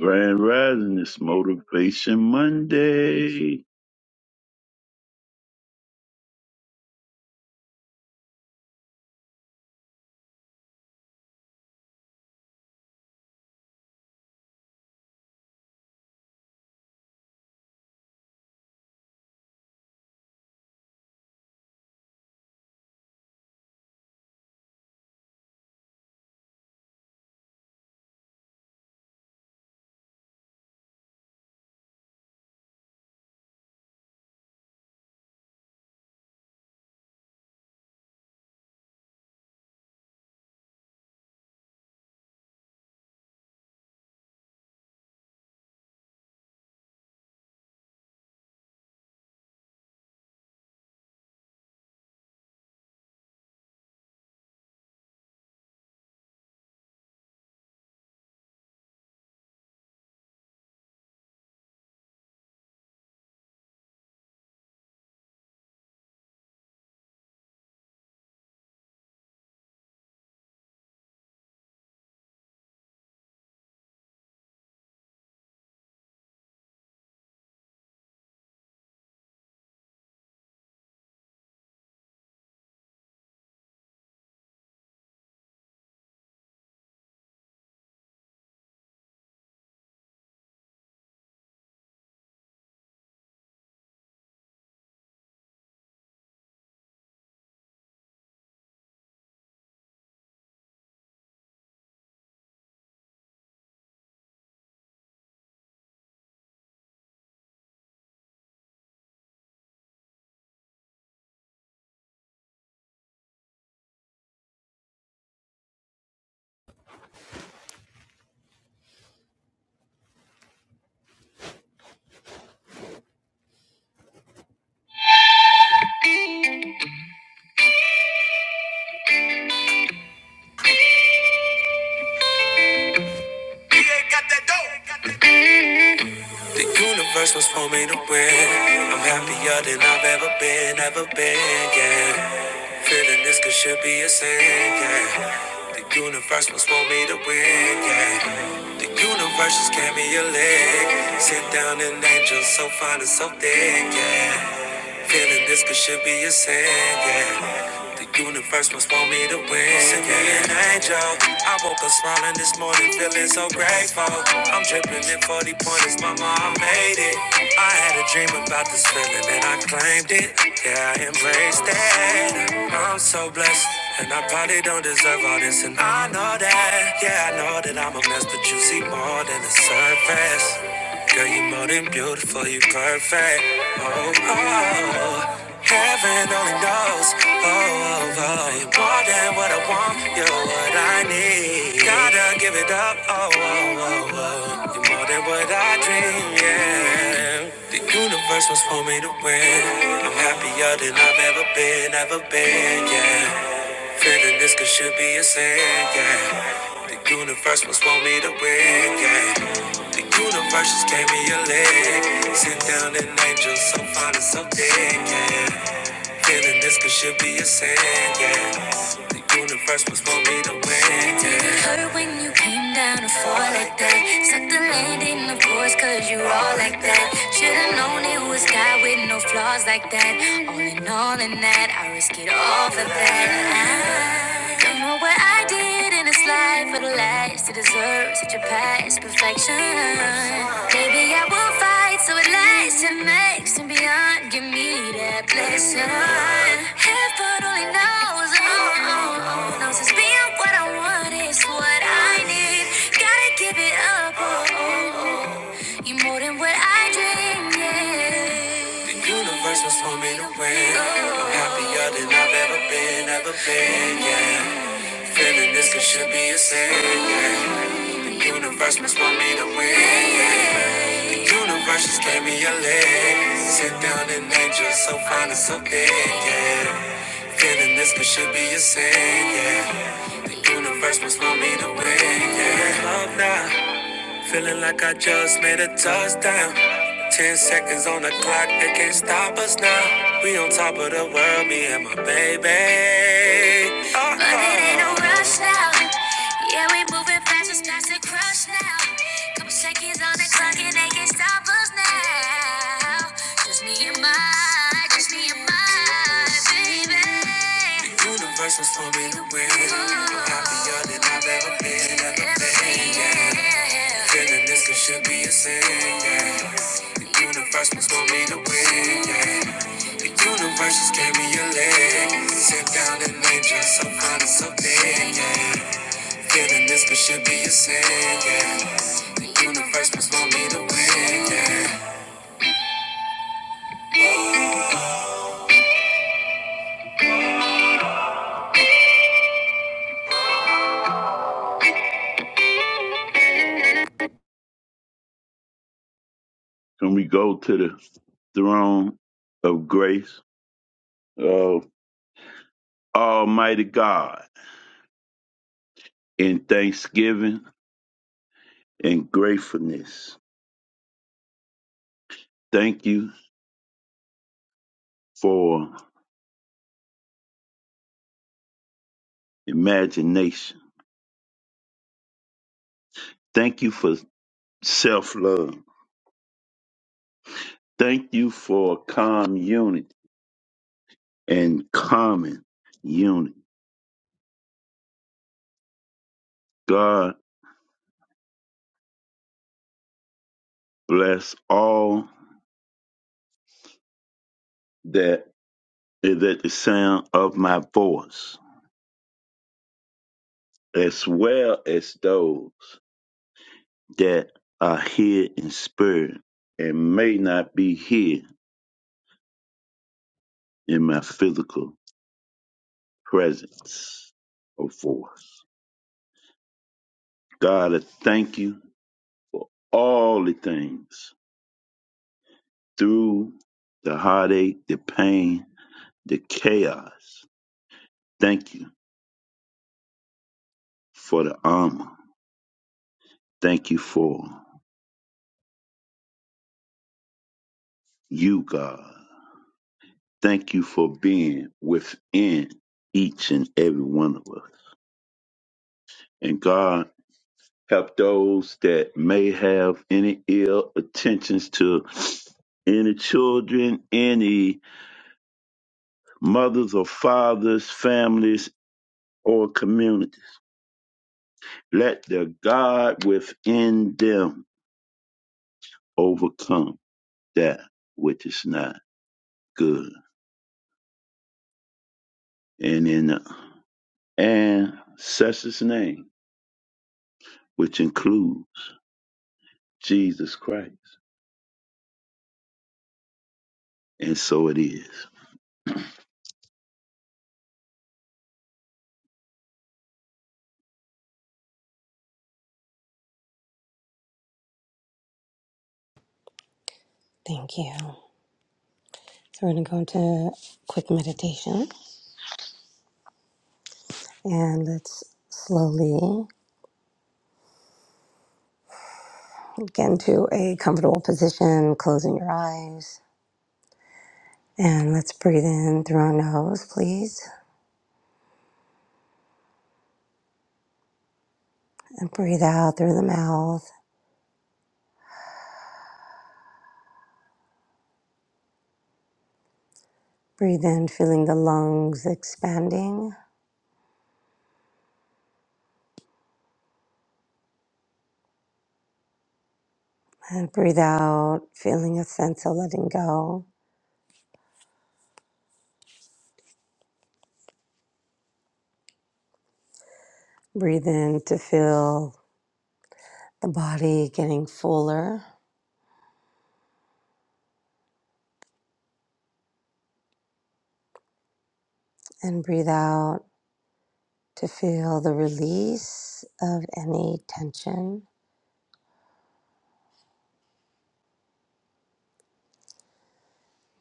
Grand Rising is Motivation Monday. The universe was for me to win. I'm happier than I've ever been, ever been, yeah. Feeling this could should be a sin, yeah. The universe was for me to win, yeah. The universe just gave me a leg. Sit down and angel so fine and so thick, yeah. Feeling this could should be a sin, yeah. The universe must want me to win. Send me an angel. I woke up smiling this morning, feeling so grateful. I'm dripping in 40 pointers, mama, I made it. I had a dream about this feeling and I claimed it. Yeah, I embraced it. I'm so blessed. And I probably don't deserve all this, and I know that. Yeah, I know that I'm a mess, but you see more than the surface. Girl, you are more than beautiful, you are perfect. Oh, oh, oh. heaven only knows. Oh, oh, oh, you more than what I want, you're what I need. Gotta give it up. Oh, oh, oh, oh, you're more than what I dream. Yeah, the universe was for me to win. I'm happier than I've ever been, ever been. Yeah. Feeling this could should be a sin, yeah. The universe must want me to win, yeah. The universe just gave me a leg. Sent down an angel so fine and so thick, yeah. Feeling this could should be a sin, yeah. The universe must want me to win, yeah. Hurt when you came down to fall like that. Suck the land in the voice cause you all like that. Should've known it was God with no flaws like that. All in all in that, I risk it all for that. Don't know what I did in this life for the last to deserve such a past perfection. Maybe I will fight so it lasts and makes and beyond. Give me that blessing. Heaven only knows, oh, oh, oh, knows it's being what I want is what I need. Gotta give it up, oh, oh, oh. you more than what I dreamed. Yeah. The universe was for me to win. I'm happier than I've ever been, ever been, yeah. Feeling this could should be a sin. Yeah. The universe must want me to win. Yeah. The universe just gave me a leg. Sit down and angel, so fine and so big. Yeah. Feeling this could should be a sin. Yeah. The universe must want me to win. Yeah. Love now, Feeling like I just made a touchdown. Ten seconds on the clock, they can't stop us now. We on top of the world, me and my baby. Uh-oh. But it ain't no rush now. Yeah, we moving fast, it's past the crush now. Couple seconds on the clock, and they can't stop us now. Just me and my the universe was for me to win. I'm happier than I've ever been, ever been. Yeah. Feeling this could should be a sin. Yeah. The universe was for me to win. Yeah. The universe just gave me a leg. Sit down and enjoy so fine and so big. Yeah. Feeling this could should be a sin. Yeah. The universe was for me to win. Yeah. Can we go to the throne of grace of Almighty God in thanksgiving and gratefulness? Thank you for imagination. Thank you for self love. Thank you for calm unity and common unity. God bless all that is at the sound of my voice. as well as those that are here in spirit and may not be here in my physical presence or force. God, I thank you all the things through the heartache, the pain, the chaos. Thank you for the armor. Thank you for you, God. Thank you for being within each and every one of us. And God, help those that may have any ill intentions to any children, any mothers or fathers, families, or community. Let the God within them overcome that which is not good. And in the ancestors' name, which includes Jesus Christ. And so it is. Thank you. So we're going to go into quick meditation and let's slowly get into a comfortable position, closing your eyes. And let's breathe in through our nose, please, and breathe out through the mouth. Breathe in, feeling the lungs expanding, and breathe out, feeling a sense of letting go. Breathe in to feel the body getting fuller, and breathe out to feel the release of any tension.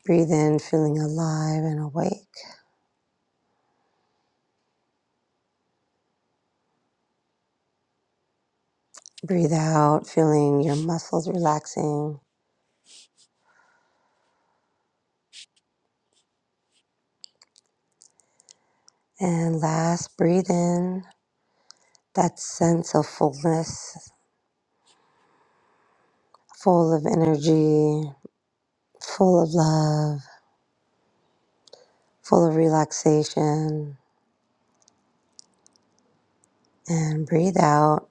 Breathe in, feeling alive and awake. Breathe out, feeling your muscles relaxing. And last, breathe in that sense of fullness, full of energy, full of love, full of relaxation. And breathe out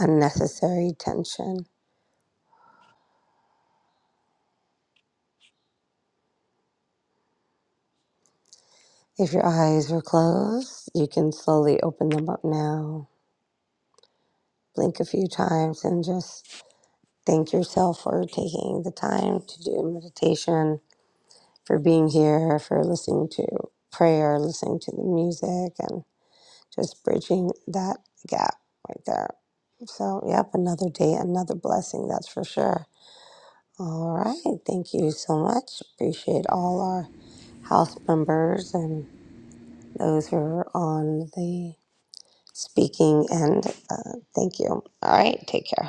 unnecessary tension. If your eyes were closed, you can slowly open them up now. Blink a few times and just Thank yourself for taking the time to do meditation, for being here, for listening to prayer, listening to the music, and just bridging that gap right there. So, yep, another day, another blessing, that's for sure. All right. Thank you so much. Appreciate all our house members and those who are on the speaking end. Uh, thank you. All right. Take care.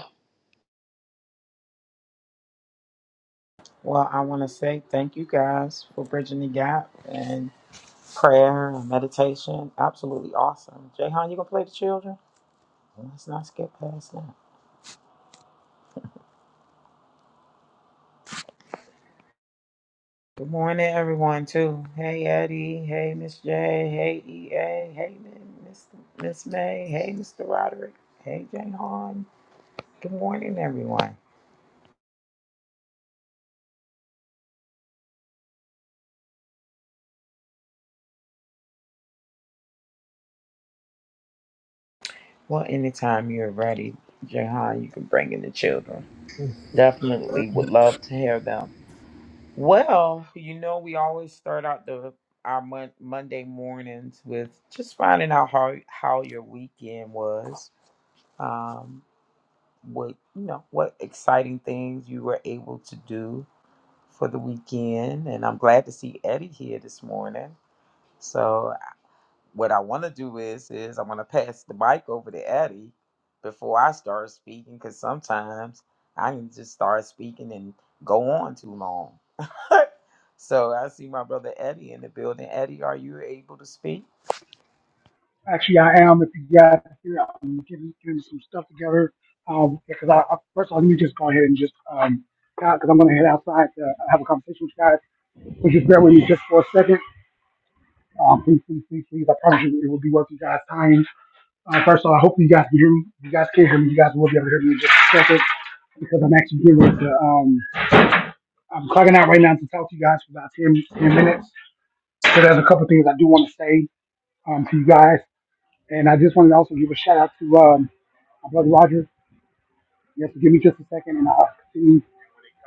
Well, I want to say thank you guys for bridging the gap and prayer and meditation. Absolutely awesome. Jayhan, you gonna play the children? Let's not skip past that. Good morning, everyone. Too. Hey, Eddie. Hey, Miss J. Hey, EA. Hey, Miss Miss May. Hey, Mr. Roderick. Hey, Jayhan. Good morning, everyone. Well, anytime you're ready, Jayhan, you can bring in the children. Definitely would love to hear them. Well, you know, we always start out the our mon- Monday mornings with just finding out how how your weekend was. Um, what you know, what exciting things you were able to do for the weekend, and I'm glad to see Eddie here this morning. So, what I want to do is is i want to pass the mic over to Eddie before I start speaking, because sometimes I can just start speaking and go on too long. so I see my brother Eddie in the building. Eddie, are you able to speak? Actually, I am. If you got here, I'm getting, getting some stuff together. Um, because I, I first of all, let me just go ahead and just um, because I'm going to head outside to have a conversation with you guys. So just bear with me just for a second. Um, please, please, please, please. I promise you, it will be worth you guys' time. Uh, first of all, I hope you guys can hear me. If you guys can hear me, you guys will be able to hear me in just a second because I'm actually getting ready to. Um, I'm clocking out right now to talk to you guys for about 10 10 minutes. So there's a couple of things I do want to say um, to you guys, and I just wanted to also give a shout out to. Um, Brother Roger, you have to give me just a second and I'll continue.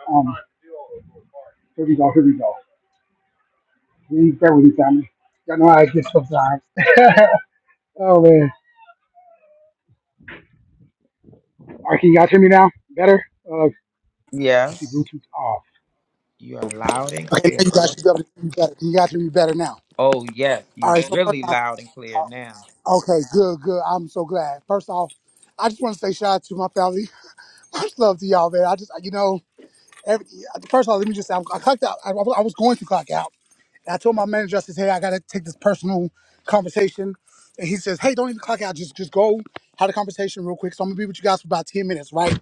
Um, here we go, here we go. Please bear with me, family. Y'all know how I get sometimes. oh, man. All right, can you guys hear me now? Better? Uh, you see Yes, Bluetooth off. you are loud and Okay, now clear, you guys brother. should be able to hear me better. Can you guys hear me better now? Oh yes, All you right, so, really loud and clear now. okay, good, good. I'm so glad. First off, I just want to say shout out to my family. Much love to y'all, man. I just, you know, every, first of all, let me just say, I'm, I clocked out. I, I was going to clock out. And I told my manager, I said, hey, I gotta take this personal conversation. And he says, hey, don't even clock out. Just just go have a conversation real quick. So I'm gonna be with you guys for about 10 minutes, right?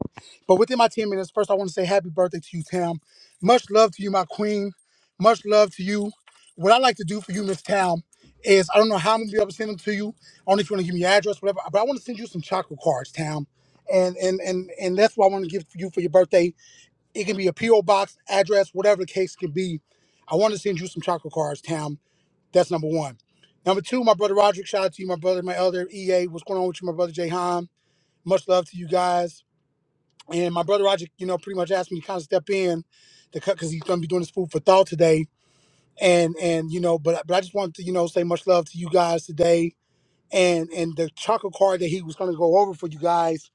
But within my 10 minutes, first I want to say happy birthday to you, Tam. Much love to you, my queen. Much love to you. What I like to do for you, Miss Tam, is I don't know how I'm gonna be able to send them to you. I don't know if you want to give me your address, whatever, but I want to send you some chocolate cards, Tam. And and and and that's what I want to give to you for your birthday. It can be a PO box address, whatever the case can be. I want to send you some chocolate cards, Tam. That's number one. Number two, my brother Roderick. Shout out to you, my brother, my elder EA. What's going on with you, my brother Jay Han? Much love to you guys. And my brother Roderick, you know, pretty much asked me to kind of step in to cut because he's going to be doing his food for thought today. And and you know, but but I just wanted to you know say much love to you guys today. And and the chocolate card that he was going to go over for you guys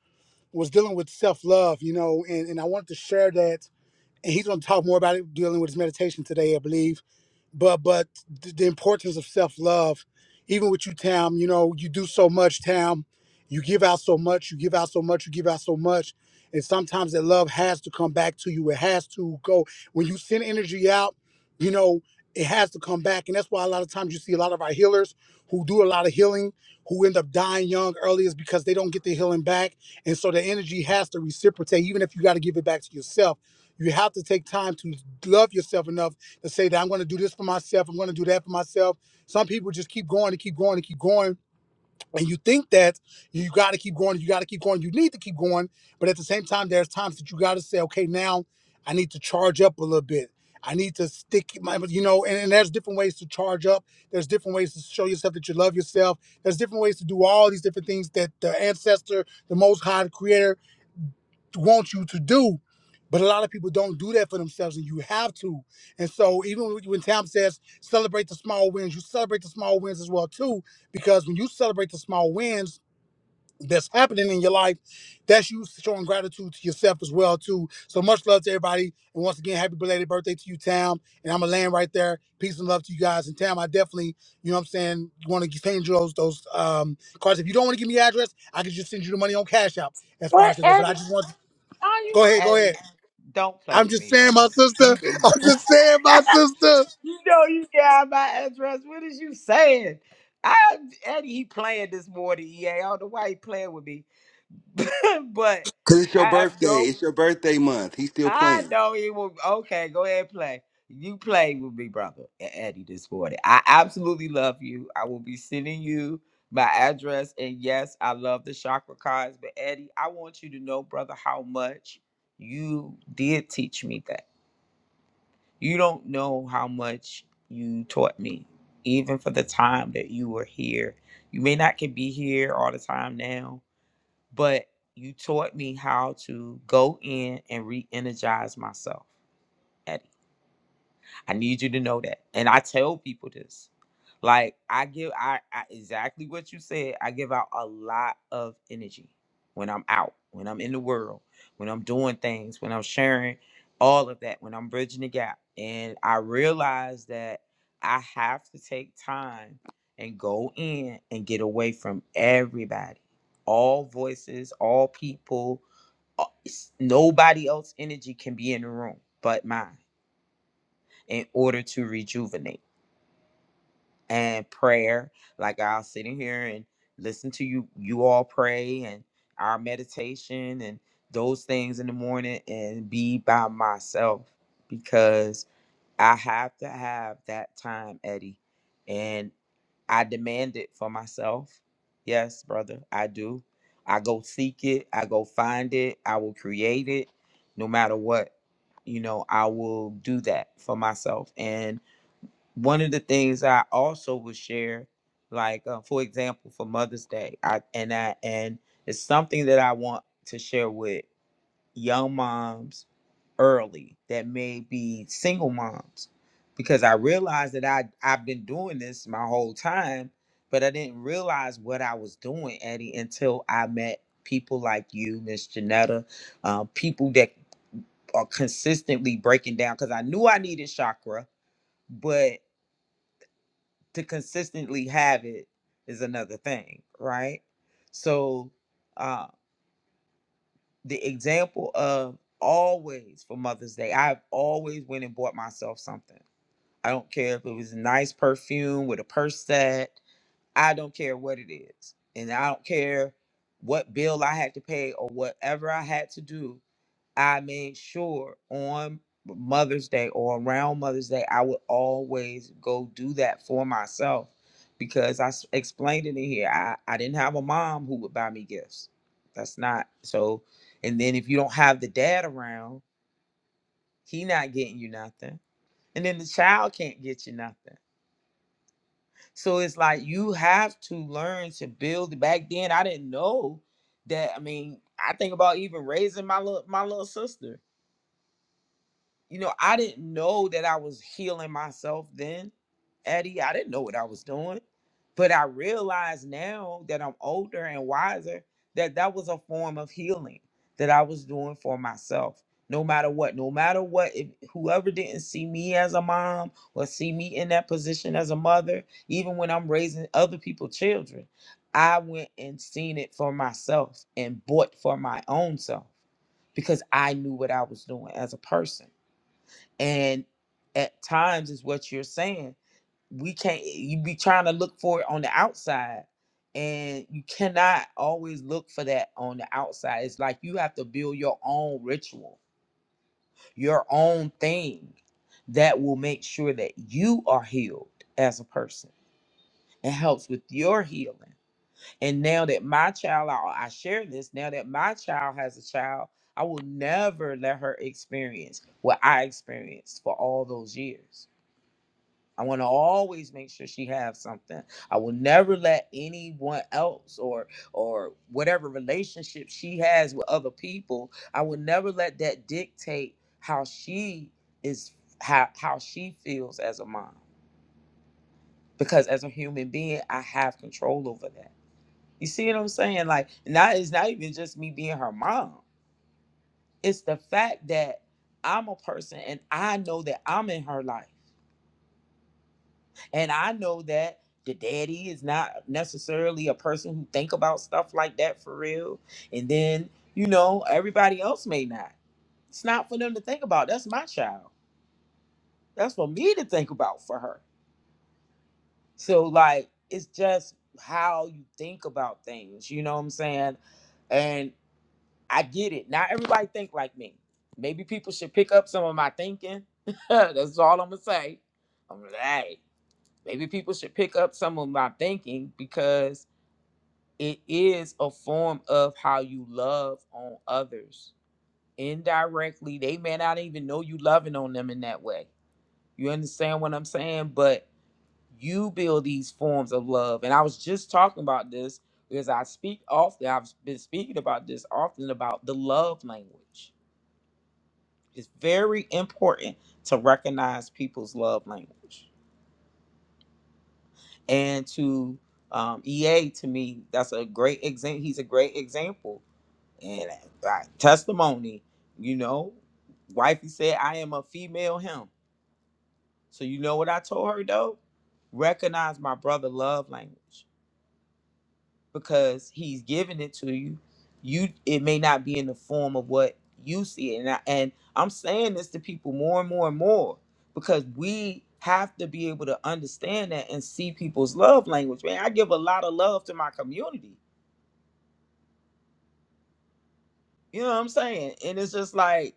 was dealing with self love, you know, and and I wanted to share that and he's going to talk more about it dealing with his meditation today, I believe but but th- the importance of self love, even with you, Tam. You know, you do so much, Tam. You give out so much. You give out so much. You give out so much, and sometimes that love has to come back to you. It has to go when you send energy out. You know, it has to come back, and that's why a lot of times you see a lot of our healers who do a lot of healing who end up dying young early is because they don't get the healing back, and so the energy has to reciprocate, even if you got to give it back to yourself. You have to take time to love yourself enough and say that I'm going to do this for myself, I'm going to do that for myself. Some people just keep going and keep going and keep going, and you think that you got to keep going, you got to keep going, you need to keep going, but at the same time, there's times that you got to say, okay, now I need to charge up a little bit. I need to stick my, you know, and, and there's different ways to charge up. There's different ways to show yourself that you love yourself. There's different ways to do all these different things that the ancestor, the Most High the Creator, want you to do. But a lot of people don't do that for themselves, and you have to. And so, even when when Tam says celebrate the small wins, you celebrate the small wins as well too, because when you celebrate the small wins that's happening in your life, that's you showing gratitude to yourself as well too. So much love to everybody, and once again, happy belated birthday to you, Tam. And I'm gonna land right there. Peace and love to you guys. And Tam, I definitely, you know, what I'm saying, want to send you those those um, cards. If you don't want to give me your address, I can just send you the money on Cash App as far What, as they go. But I Eddie? just want Are you Go ahead, go ahead. Eddie? Don't play I'm with just me, saying, brother. my You sister. go. I'm You just saying, my sister. know you got my address. What is you saying? I Eddie, he playing this morning. Yeah, I don't know why he playing with me, but Cause it's your I have birthday. no It's your birthday month. He's still I playing. know he will. Okay, go ahead and play. You play with me, brother, and Eddie this morning. I absolutely love you. I will be sending you my address. And yes, I love the chakra cards, but Eddie, I want you to know, brother, how much you did teach me that. You don't know how much you taught me, even for the time that you were here. You may not can be here all the time now, but you taught me how to go in and re-energize myself Eddie. I need you to know that. And I tell people this. Like I give I, I exactly what you said. I give out a lot of energy when I'm out, when I'm in the world, when I'm doing things, when I'm sharing all of that, when I'm bridging the gap. And I realize that I have to take time and go in and get away from everybody. All voices, all people, uh, it's- nobody else energy can be in the room but mine in order to rejuvenate and prayer like i'll sit in here and listen to you you all pray and our meditation and those things in the morning and be by myself because i have to have that time eddie and i demand it for myself yes brother i do i go seek it i go find it i will create it no matter what you know i will do that for myself and one of the things I also will share, like uh, for example, for Mother's Day, I and I and it's something that I want to share with young moms early that may be single moms, because I realized that I I've been doing this my whole time, but I didn't realize what I was doing, Eddie, until I met people like you, Miss Janetta, uh, people that are consistently breaking down. Because I knew I needed chakra, but to consistently have it is another thing, right? So, uh, the example of always for Mother's Day, I've always went and bought myself something. I don't care if it was a nice perfume with a purse set. I don't care what it is, and I don't care what bill I had to pay or whatever I had to do I made sure on Mother's Day or around Mother's Day, I would always go do that for myself because I s- explained it in here. I, I didn't have a mom who would buy me gifts. That's not so. And then if you don't have the dad around, he not getting you nothing. And then the child can't get you nothing. So it's like you have to learn to build. Back then, I didn't know that. I mean, I think about even raising my little my little sister. you know, I didn't know that I was healing myself then, Eddie. I didn't know what I was doing. But I realize now that I'm older and wiser that that was a form of healing that I was doing for myself. No matter what, no matter what, if whoever didn't see me as a mom or see me in that position as a mother, even when I'm raising other people's children, I went and seen it for myself and bought for my own self because I knew what I was doing as a person and at times is what you're saying we can't you be trying to look for it on the outside and you cannot always look for that on the outside it's like you have to build your own ritual your own thing that will make sure that you are healed as a person It helps with your healing and now that my child I, I share this now that my child has a child i will never let her experience what i experienced for all those years I want to always make sure she has something. I will never let anyone else or or whatever relationship she has with other people, I will never let that dictate how she is how how she feels as a mom. Because as a human being, I have control over that. You see what I'm saying? Like not it's not even just me being her mom. It's the fact that I'm a person and I know that I'm in her life. And I know that the daddy is not necessarily a person who think about stuff like that for real. And then, you know, everybody else may not. It's not for them to think about. That's my child. That's for me to think about for her. So like it's just how you think about things, you know what I'm saying? And I get it. Not everybody think like me. Maybe people should pick up some of my thinking. That's all I'm gonna say. I'm like, "Hey, maybe people should pick up some of my thinking because it is a form of how you love on others indirectly they may not even know you loving on them in that way you understand what i'm saying but you build these forms of love and i was just talking about this because i speak often i've been speaking about this often about the love language it's very important to recognize people's love language and to um, ea to me that's a great example he's a great example and uh, testimony, you know, wifey said, I am a female him. So you know what I told her though? Recognize my brother love language because he's giving it to you. You it may not be in the form of what you see it. And, I, and I'm saying this to people more and more and more because we have to be able to understand that and see people's love language. Man, I give a lot of love to my community. You know what I'm saying? And it's just like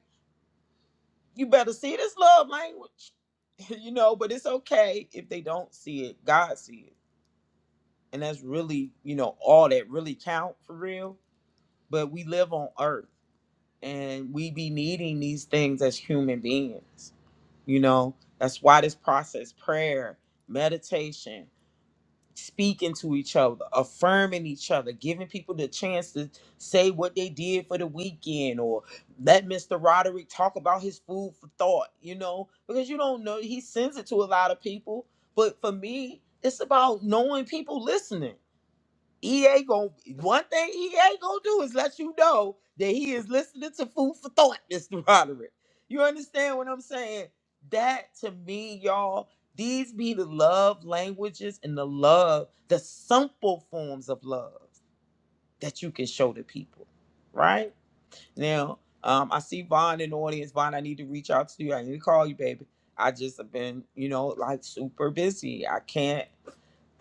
you better see this love language you know but it's okay if they don't see it god see it and that's really you know all that really count for real but we live on earth and we be needing these things as human beings you know that's why this process prayer meditation speaking to each other, affirming each other, giving people the chance to say what they did for the weekend or let Mr. Roderick talk about his food for thought, you know, because you don't know, he sends it to a lot of people. But for me, it's about knowing people listening EA going one thing EA gonna do is let you know that he is listening to food for thought, Mr. Roderick. You understand what I'm saying? That to me, y'all, these be the love languages and the love, the simple forms of love that you can show to people, right? Now, um, I see Vaughn in the audience. Vaughn, I need to reach out to you. I need to call you, baby. I just have been, you know, like super busy. I can't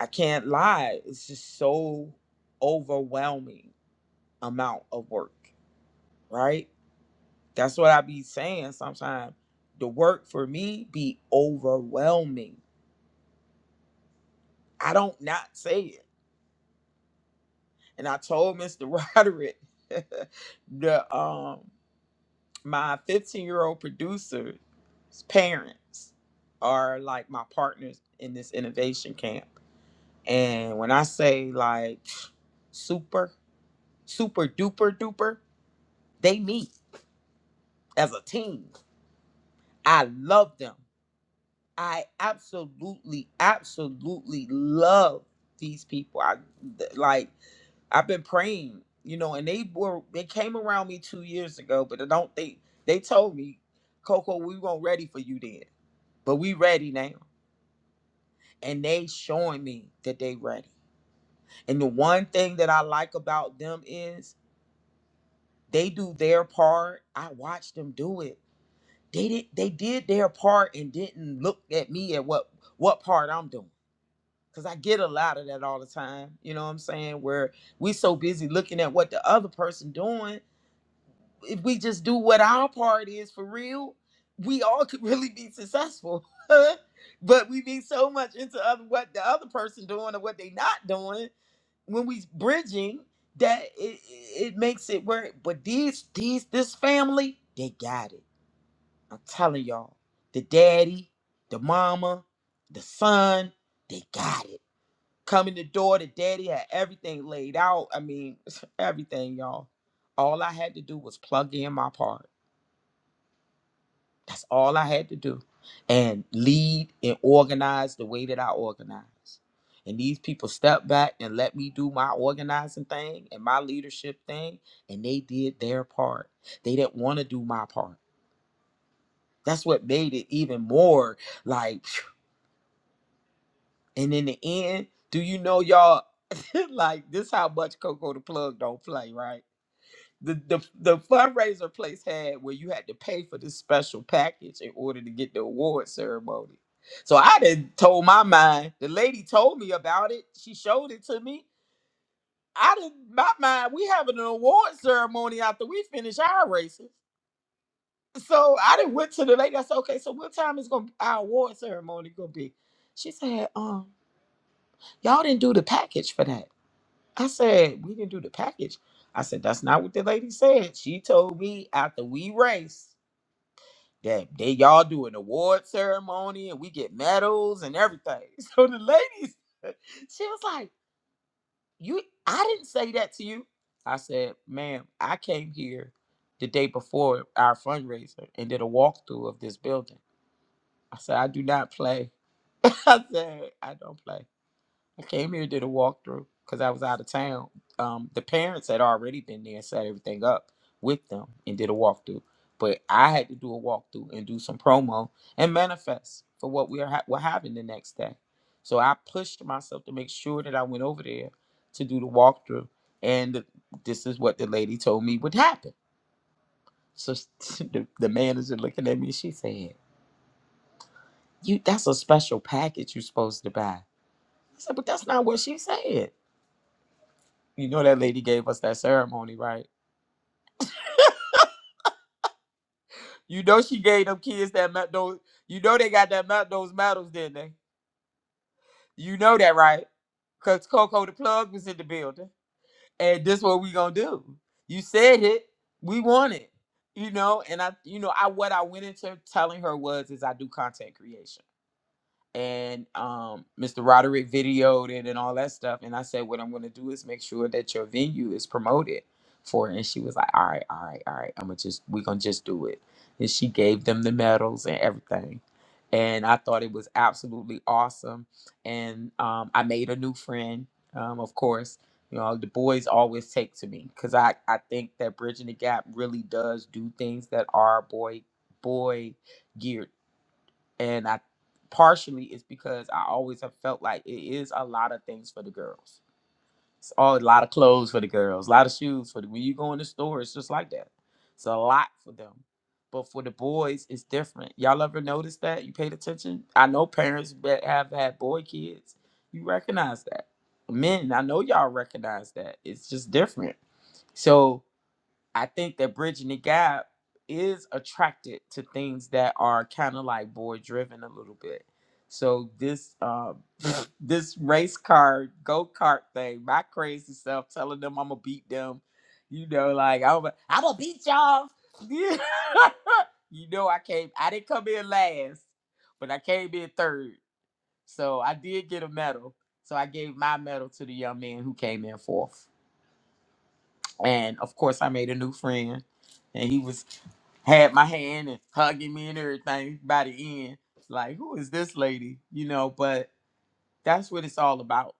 I can't lie. It's just so overwhelming amount of work, right? That's what I be saying sometimes. The work for me be overwhelming. I don't not say it. And I told Mr. Roderick the um my 15 year old producer's parents are like my partners in this innovation camp. And when I say like super, super duper duper, they meet as a team. I love them. I absolutely, absolutely love these people. I th- like, I've been praying, you know, and they were, they came around me two years ago, but I don't think they told me Coco, we weren't ready for you then. but we ready now and they showing me that they ready and the one thing that i like about them is they do their part i watched them do it they did they did their part and didn't look at me at what what part i'm doing because i get a lot of that all the time you know what i'm saying where we so busy looking at what the other person doing if we just do what our part is for real, we all could really be successful. but we be so much into other, what the other person doing or what they not doing when we bridging that it, it it makes it work. But these these this family they got it. I'm telling y'all, the daddy, the mama, the son, they got it. Coming the door, the daddy had everything laid out. I mean, everything, y'all. All I had to do was plug in my part That's all I had to do. And lead and organize the way that I organize. And these people stepped back and let me do my organizing thing and my leadership thing. And they did their part. They didn't want to do my part. That's what made it even more like, phew. and in the end, do you know y'all like this how much Coco the plug don't play, right? the, the the fundraiser place had where you had to pay for this special package in order to get the award ceremony. So I done told my mind. The lady told me about it. She showed it to me. I didn't my mind. We having an award ceremony after we finish our races. So I didn't went to the lady. I said, okay, so what time is gonna our award ceremony gonna be? She said, um, y'all didn't do the package for that. I said, we didn't do the package. I said, that's not what the lady said. She told me after we race. that they y'all do an award ceremony and we get medals and everything. So the ladies, she was like, "You, I didn't say that to you." I said, "Ma'am, I came here the day before our fundraiser and did a walkthrough of this building." I said, "I do not play." I said, "I don't play." I came here, did a walkthrough because I was out of town. Um, the parents had already been there and set everything up with them and did a walkthrough. But I had to do a walkthrough and do some promo and manifest for what we are ha- were having the next day. So I pushed myself to make sure that I went over there to do the walkthrough. And this is what the lady told me would happen. So the, the manager looking at me, she said, "You, that's a special package you're supposed to buy." I said, "But that's not what she said." You know that lady gave us that ceremony, right? You know she gave them kids that met those. You know they got that met those medals, didn't they? You know that, right? Cause Coco the plug was in the building, and this what we gonna do. You said it. We want it. You know, and I, you know, I what I went into telling her was is I do content creation. and um, Mr. Roderick videoed it and all that stuff. And I said, what I'm going to do is make sure that your venue is promoted for it. And she was like, all right, all right, all right. I'm gonna just we're gonna just do it. And she gave them the medals and everything. And I thought it was absolutely awesome. And um, I made a new friend, um, of course. You know, the boys always take to me because I, I think that Bridging the Gap really does do things that are boy boy geared and I partially it's because I always have felt like it is a lot of things for the girls. It's all a lot of clothes for the girls, a lot of shoes for the when you go in the store, it's just like that. It's a lot for them. But for the boys, it's different. Y'all ever noticed that? You paid attention? I know parents that have had boy kids. You recognize that. Men, I know y'all recognize that. It's just different. So I think that bridging the gap is attracted to things that are kind of like boy driven a little bit. So this um this race car go kart thing, my crazy self telling them I'm gonna beat them, you know, like I'm a, I'm gonna beat y'all. you know, I came, I didn't come in last, but I came in third, so I did get a medal. So I gave my medal to the young man who came in fourth, and of course I made a new friend and he was had my hand and hugging me and everything by the end. Like, who is this lady? You know, but that's what it's all about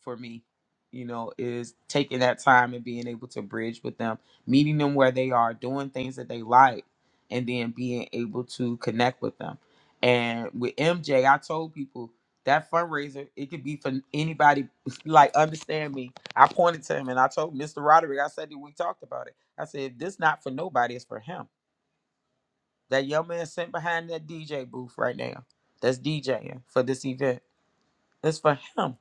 for me, you know, is taking that time and being able to bridge with them, meeting them where they are, doing things that they like, and then being able to connect with them. And with MJ, I told people that fundraiser, it could be for anybody, like, understand me. I pointed to him and I told Mr. Roderick, I said, we talked about it. I said, if this not for nobody, it's for him that young man sitting behind that DJ booth right now, that's DJing for this event, it's for him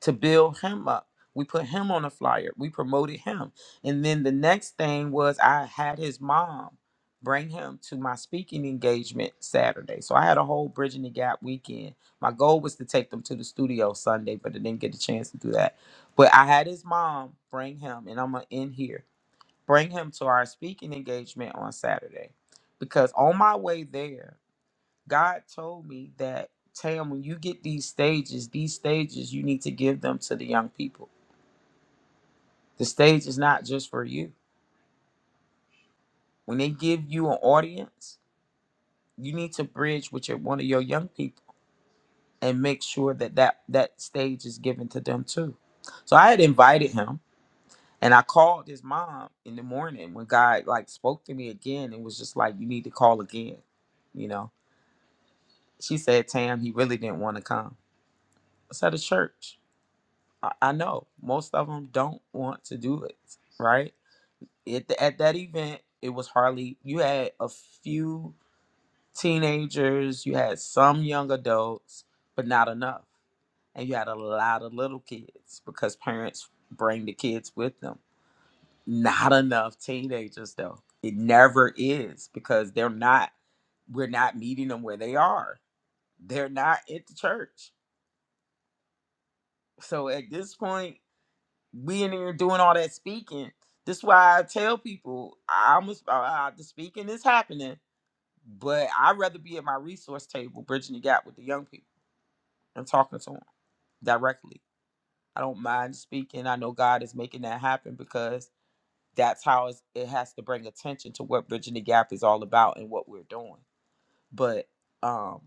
to build him up. We put him on a flyer. We promoted him. And then the next thing was I had his mom bring him to my speaking engagement Saturday. So I had a whole Bridging the Gap weekend. My goal was to take them to the studio Sunday, but I didn't get the chance to do that. But I had his mom bring him, and I'm going to end here, bring him to our speaking engagement on Saturday. Because on my way there, God told me that Tam, when you get these stages, these stages you need to give them to the young people. The stage is not just for you. When they give you an audience, you need to bridge with your one of your young people and make sure that that, that stage is given to them too. So I had invited him and I called his mom in the morning when God like spoke to me again and was just like, You need to call again, you know. She said, Tam, he really didn't want to come. I said a church. I, I know most of them don't want to do it, right? It at that event, it was hardly, you had a few teenagers, you had some young adults, but not enough. And you had a lot of little kids because parents bring the kids with them. Not enough teenagers, though. It never is because they're not, we're not meeting them where they are. They're not at the church. So at this point, being here doing all that speaking. This why I tell people I'm a, uh, uh, the speaking is happening, but I'd rather be at my resource table, bridging the gap with the young people and talking to them directly. I don't mind speaking. I know God is making that happen because that's how it's, it has to bring attention to what bridging the gap is all about and what we're doing. But um,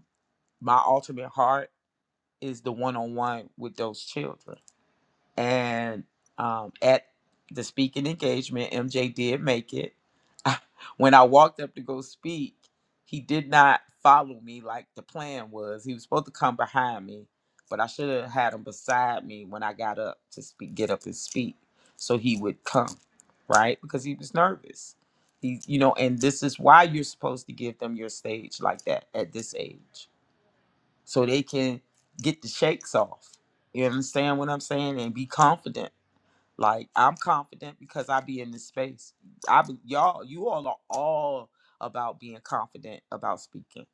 my ultimate heart is the one on one with those children and um, at the speaking engagement, MJ did make it. I, when I walked up to go speak, he did not follow me like the plan was. He was supposed to come behind me, but I should have had him beside me when I got up to speak, get up and speak, so he would come, right? Because he was nervous. He, you know, and this is why you're supposed to give them your stage like that at this age, so they can get the shakes off. You understand what I'm saying? And be confident like I'm confident because I be in this space. I be, y'all, you all are all about being confident about speaking.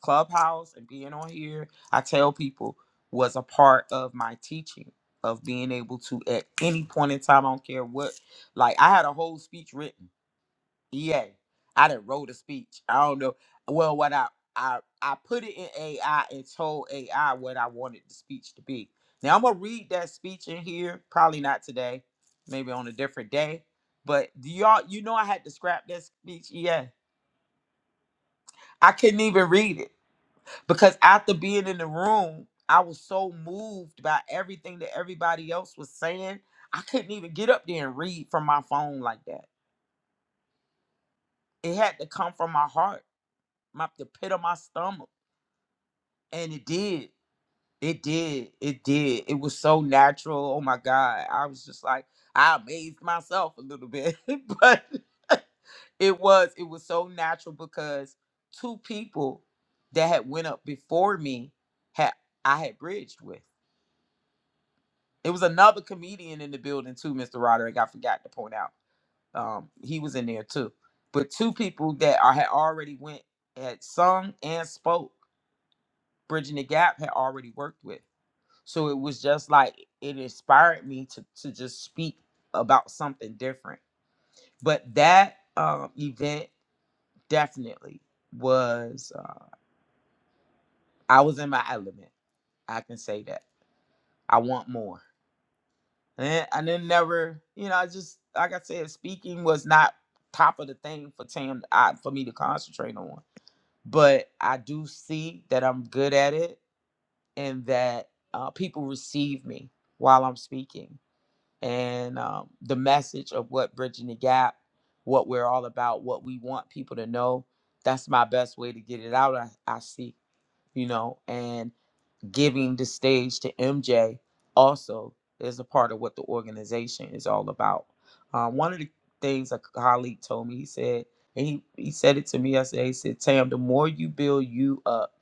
Clubhouse and being on here, I tell people was a part of my teaching of being able to at any point in time, I don't care what. Like I had a whole speech written yeah, I done wrote a speech. I don't know. Well, what I I I put it in AI and told AI what I wanted the speech to be. Now I'm gonna read that speech in here. Probably not today. Maybe on a different day. But do y'all, you know, I had to scrap that speech. Yeah, I couldn't even read it because after being in the room, I was so moved by everything that everybody else was saying. I couldn't even get up there and read from my phone like that. It had to come from my heart, my the pit of my stomach. and it did it did it did it was so natural oh my god i was just like i amazed myself a little bit but it was it was so natural because two people that had went up before me had i had bridged with it was another comedian in the building too mr roderick i forgot to point out um he was in there too but two people that i had already went had sung and spoke bridging the gap had already worked with So it was just like it inspired me to to just speak about something different. But that um, event definitely was uh, I was in my element. I can say that. I want more. And I then never, you know, I just like I said, speaking was not top of the thing for Tam I, for me to concentrate on. But I do see that I'm good at it and that uh, people receive me while I'm speaking and um, the message of what bridging the gap, what we're all about, what we want people to know. That's my best way to get it out. I, I see, you know, and giving the stage to MJ also is a part of what the organization is all about. Um, one of the things a colleague told me, he said, and he, he said it to me yesterday. He said, Tam, the more you build you up,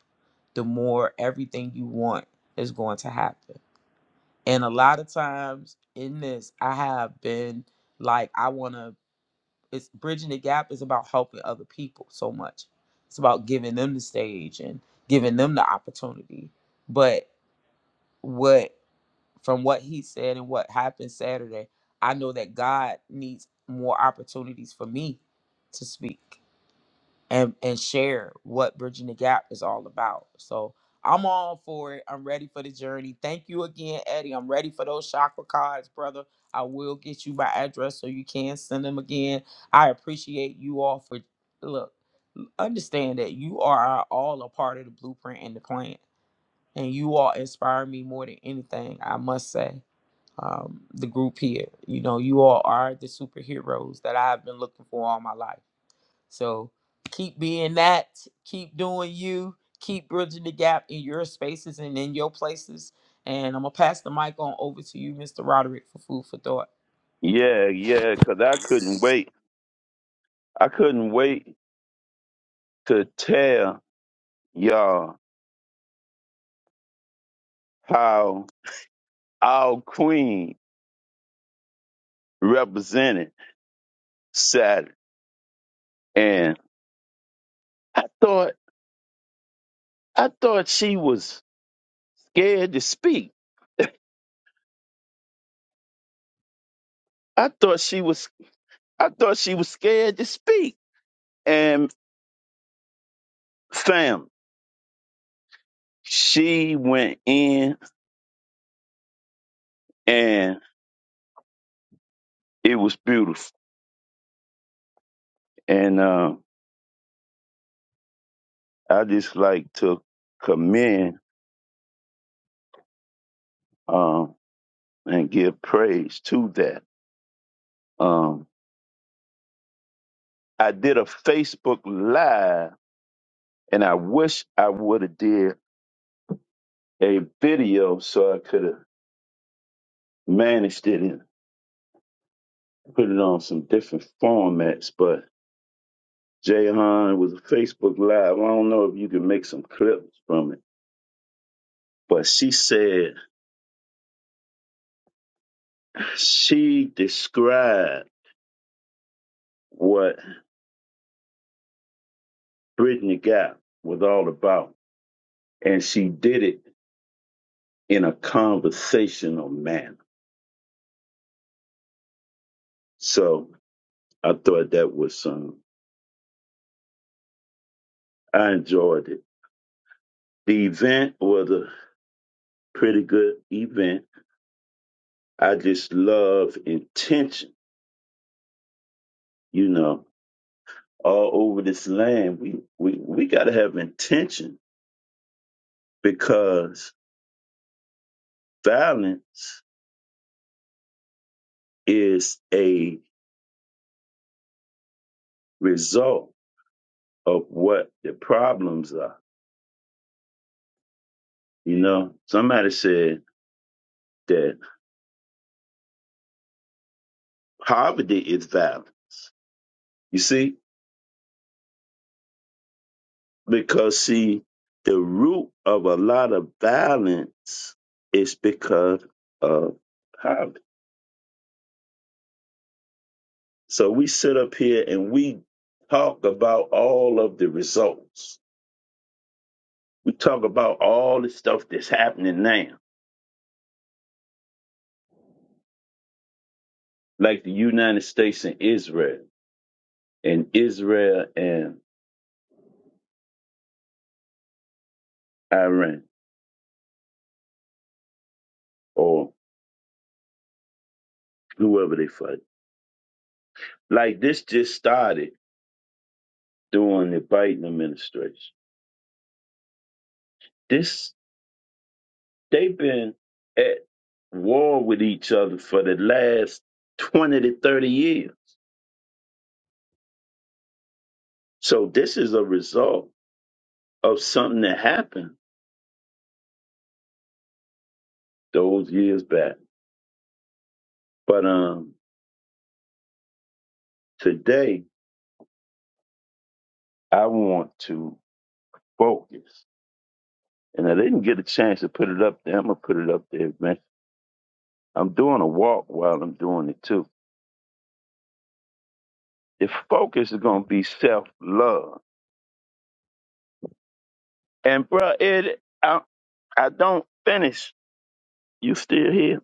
the more everything you want is going to happen and a lot of times in this, I have been like, I want to, it's bridging the gap is about helping other people so much. It's about giving them the stage and giving them the opportunity. But what, from what he said and what happened Saturday, I know that God needs more opportunities for me to speak and and share what bridging the gap is all about. So I'm all for it. I'm ready for the journey. Thank you again, Eddie. I'm ready for those chakra cards, brother. I will get you my address so you can send them again. I appreciate you all for look. Understand that you are all a part of the blueprint and the plan, and you all inspire me more than anything. I must say, um, the group here, you know, you all are the superheroes that I've been looking for all my life so keep being that, keep doing you, keep bridging the gap in your spaces and in your places. And I'm gonna pass the mic on over to you, Mr. Roderick, for food for thought. Yeah, yeah, because I couldn't wait. I couldn't wait to tell y'all how our queen represented Saturn. And I thought I thought she was scared to speak. I thought she was I thought she was scared to speak. And fam, she went in and it was beautiful. And um I just like to commend um and give praise to that. Um I did a Facebook live and I wish I would have did a video so I could have managed it and put it on some different formats. But Jahan was a Facebook Live. I don't know if you can make some clips from it. But she said she described what Britney Gap was all about, and she did it in a conversational manner. So I thought that was some. I enjoyed it. The event was a pretty good event. I just love intention you know, all over this land, we we we got to have intention because violence is a result of what the problems are. You know, somebody said that poverty is violent. You see, because see, the root of a lot of violence is because of poverty. So we sit up here and we talk about all of the results We talk about all the stuff that's happening now, like the United States and Israel, and Israel and Iran, or whoever they fight. Like this just started during the Biden administration. This they've been at war with each other for the last twenty to thirty years. So this is a result of something that happened those years back. But um today I want to focus and I didn't get a chance to put it up there. I'm gonna put it up there, man. I'm doing a walk while I'm doing it too. The focus is gonna be self love. And bruh, it I I don't finish. You still here?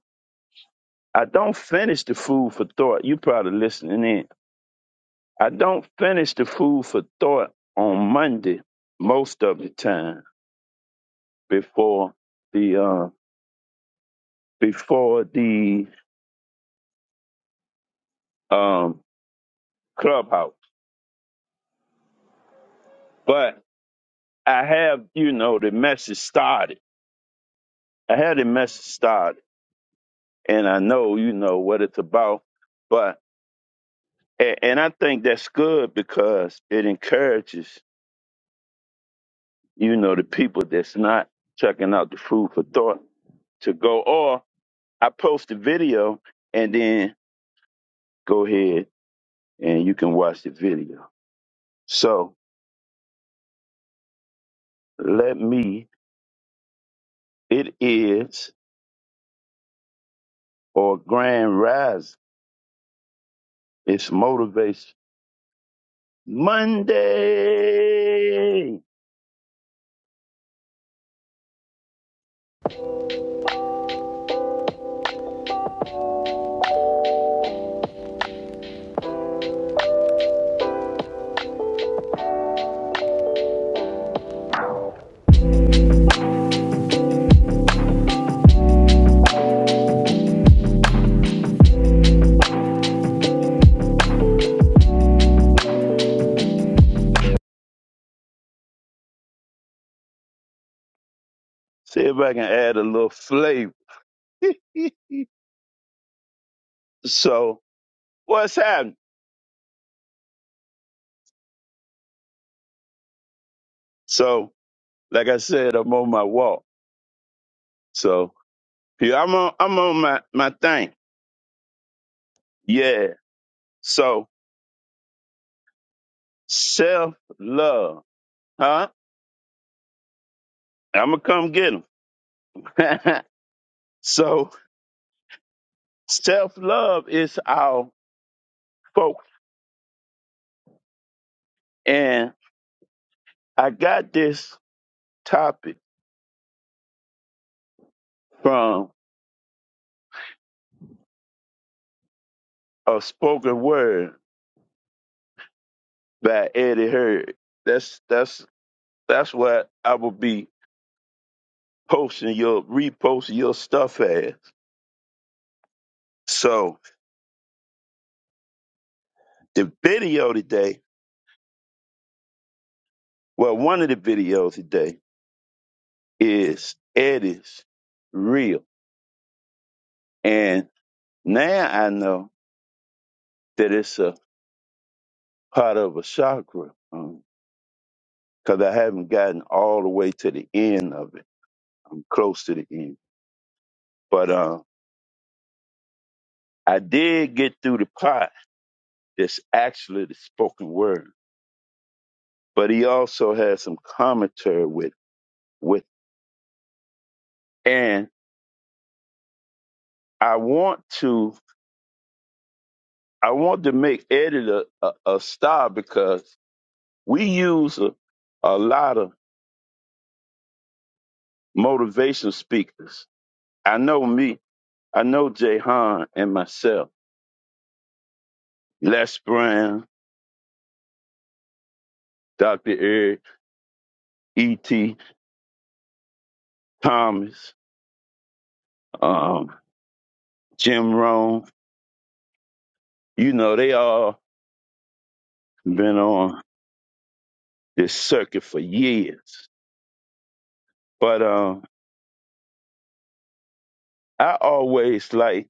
I don't finish the food for thought. You probably listening in. I don't finish the food for thought on Monday most of the time before the uh, before the um, clubhouse. But I have you know the message started. I had a message start, and I know you know what it's about, but a- and I think that's good because it encourages you know the people that's not checking out the food for thought to go. Or I post the video, and then go ahead and you can watch the video. So let me. It is or Grand Rise. It's motivation Monday. See if I can add a little flavor. So what's happening? So like I said, I'm on my walk. So yeah, I'm on I'm on my my thing. Yeah. So self love, huh? I'm gonna come get 'em. so self love is our focus, and I got this topic from a spoken word by Eddie Heard. That's that's that's what I will be posting your reposting your stuff as. So The video today, well, one of the videos today is Eddie's Real. And now I know that it's a part of a chakra because I haven't gotten all the way to the end of it. I'm close to the end. But uh, I did get through the part that's actually the spoken word. But he also has some commentary with with and I want to I want to make Eddie a, a, a star because We use a, a lot of motivational speakers. I know me. I know Jahan and myself. Les Brown, Dr. Eric, E.T. Thomas, um, Jim Rome. You know, they all been on this circuit for years. But um, I always like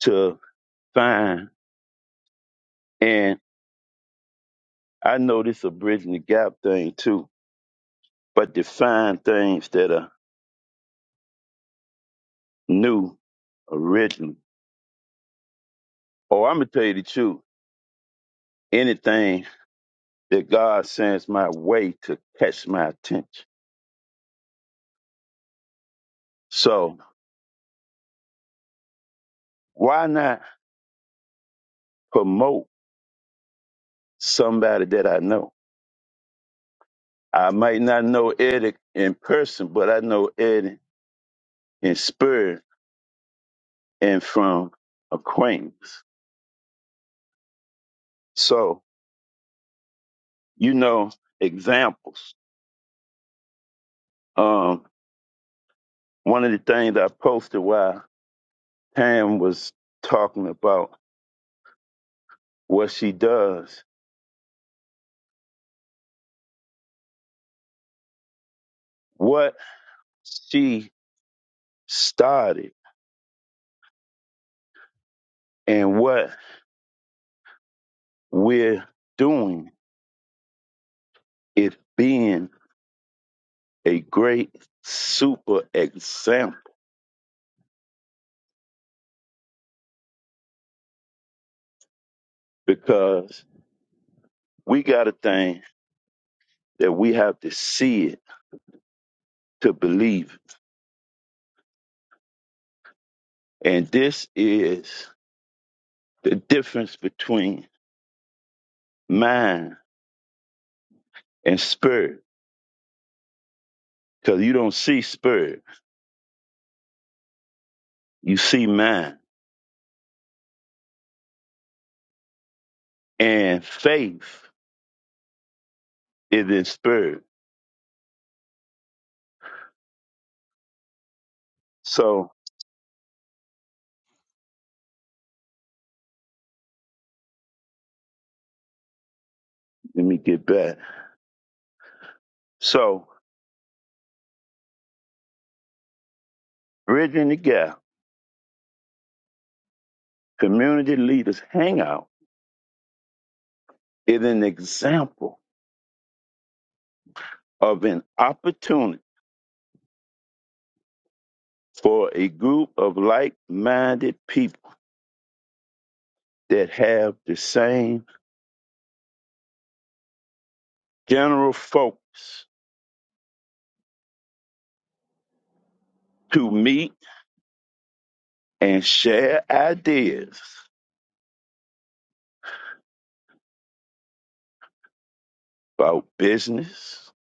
to find, and I know this a bridging the gap thing too, but define things that are new original. Oh, I'm gonna tell you the truth. Anything that God sends my way to catch my attention. So why not promote somebody that I know? I might not know Eddie in person, but I know Eddie in spirit and from acquaintance. So you know examples. Um, one of the things I posted while Tam was talking about what she does, what she started And what we're doing is being a great super example because we got a thing that we have to see it to believe. it. And this is the difference between mind and spirit because you don't see spirit, you see mind. And faith is in spirit. So let me get back. So, bridging the gap, community leaders hangout is an example of an opportunity for a group of like minded people that have the same general focus to meet and share ideas about business,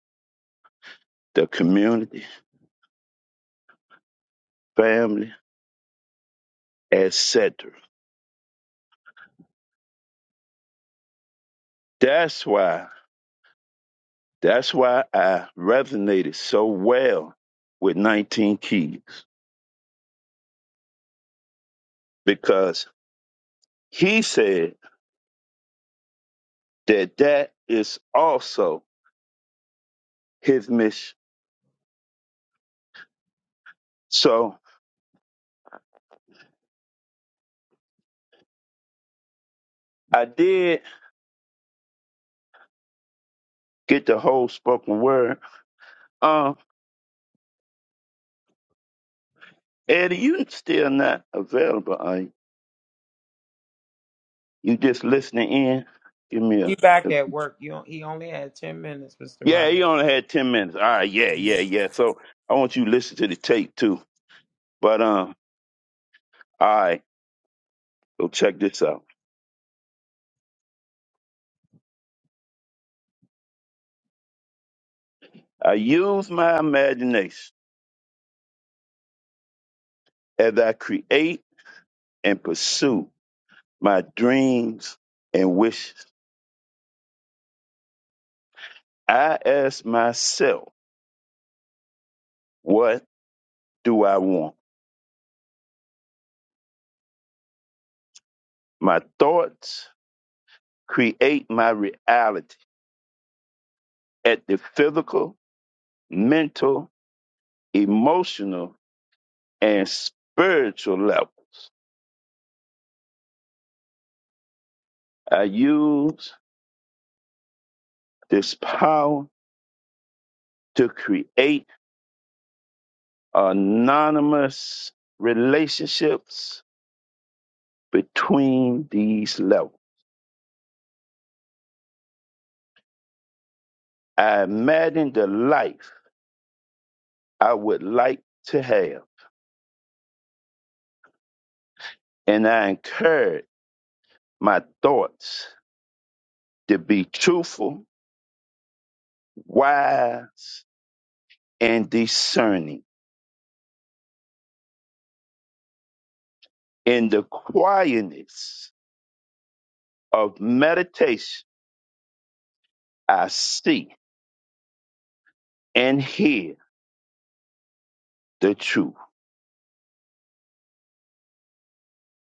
the community, family, etc. That's why that's why I resonated so well with 19 Keys because he said that that is also his mission So I did get the whole spoken word. Um, Eddie, you still not available, are you? You just listening in? Give me a, He back a- at work. You don't, he only had ten minutes, Mr. Yeah, he Roderick. only had ten minutes. All right, yeah, yeah, yeah. So I want you to listen to the tape too. But um, all right, so check this out. I use my imagination as I create and pursue my dreams and wishes. I ask myself, what do I want? My thoughts create my reality at the physical, mental, emotional, and spiritual levels. I use this power to create anonymous relationships between these levels. I imagine the life I would like to have, and I encourage my thoughts to be truthful, wise, and discerning. In the quietness of meditation, I see and hear the truth.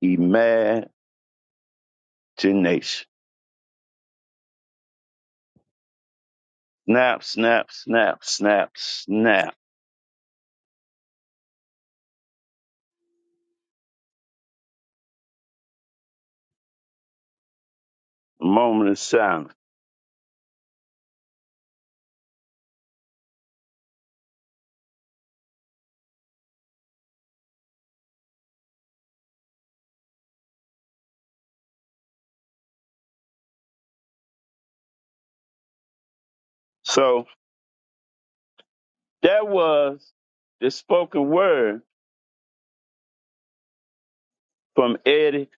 Imagination. Snap, snap, snap, snap, snap. Moment of silence. So that was the spoken word from Eddie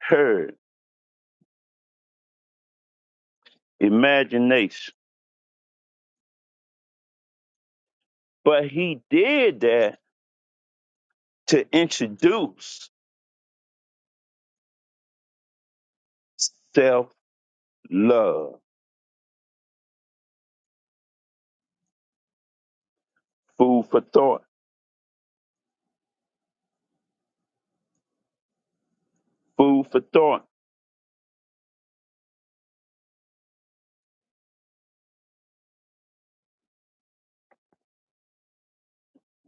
Heard, imagination. But he did that to introduce self love, food for thought, food for thought.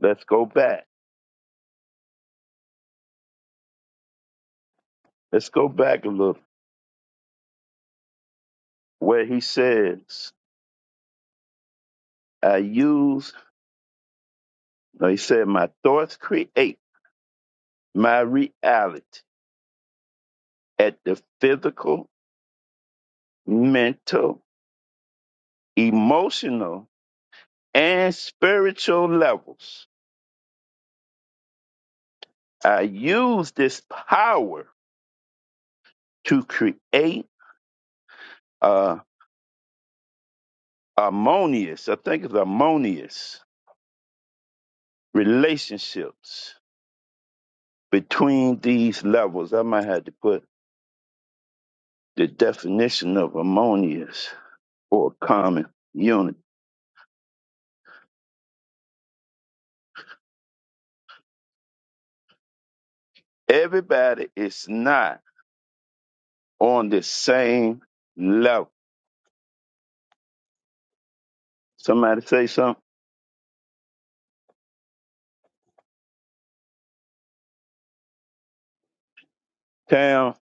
Let's go back. Let's go back a little where he says, I use, no, he said, my thoughts create my reality at the physical, mental, emotional, and spiritual levels. I use this power to create uh, harmonious, I think it's harmonious relationships between these levels. I might have to put the definition of harmonious or a common unit. Everybody is not on the same level. Somebody say something? Town.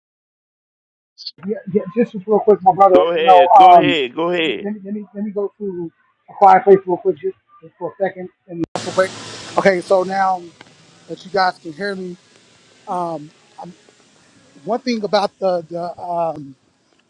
Yeah, yeah, just real quick, my brother. Go You know, ahead. Go um, ahead. Go let me ahead. let me let me, let me go to a quiet place real quick, just, just for a second, and real quick. Okay, so now that you guys can hear me, one thing about the the um.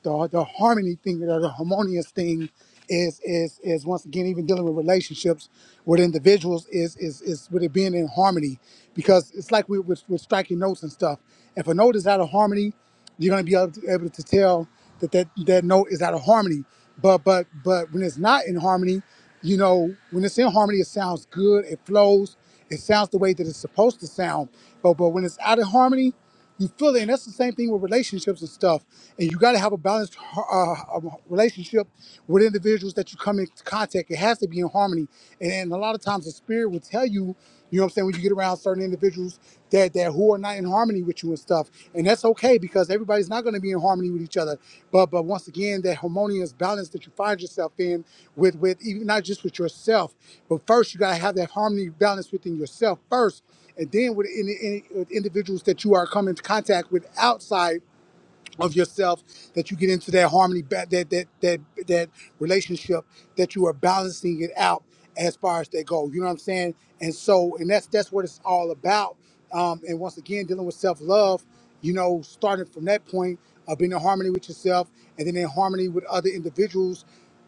the the harmony thing or the harmonious thing is is is once again even dealing with relationships with individuals is is is with it being in harmony because it's like we with, with with striking notes and stuff. If a note is out of harmony, you're gonna be able to, able to tell that, that that note is out of harmony. But but but when it's not in harmony, you know, when it's in harmony, it sounds good, it flows, it sounds the way that it's supposed to sound. But but when it's out of harmony, you feel it, and that's the same thing with relationships and stuff. And you got to have a balanced uh, um, relationship with individuals that you come into contact. It has to be in harmony. And, and a lot of times, the spirit will tell you, you know, what I'm saying, when you get around certain individuals that that who are not in harmony with you and stuff, and that's okay because everybody's not going to be in harmony with each other. But but once again, that harmonious balance that you find yourself in with with even not just with yourself, but first you got to have that harmony balance within yourself first and then with any, any with individuals that you are coming into contact with outside of yourself that you get into that harmony ba- that that that that relationship that you are balancing it out as far as they go you know what i'm saying and so and that's that's what it's all about um, and once again dealing with self-love you know starting from that point of being in harmony with yourself and then in harmony with other individuals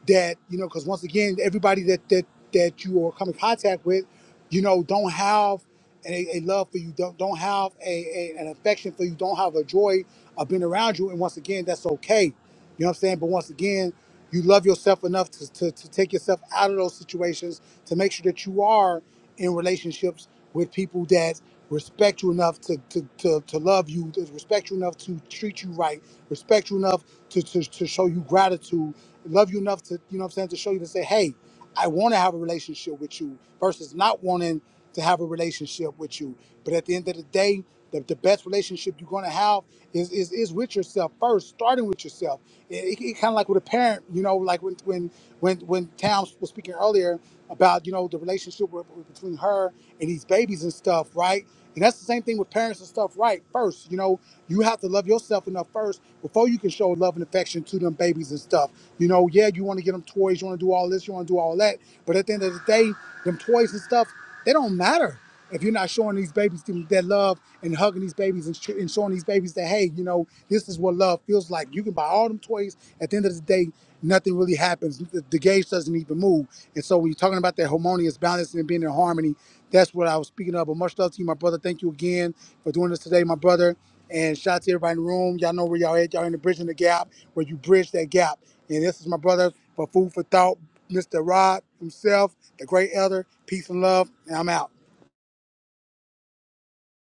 that you know because once again everybody that that that you are coming in contact with you know don't have and a, a love for you, don't don't have a, a an affection for you, don't have a joy of being around you. And once again, that's okay. You know what I'm saying? But once again, you love yourself enough to, to, to take yourself out of those situations to make sure that you are in relationships with people that respect you enough to to, to, to love you, to respect you enough to treat you right, respect you enough to, to, to show you gratitude, love you enough to, you know what I'm saying, to show you to say, hey, I want to have a relationship with you versus not wanting to have a relationship with you. But at the end of the day, the, the best relationship you're going to have is, is is with yourself first, starting with yourself. It, it, it kind of like with a parent, you know, like when when when when Tam was speaking earlier about you know the relationship with, with- between her and these babies and stuff, right? And that's the same thing with parents and stuff, right? First, you know, you have to love yourself enough first before you can show love and affection to them babies and stuff. You know, yeah, you want to get them toys, you want to do all this, you want to do all that. But at the end of the day, them toys and stuff, they don't matter if you're not showing these babies them- that love and hugging these babies and, sh- and showing these babies that, hey, you know, this is what love feels like. You can buy all them toys. At the end of the day, nothing really happens. The, the gauge doesn't even move. And so when you're talking about that harmonious balance and being in harmony, that's what I was speaking of. But much love to you, my brother. Thank you again for doing this today, my brother. And shout out to everybody in the room. Y'all know where y'all at. Y'all in the bridging the gap, where you bridge that gap. And this is my brother for food for thought, Mr. Rod himself, the great elder. Peace and love. And I'm out.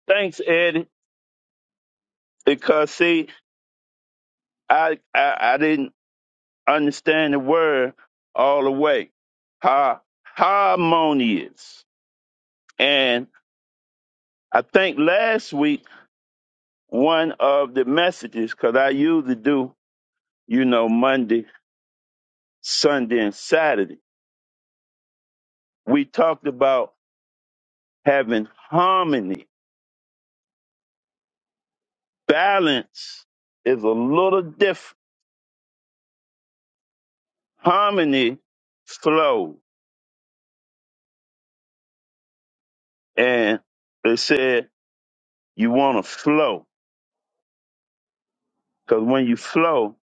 Thanks, Eddie. Because see, I I, I didn't understand the word all the way. Ha, harmonious. And I think last week one of the messages, because I usually do, you know, Monday, Sunday, and Saturday. We talked about having harmony. Balance is a little different. Harmony flow. And they said you want to flow because when you flow,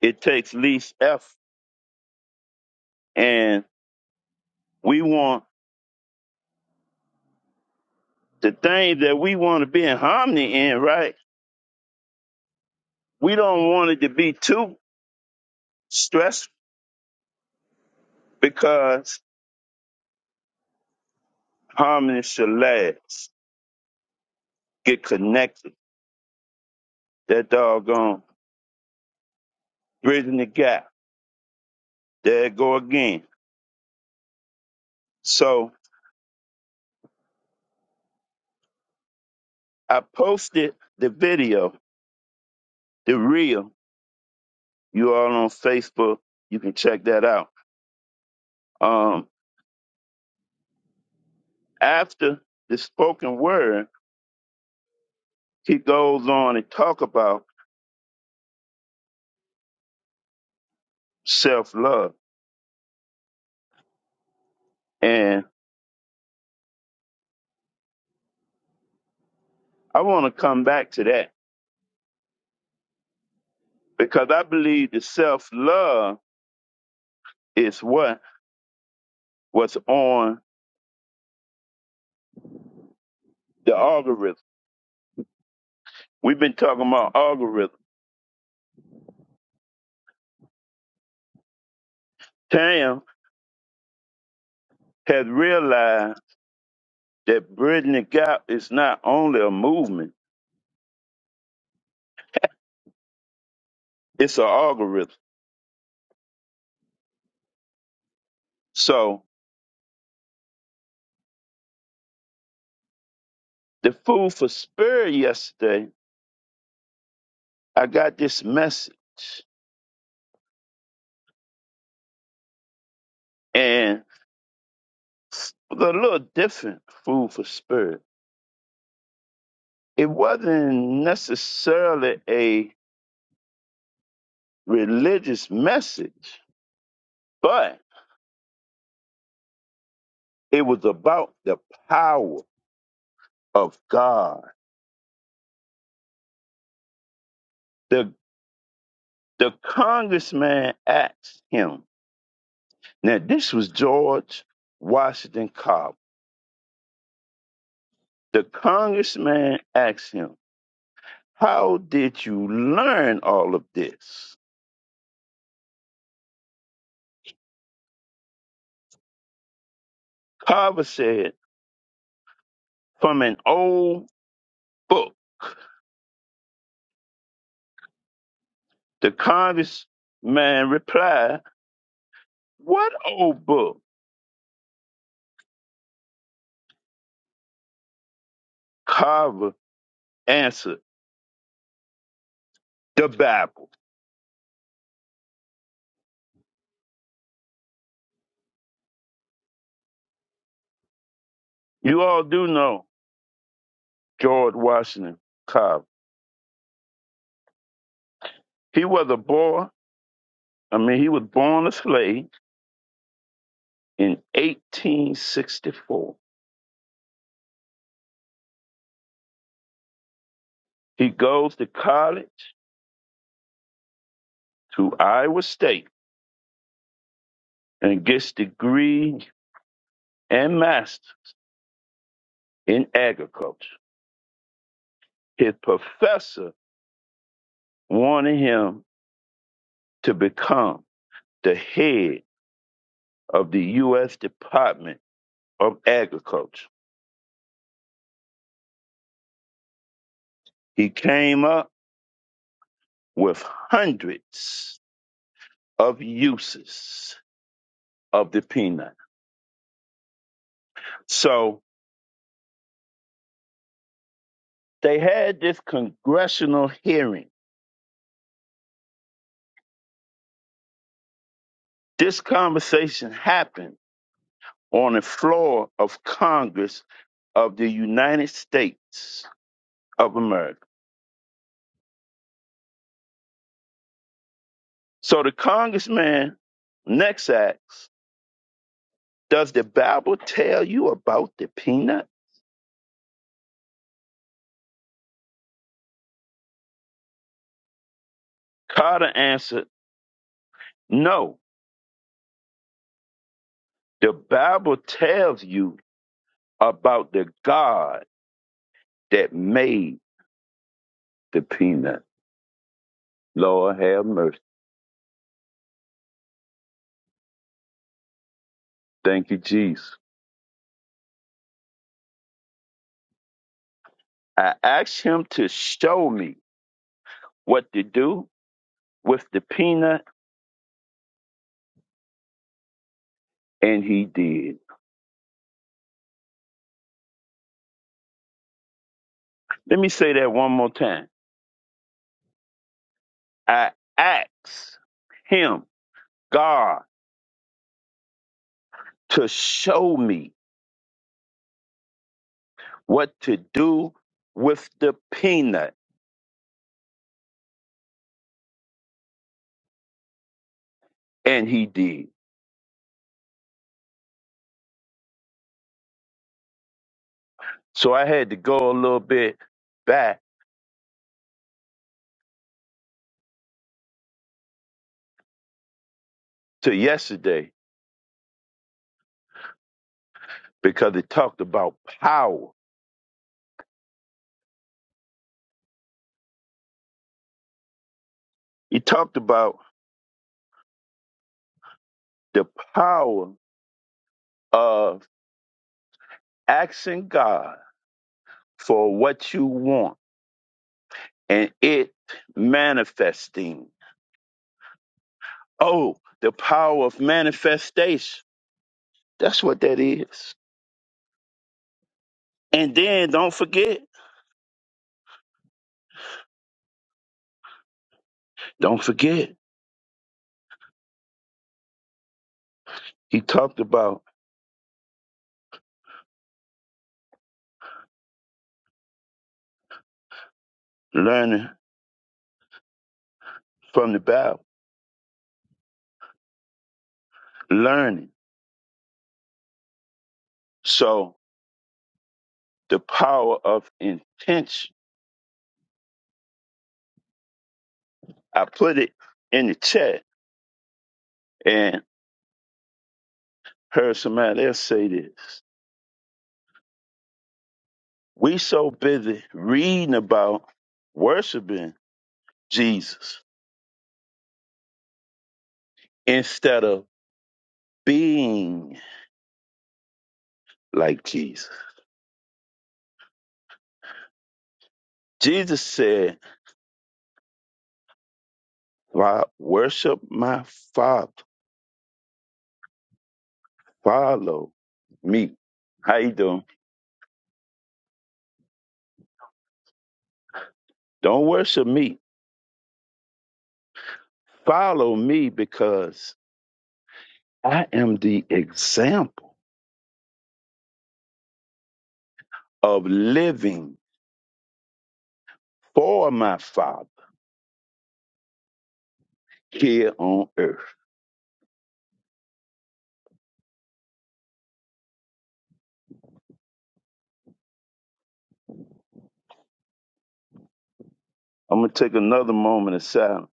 it takes least effort. And we want the thing that we want to be in harmony in, right? We don't want it to be too stressful because harmony should last. Get connected. That doggone bridging the gap. There it go again. So I posted the video, the reel. You all on Facebook. You can check that out. Um, after the spoken word, he goes on and talk about self love, and I want to come back to that because I believe the self love is what was on the algorithm. We've been talking about algorithm. Tam has realized that bridging the gap is not only a movement; it's an algorithm. So the food for spirit yesterday, I got this message and it was a little different food for spirit. It wasn't necessarily a religious message, but it was about the power of God. The the congressman asked him. Now this was George Washington Cobb. The congressman asked him, How did you learn all of this? Carver said, From an old book. The congressman replied, What old book? Carver answered, The Bible. You all do know George Washington Carver. He was a boy, I mean, he was born a slave in 1864. He goes to college to Iowa State and gets degree and master's in agriculture. His professor wanted him to become. the head of the U.S. Department of Agriculture. He came up with hundreds of uses of the peanut. So they had this congressional hearing. This conversation happened on the floor of Congress of the United States of America. So the congressman next asks, Does the Bible tell you about the peanut? Carter answered, No, The Bible tells you about the God that made the peanut. Lord have mercy. Thank you, Jesus. I asked him to show me what to do with the peanut, and he did. Let me say that one more time. I asked him, God, to show me what to do with the peanut, and he did. So I had to go a little bit back to yesterday because it talked about power. It talked about the power of asking God for what you want and it manifesting. Oh, the power of manifestation. That's what that is. And then don't forget, don't forget, he talked about learning from the Bible, learning. So the power of intention. I put it in the chat and heard somebody else say this We so busy reading about worshiping Jesus instead of being like Jesus. Jesus said, "Why worship my Father? Follow me." How you doing? Don't worship me. Follow me because I am the example of living for my Father here on earth. I'm gonna take another moment of silence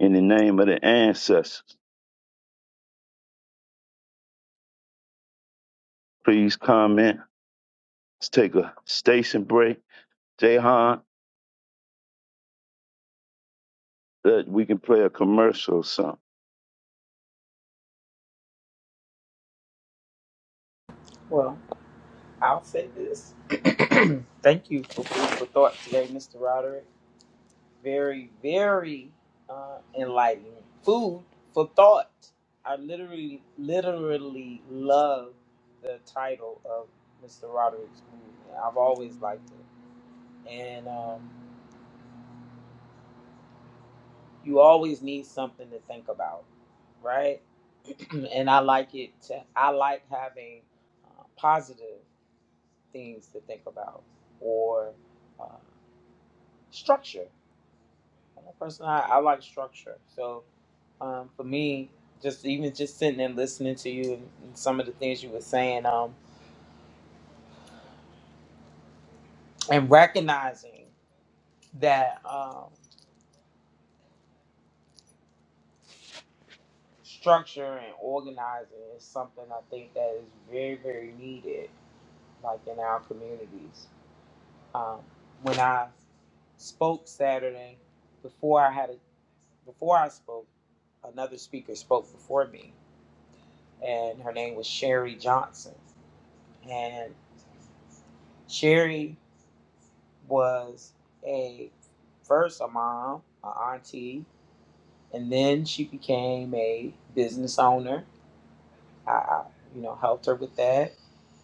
in the name of the ancestors. Please comment Let's take a station break. Jahan, that we can play a commercial or something. Well, I'll say this. Thank you for food for thought today, Mr. Roderick. very, very uh, enlightening. Food for thought. I literally, literally love the title of Mr. Roderick's movie. I've always liked it. And um, you always need something to think about, right? and I like it. To, I like having uh, positive things to think about or uh, structure. Personally, I, I like structure. So um, for me, just even just sitting and listening to you and, and some of the things you were saying, um, and recognizing that um, structure and organizing is something I think that is very, very needed, like in our communities. Um, when I spoke Saturday, before I had a, before I spoke, another speaker spoke before me, and her name was Sherry Johnson, and Sherry. was a first a mom, a auntie, and then she became a business owner. I, I you know helped her with that,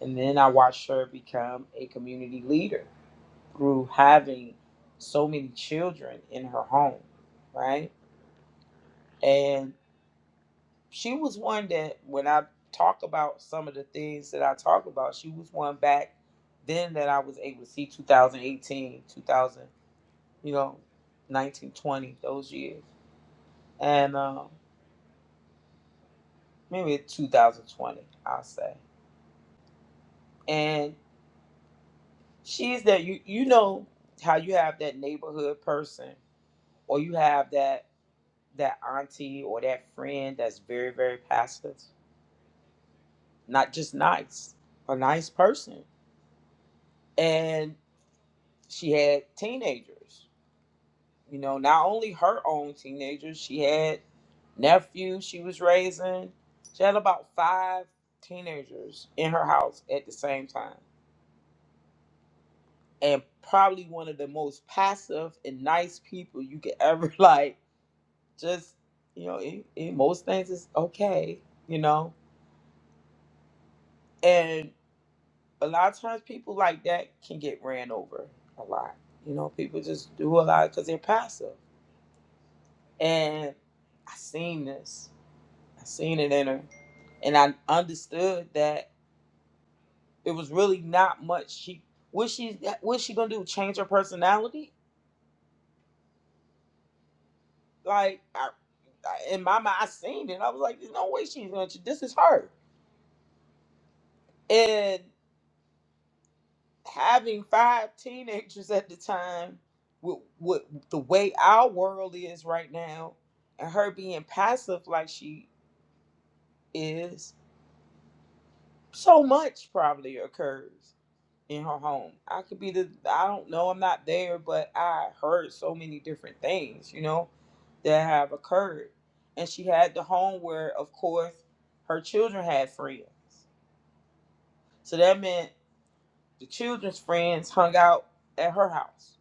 and then I watched her become a community leader through having so many children in her home, right? And she was one that when I talk about some of the things that I talk about, she was one back then that I was able to see 2018, you know, 1920, those years. And um, maybe 2020, I'll say. And she's that you you know how you have that neighborhood person or you have that that auntie or that friend that's very, very passive, not just nice, a nice person. And she had teenagers. you know, not only her own teenagers, she had nephews she was raising. She had about five teenagers in her house at the same time. And probably one of the most passive and nice people you could ever like. Just, you know, in, in most things is okay, you know? And a lot of times people like that can get ran over a lot. You know, people just do a lot because they're passive. And I seen this. I seen it in her, and I understood that it was really not much. She what she what she gonna do? Change her personality? Like I, I, in my mind, I seen it. I was like, there's no way she's gonna. ch- This is her. And having five teenagers at the time, with, with the way our world is right now, and her being passive like she is, so much probably occurs. in her home. I could be the I don't know, I'm not there, but I heard so many different things, you know, that have occurred. And she had the home where of course her children had friends. So that meant the children's friends hung out at her house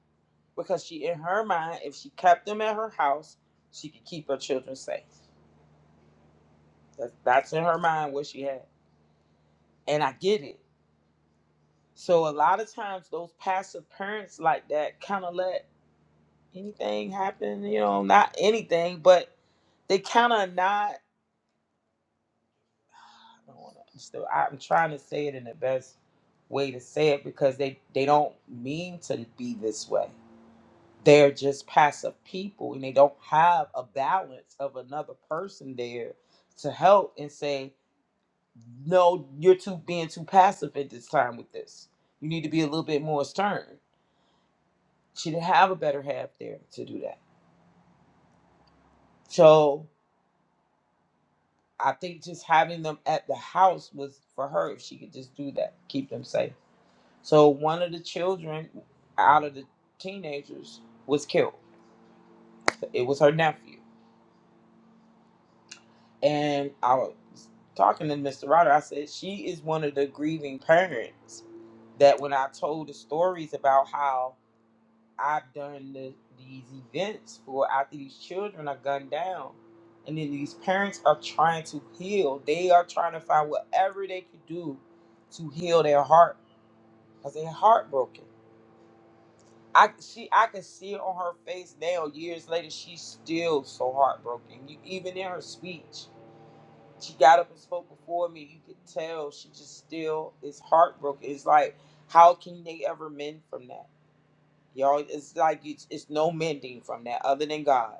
because she in her mind if she kept them at her house, she could keep her children safe. That, that's in her mind what she had. And I get it. So a lot of times those passive parents like that kind of let anything happen, you know, not anything, but they kind of not. I don't want to. I'm Still, I'm trying to say it in the best way to say it because they they don't mean to be this way. They're just passive people, and they don't have a balance of another person there to help and say, "No, you're too being too passive at this time with this. You need to be a little bit more stern." She didn't have a better half there to do that. So I think just having them at the house was for her if she could just do that, keep them safe. So one of the children out of the teenagers was killed. It was her nephew. And I was talking to Mr. Ryder, I said, she is one of the grieving parents that when I told the stories about how I've done the, these events for after these children are gunned down. And then these parents are trying to heal. They are trying to find whatever they can do to heal their heart because they're heartbroken. I she I can see it on her face now. Years later, she's still so heartbroken. You, even in her speech, she got up and spoke before me. You could tell she just still is heartbroken. It's like, how can they ever mend from that? Y'all, it's like it's, it's no mending from that other than God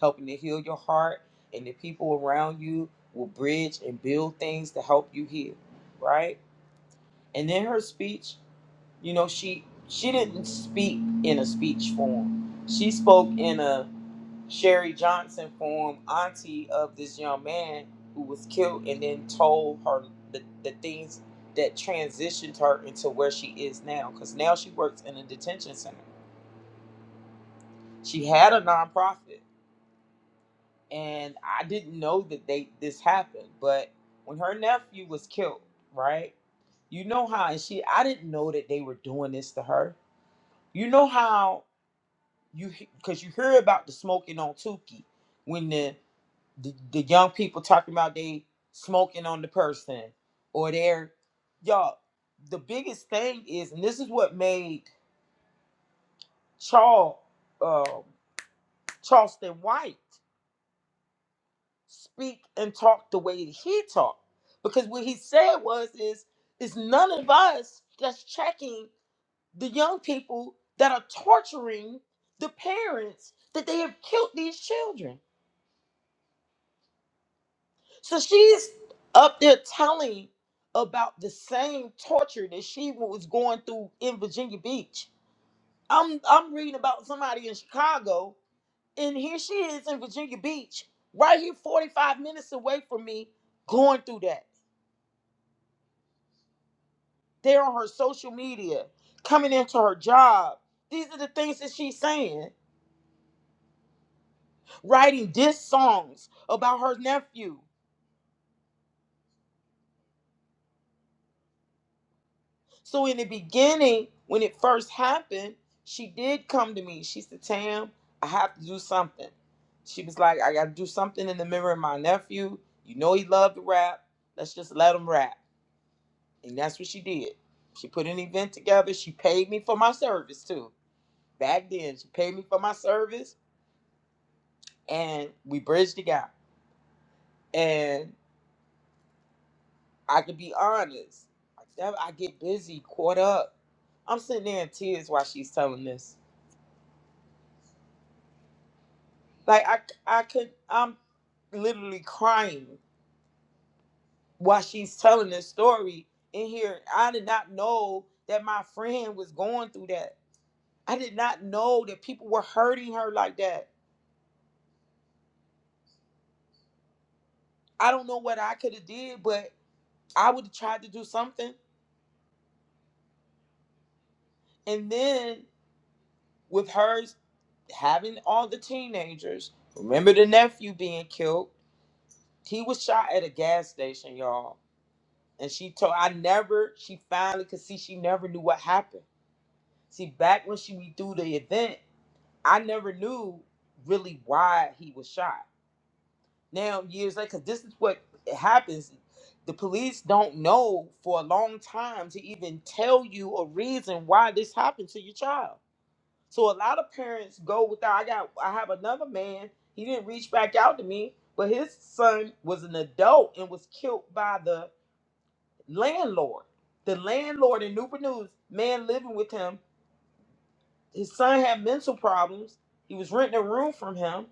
helping to heal your heart, and the people around you will bridge and build things to help you heal, right? And in her speech, you know, she she didn't speak in a speech form. She spoke in a Sherry Johnson form, auntie of this young man who was killed, and then told her the, the things that transitioned her into where she is now. Because now she works in a detention center she had a nonprofit and i didn't know that they this happened but when her nephew was killed right you know how and she i didn't know that they were doing this to her you know how you because you hear about the smoking on Tuki when the, the the young people talking about they smoking on the person or they're y'all the biggest thing is and this is what made charles um charleston white speak and talk the way that he talked. Because what he said was is is none of us that's checking the young people that are torturing the parents that they have killed these children. So she's up there telling about the same torture that she was going through in Virginia Beach. I'm I'm reading about somebody in Chicago, and here she is in Virginia Beach, right here 45 minutes away from me, going through that. They're on her social media, coming into her job. These are the things that she's saying, writing diss songs about her nephew. So in the beginning, when it first happened, she did come to me. She said, Tam, I have to do something. She was like, I gotta do something in the memory of my nephew. You know he loved to rap. Let's just let him rap. And that's what she did. She put an event together. She paid me for my service too. Back then, she paid me for my service and we bridged the gap And I could be honest, that- I get busy, caught up. I'm sitting there in tears while she's telling this. Like I, I could, I'm literally crying while she's telling this story in here. I did not know that my friend was going through that. I did not know that people were hurting her like that. I don't know what I could have did, but I would have tried to do something. And then with hers having all the teenagers, remember the nephew being killed. He was shot at a gas station, y'all. And she told I never, she finally could see she never knew what happened. See, back when she do the event, I never knew really why he was shot. Now, years later, because this is what happens. The police don't know for a long time to even tell you a reason why this happened to your child. So a lot of parents go without I got I have another man. He didn't reach back out to me, but his son was an adult and was killed by the landlord. The landlord in Newport News, man living with him. His son had mental problems. He was renting a room from him.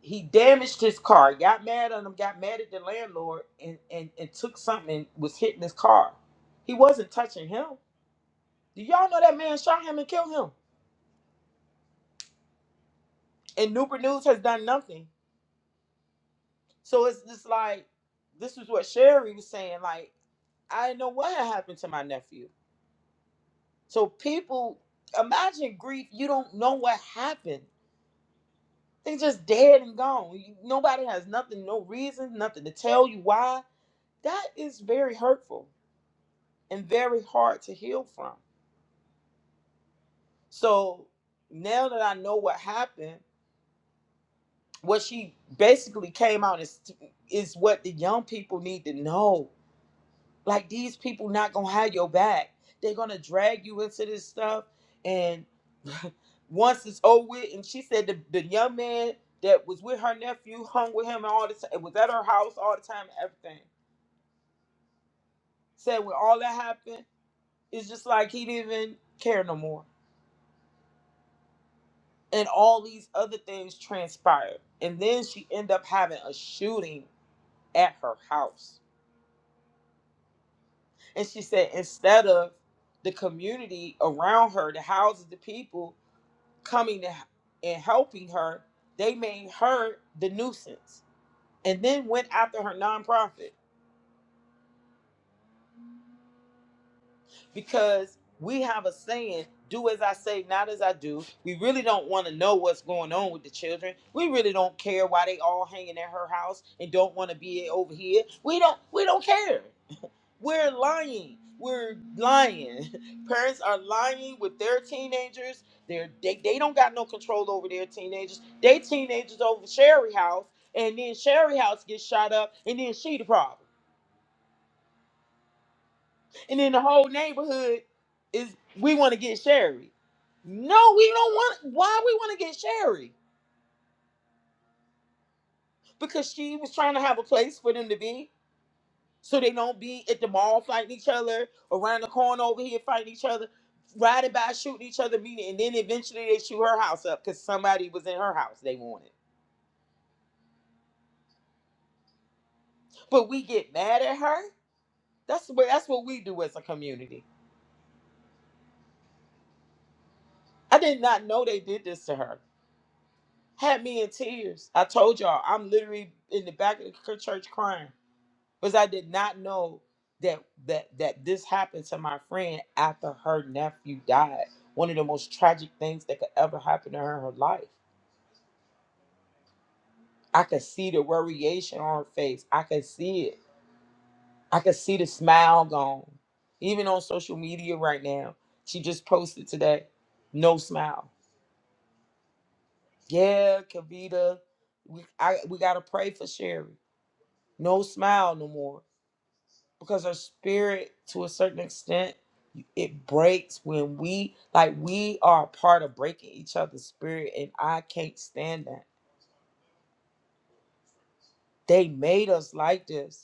He damaged his car, got mad at him, got mad at the landlord, and, and, and took something and was hitting his car. He wasn't touching him. Do y'all know that man shot him and killed him? And Newport News has done nothing. So it's just like, this is what Sherry was saying. Like, I didn't know what had happened to my nephew. So people, imagine grief. You don't know what happened. They just dead and gone. You, nobody has nothing, no reason, nothing to tell you why. That is very hurtful and very hard to heal from. So now that I know what happened, what she basically came out is is what the young people need to know. like these people not gonna have your back. They're gonna drag you into this stuff, and once it's over with, and she said the, the young man that was with her nephew hung with him and all the time, It was at her house all the time, everything. Said when all that happened, it's just like he didn't even care no more, and all these other things transpired, and then she ended up having a shooting at her house, and she said instead of the community around her, the houses, the people coming to, and helping her, they made her the nuisance and then went after her nonprofit because we have a saying do as I say, not as I do. We really don't want to know what's going on with the children. We really don't care why they all hanging at her house and don't want to be over here. We don't we don't care. We're lying. We're lying. Parents are lying with their teenagers. They're, they they don't got no control over their teenagers. They teenagers over Sherry House, and then Sherry House gets shot up, and then she the problem. And then the whole neighborhood is we want to get Sherry. No, we don't want. Why we want to get Sherry? Because she was trying to have a place for them to be. so they don't be at the mall fighting each other, around the corner over here fighting each other, riding by shooting each other, meeting, and then eventually they shoot her house up because somebody was in her house they wanted. But we get mad at her. That's what that's what we do as a community. I did not know they did this to her. Had me in tears. I told y'all I'm literally in the back of the church crying. because I did not know that that that this happened to my friend after her nephew died. One of the most tragic things that could ever happen to her in her life. I could see the variation on her face. I could see it. I could see the smile gone. Even on social media right now, she just posted today, no smile. Yeah, Kavita, we I, we gotta pray for Sherry. No smile no more. because our spirit to a certain extent it breaks when we like we are a part of breaking each other's spirit and i can't stand that they made us like this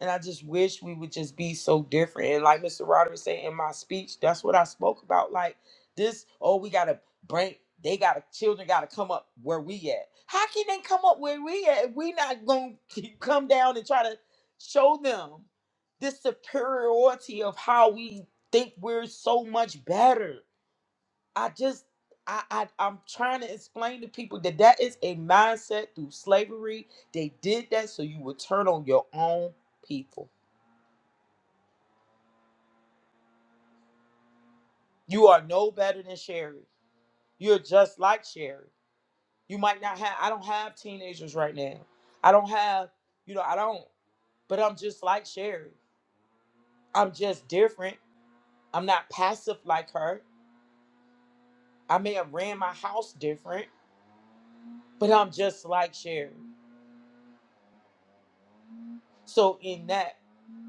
And I just wish we would just be so different. And like Mr. Roderick said in my speech, that's what I spoke about. Like this, oh, we gotta bring they gotta children gotta come up where we at. How can they come up where we at if we not gonna come down and try to show them this superiority of how we think we're so much better? I just I, I I'm trying to explain to people that that is a mindset through slavery. They did that so you would turn on your own people You are no better than Sherry. You're just like Sherry. You might not have, I don't have teenagers right now. I don't have, you know, I don't, but I'm just like Sherry. I'm just different. I'm not passive like her. I may have ran my house different, but I'm just like Sherry. So in that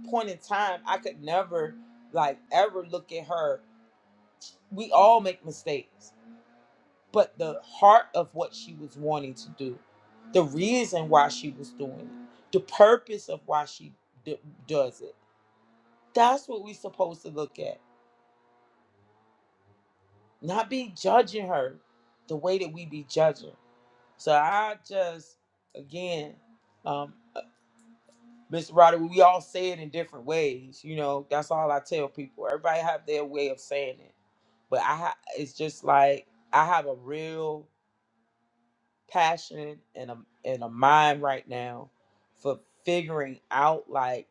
point in time, I could never, like, ever look at her. We all make mistakes. but the heart of what she was wanting to do, the reason why she was doing it, the purpose of why she d- does it. That's what we're supposed to look at, not be judging her the way that we be judging. So I just, again, um, Mr. Roddy, we all say it in different ways. You know, that's all I tell people. Everybody have their way of saying it, but I, ha- it's just like I have a real passion and a and a mind right now for figuring out like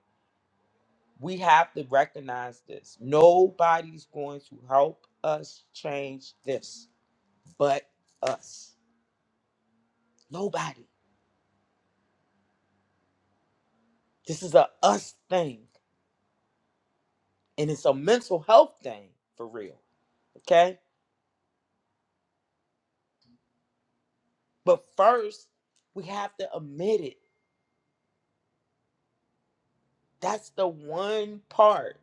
we have to recognize this. Nobody's going to help us change this but us. Nobody. This is a us thing and it's a mental health thing for real. Okay? But first, we have to admit it. That's the one part.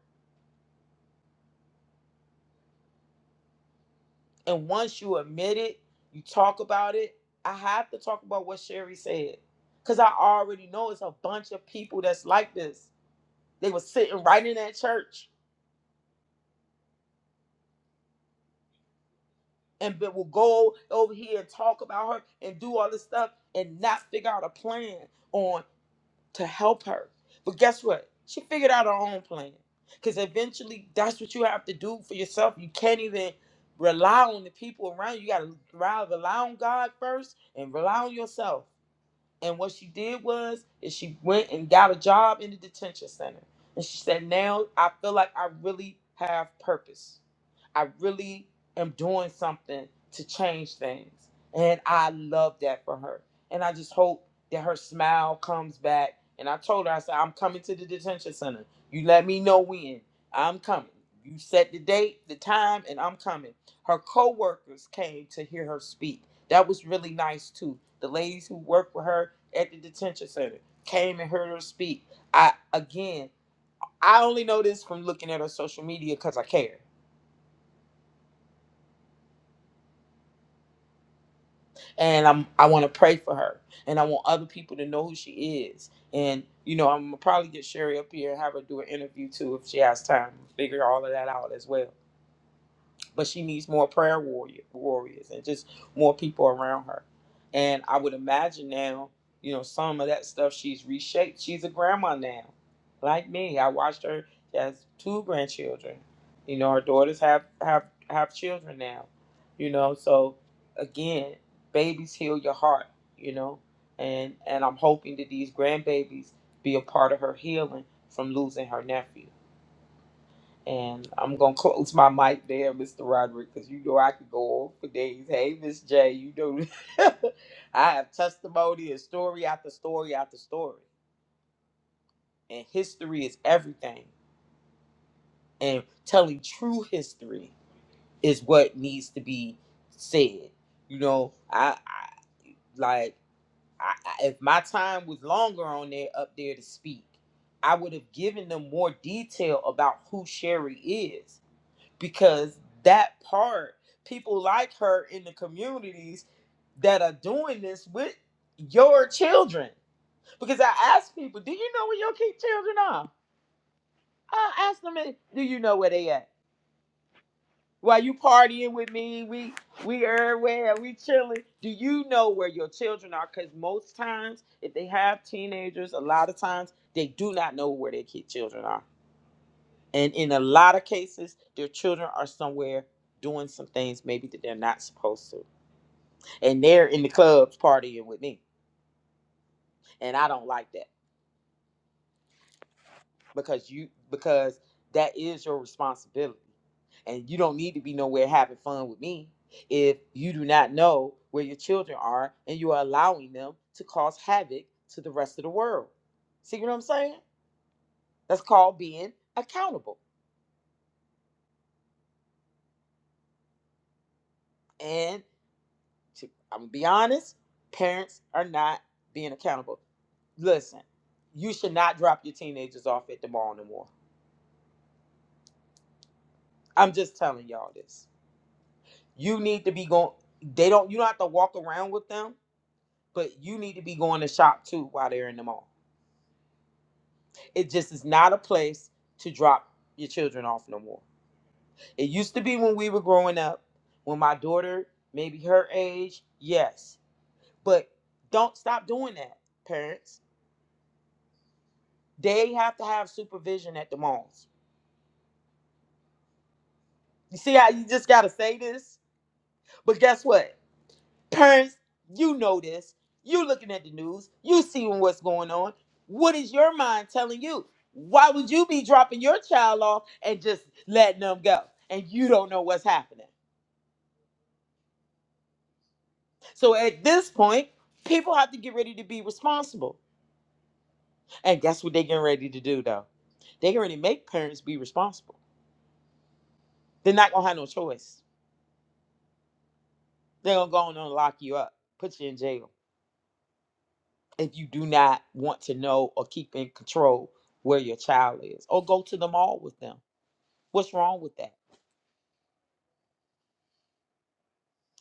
And once you admit it, you talk about it. I have to talk about what Sherry said. Cause I already know it's a bunch of people that's like this. They were sitting right in that church and be- will go over here and talk about her and do all this stuff and not figure out a plan on to help her. But guess what? She figured out her own plan. Cause eventually that's what you have to do for yourself. You can't even rely on the people around you. You gotta rely rely on God first and rely on yourself And what she did was is she went and got a job in the detention center. And she said, Now I feel like I really have purpose. I really am doing something to change things. And I love that for her. And I just hope that her smile comes back. And I told her, I said, I'm coming to the detention center. You let me know when. I'm coming. You set the date, the time, and I'm coming. Her coworkers came to hear her speak. That was really nice too. The ladies who worked with her at the detention center came and heard her speak. I again, I only know this from looking at her social media because I care and I'm I want to pray for her, and I want other people to know who she is. And you know, I'm gonna probably get Sherry up here and have her do an interview too if she has time. Figure all of that out as well but she needs more prayer warrior warriors and just more people around her. And I would imagine now, you know, some of that stuff she's reshaped. She's a grandma now, like me. I watched her she has two grandchildren. You know, her daughters have have have children now. You know, so again, babies heal your heart. You know, and and I'm hoping that these grandbabies be a part of her healing from losing her nephew. And I'm gonna close my mic there, Mr. Roderick, because you know I could go on for days. Hey, Miss J, you know I have testimony and story after story after story. And history is everything. And telling true history is what needs to be said. You know, I, I like I, I, if my time was longer on there up there to speak, I would have given them more detail about who Sherry is because that part, people like her in the communities that are doing this with your children. Because I ask people, do you know where your kid children are? I ask them, "Hey, do you know where they at? While you partying with me, we we everywhere, we chilling. Do you know where your children are? Because most times, if they have teenagers, a lot of times they do not know where their kid children are And in a lot of cases, their children are somewhere doing some things maybe that they're not supposed to. And they're in the clubs partying with me. And I don't like that because you because that is your responsibility. And you don't need to be nowhere having fun with me if you do not know where your children are and you are allowing them to cause havoc to the rest of the world. See what I'm saying? That's called being accountable. and. She, I'm gonna be honest. Parents are not being accountable. Listen, you should not drop your teenagers off at the mall no more. I'm just telling y'all this. You need to be going. They don't. You don't have to walk around with them, but you need to be going to shop too while they're in the mall. It just is not a place to drop your children off no more. It used to be when we were growing up, when my daughter, maybe her age, yes, but don't stop doing that, parents They have to have supervision at the malls. You see how you just gotta say this? But guess what? Parents, you know this. You looking at the news, you seeing what's going on. What is your mind telling you? Why would you be dropping your child off and just letting them go? And you don't know what's happening. So at this point, people have to get ready to be responsible. And guess what they're getting ready to do though? They're getting ready to make parents be responsible. They're not gonna have no choice. They're gonna go on and lock you up, put you in jail. if you do not want to know or keep in control where your child is, or go to the mall with them. What's wrong with that?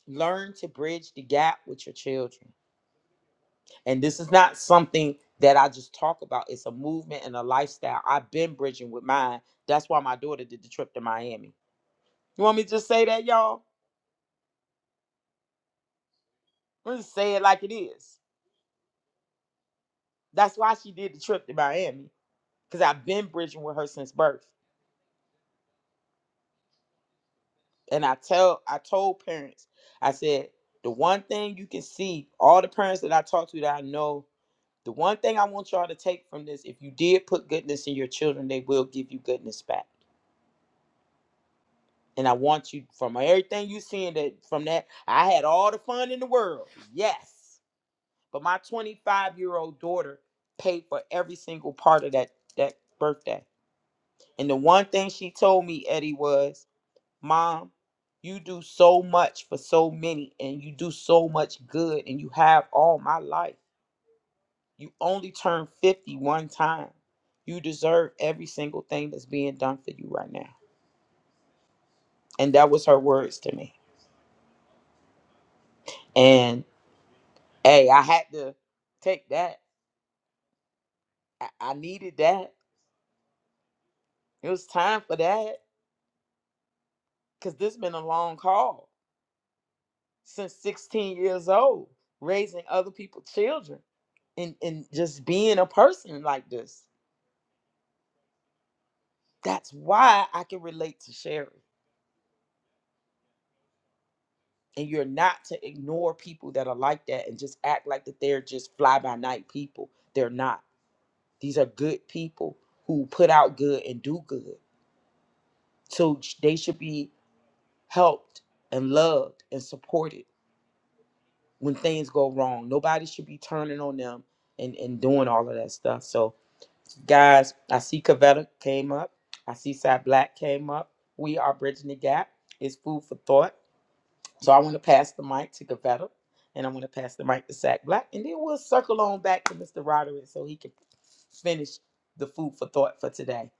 Learn to bridge the gap with your children. And this is not something that I just talk about, it's a movement and a lifestyle. I've been bridging with mine. That's why my daughter did the trip to Miami. You want me to just say that, y'all? I'm gonna say it like it is. That's why she did the trip to Miami, because I've been bridging with her since birth. and I tell I told parents, I said, the one thing you can see, all the parents that I talk to that I know, the one thing I want y'all to take from this, if you did put goodness in your children, they will give you goodness back. And I want you from everything you seeing that from that, I had all the fun in the world. Yes. But my 25 year old daughter paid for every single part of that that birthday. And the one thing she told me, Eddie, was mom, you do so much for so many and you do so much good and you have all my life. You only turn fifty one time. You deserve every single thing that's being done for you right now. And that was her words to me. And hey, I had to take that. I, I needed that. It was time for that because this been a long haul since 16 years old, raising other people's children and, and just being a person like this That's why I can relate to Sherry. And you're not to ignore people that are like that and just act like that they're just fly by night people. They're not. These are good people who put out good and do good. So sh- they should be helped and loved and supported when things go wrong. Nobody should be turning on them and, and doing all of that stuff. So, guys, I see Cavetta came up. I see Sad Black came up. We are bridging the gap. It's food for thought. So I want to pass the mic to Gavetta, and I'm going to pass the mic to Sack Black, and then we'll circle on back to Mr. Roderick so he can finish the food for thought for today.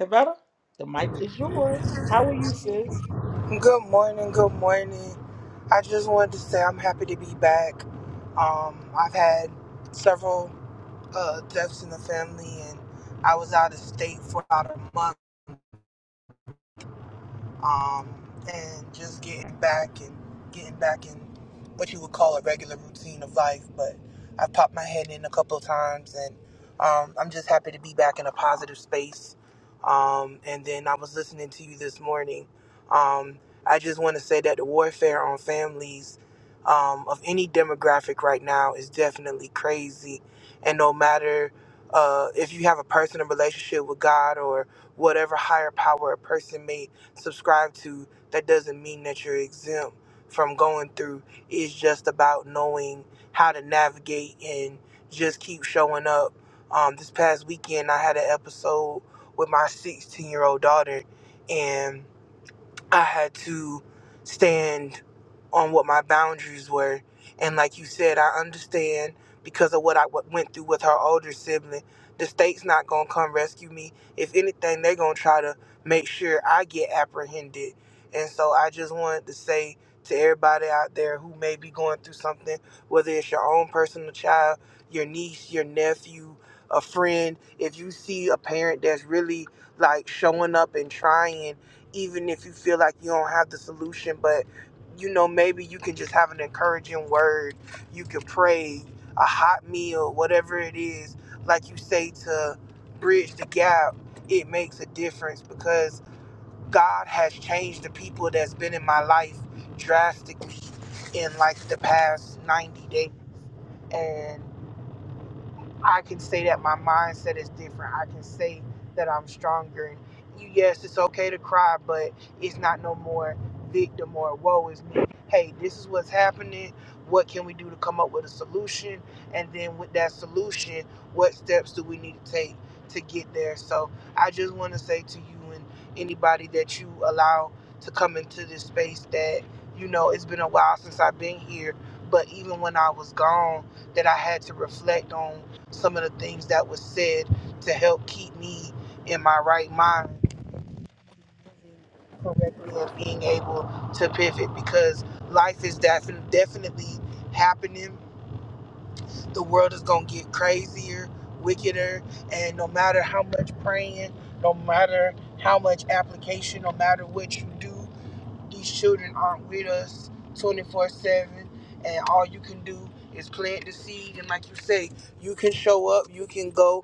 Gavetta, the mic is yours. How are you, sis? Good morning, good morning. I just wanted to say I'm happy to be back. Um, I've had several uh, deaths in the family, and I was out of state for about a month um, and just getting back and getting back in what you would call a regular routine of life. But I've popped my head in a couple of times, and um, I'm just happy to be back in a positive space. Um, and then I was listening to you this morning. Um, I just want to say that the warfare on families um, of any demographic right now is definitely crazy, and no matter. Uh, if you have a personal relationship with God or whatever higher power a person may subscribe to, that doesn't mean that you're exempt from going through. It's just about knowing how to navigate and just keep showing up. Um, this past weekend, I had an episode with my 16 year old daughter, and I had to stand on what my boundaries were. And like you said, I understand because of what I w- went through with her older sibling. The state's not going to come rescue me. If anything, they're going to try to make sure I get apprehended. And so I just wanted to say to everybody out there who may be going through something, whether it's your own personal child, your niece, your nephew, a friend, if you see a parent that's really like showing up and trying even if you feel like you don't have the solution but you know maybe you can just have an encouraging word you can pray a hot meal whatever it is like you say to bridge the gap it makes a difference because god has changed the people that's been in my life drastically in like the past 90 days and. I can say that my mindset is different. I can say that I'm stronger. And you, yes, it's okay to cry, but it's not no more victim or woe is me. Hey, this is what's happening. What can we do to come up with a solution? And then with that solution, what steps do we need to take to get there? So I just want to say to you and anybody that you allow to come into this space that, you know, it's been a while since I've been here, but even when I was gone, that I had to reflect on some of the things that was said to help keep me in my right mind correctly and being able to pivot because life is defin- definitely happening. The world is going to get crazier, wickeder, and no matter how much praying, no matter how much application, no matter what you do, these children aren't with us 24 7, and all you can do is plant the seed. And like you say, you can show up, you can go,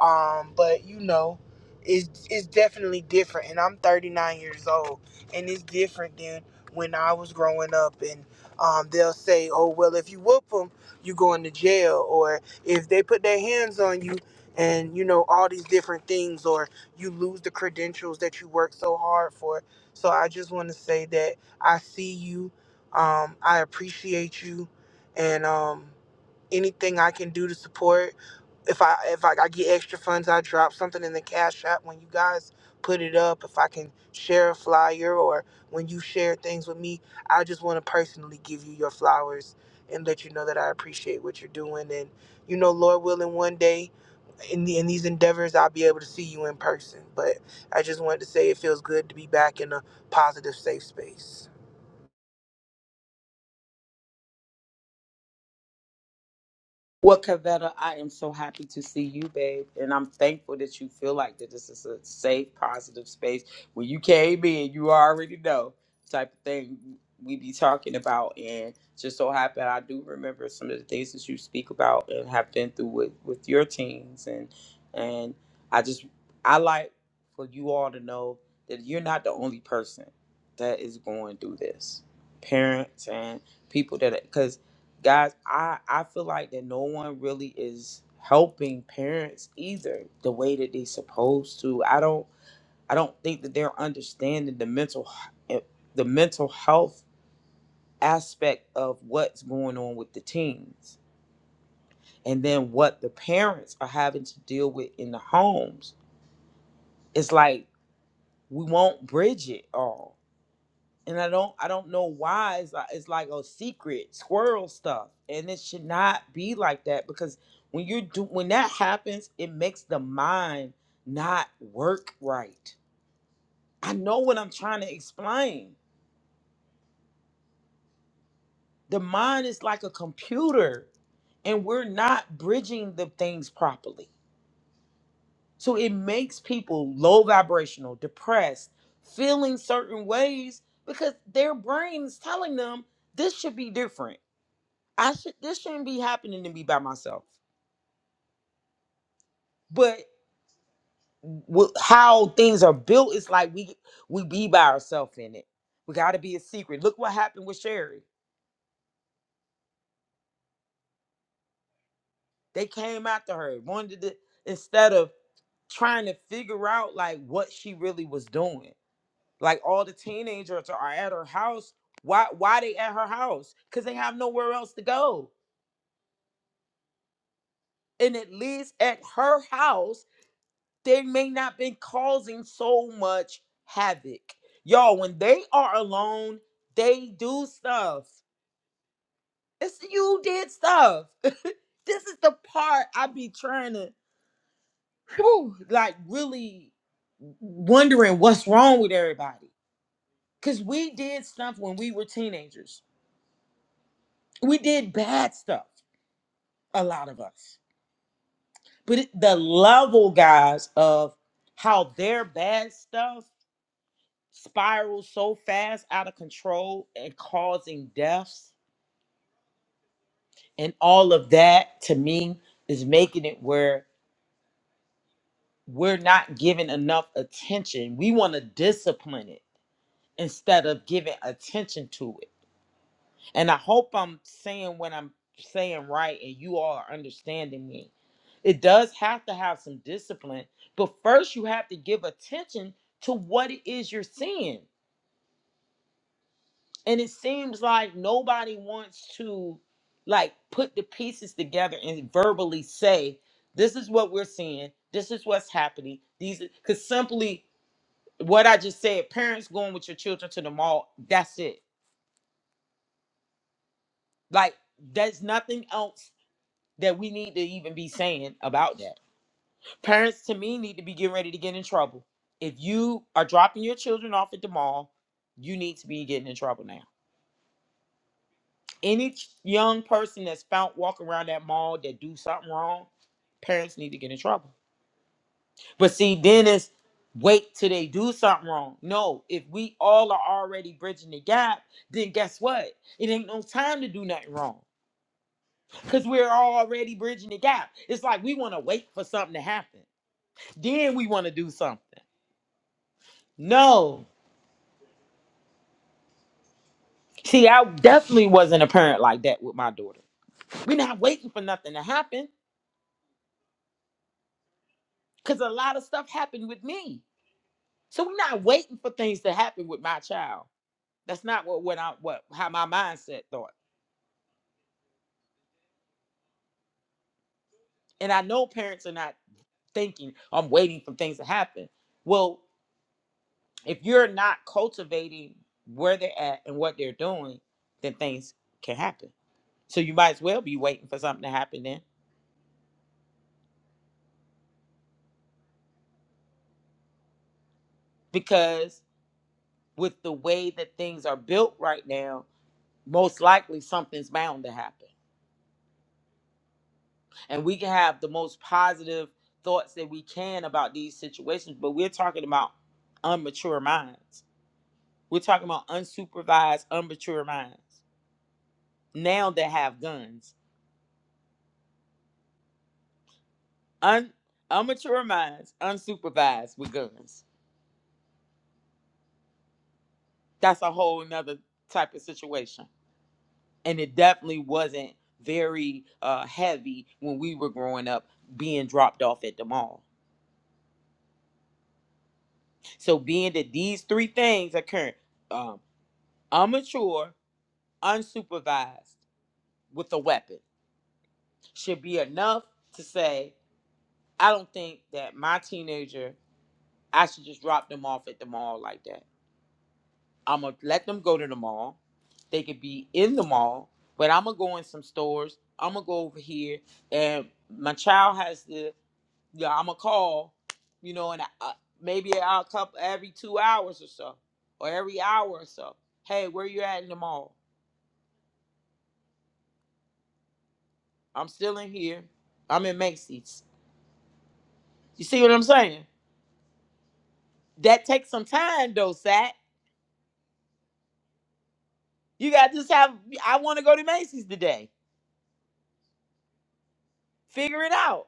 um, but you know, it's, it's definitely different. And I'm 39 years old, and it's different than when I was growing up. And um, they'll say, oh, well, if you whoop them, you going to jail. Or if they put their hands on you, and you know all these different things or you lose the credentials that you worked so hard for so I just want to say that I see you, um, I appreciate you, and um, anything I can do to support. If I if I, I get extra funds, I drop something in the cash app when you guys put it up. If I can share a flyer or when you share things with me, I just want to personally give you your flowers and let you know that I appreciate what you're doing. And you know, Lord willing, one day in the, in these endeavors, I'll be able to see you in person. But I just wanted to say it feels good to be back in a positive, safe space. Well, Cavetta, I am so happy to see you, babe. And I'm thankful that you feel like that this is a safe, positive space. When you came in, you already know type of thing we be talking about. And just so happy I do remember some of the things that you speak about and have been through with, with your teens. And and I just I like for you all to know that you're not the only person that is going through this. Parents and people that because guys i i feel like that no one really is helping parents either the way that they supposed to i don't i don't think that they're understanding the mental h- eh, the mental health aspect of what's going on with the teens and then what the parents are having to deal with in the homes it's like we won't bridge it all and I don't I don't know why it's like, it's like a secret squirrel stuff, and it should not be like that because when you do when that happens, it makes the mind not work right. I know what I'm trying to explain. The mind is like a computer, and we're not bridging the things properly. So it makes people low vibrational, depressed, feeling certain ways because their brain's telling them this should be different I should this shouldn't be happening to me by myself. But w- how things are built is like we we be by ourselves in it. We got to be a secret. Look what happened with Sherry. They came after her. Wanted to instead of trying to figure out like what she really was doing. Like all the teenagers are at her house. Why why they at her house? Cuz they have nowhere else to go. And it leaves at her house they may not been causing so much havoc. Y'all, when they are alone, they do stuff. It's you did stuff. this is the part I be trying to whew, like really wondering what's wrong with everybody. Cause we did stuff when we were teenagers. We did bad stuff, a lot of us. But it, the level, guys, of how their bad stuff spiral so fast out of control and causing deaths and all of that to me is making it where we're not giving enough attention. We want to discipline it instead of giving attention to it. And I hope I'm saying what I'm saying right and you all are understanding me. It does have to have some discipline, but first you have to give attention to what it is you're seeing. and it seems like nobody wants to like put the pieces together and verbally say this is what we're seeing this is what's happening these because simply what i just said parents going with your children to the mall that's it like there's nothing else that we need to even be saying about that parents to me need to be getting ready to get in trouble if you are dropping your children off at the mall you need to be getting in trouble now Any ch- young person that's found walking around that mall that do something wrong, parents need to get in trouble. But see, then it's wait till they do something wrong. No, if we all are already bridging the gap, then guess what? It ain't no time to do nothing wrong. Cause we're all already bridging the gap. It's like we want to wait for something to happen. Then we want to do something. No. See, I definitely wasn't a parent like that with my daughter. We're not waiting for nothing to happen. Cause a lot of stuff happened with me. So we're not waiting for things to happen with my child. That's not what what I what how my mindset thought. And I know parents are not thinking I'm waiting for things to happen. Well, if you're not cultivating where they're at and what they're doing, then things can happen. So you might as well be waiting for something to happen then, because with the way that things are built right now, most likely something's bound to happen. and we can have the most positive thoughts that we can about these situations but we're talking about unmature minds we're talking about unsupervised unmature minds now that have guns Un- unmature minds unsupervised with guns that's a whole nother type of situation and it definitely wasn't very uh, heavy when we were growing up being dropped off at the mall so being that these three things occur um, immature unsupervised with a weapon should be enough to say, I don't think that my teenager, I should just drop them off at the mall like that. I'm going to let them go to the mall. They could be in the mall, but I'm going to go in some stores. I'm going to go over here. And my child has to, yeah, I'm going to call, you know, and I, maybe I'll couple every two hours or so, or every hour or so. Hey, where you at in the mall? I'm still in here. I'm in Macy's. You see what I'm saying? That takes some time though, Sat. You gotta just have I wanna go to Macy's today. Figure it out.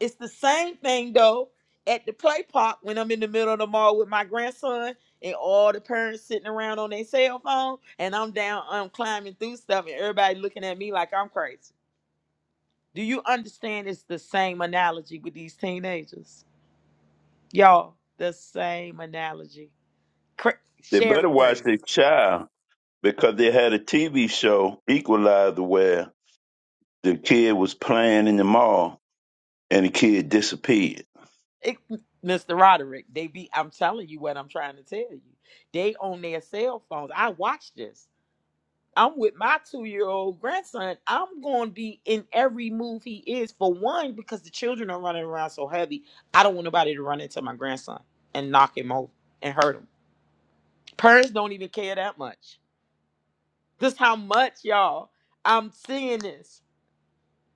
It's the same thing though at the play park when I'm in the middle of the mall with my grandson and all the parents sitting around on their cell phone and I'm down I'm climbing through stuff and everybody looking at me like I'm crazy. Do you understand it's the same analogy with these teenagers? Y'all, the same analogy. Cra- They better Sherry watch crazy. their child because they had a TV show, Equalizer, where the kid was playing in the mall and the kid disappeared. It, Mr. Roderick, they be. I'm telling you what I'm trying to tell you. They on their cell phones. I watch this. I'm with my two year old grandson. I'm going to be in every move he is. For one, because the children are running around so heavy. I don't want nobody to run into my grandson and knock him over and hurt him. Parents don't even care that much. Just how much y'all. I'm seeing this,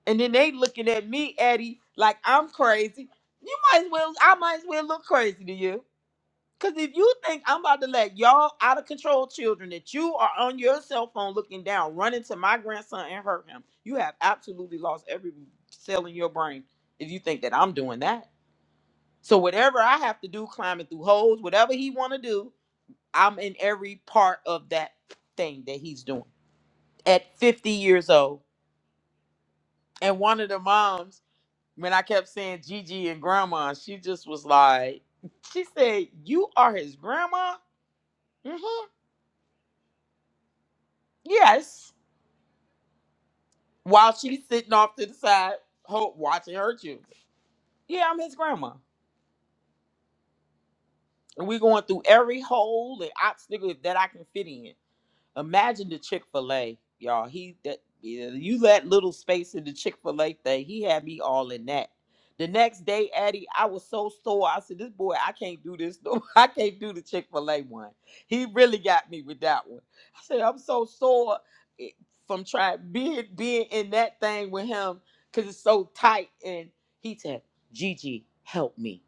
and then they looking at me, Eddie, like I'm crazy. You might as well. I might as well look crazy to you. Cause if you think I'm about to let y'all out of control children that you are on your cell phone looking down, run into my grandson and hurt him, you have absolutely lost every cell in your brain if you think that I'm doing that. So whatever I have to do, climbing through holes, whatever he wanna do, I'm in every part of that thing that he's doing. At 50 years old. And one of the moms, when I kept saying Gigi and grandma, she just was like, she said, You are his grandma? Mm-hmm. Yes. while she's sitting off to the side, ho watching her children. Yeah, I'm his grandma. And we going through every hole and obstacle that I can fit in. Imagine the Chick Fil A, y'all. He that yeah, you let little space in the Chick Fil A thing. He had me all in that. The next day, Addie, I was so sore. I said, "This boy, I can't do this. No, I can't do the Chick Fil A one." He really got me with that one. I said, "I'm so sore eh, from trying being being in that thing with him because it's so tight." And he said, "Gigi, help me."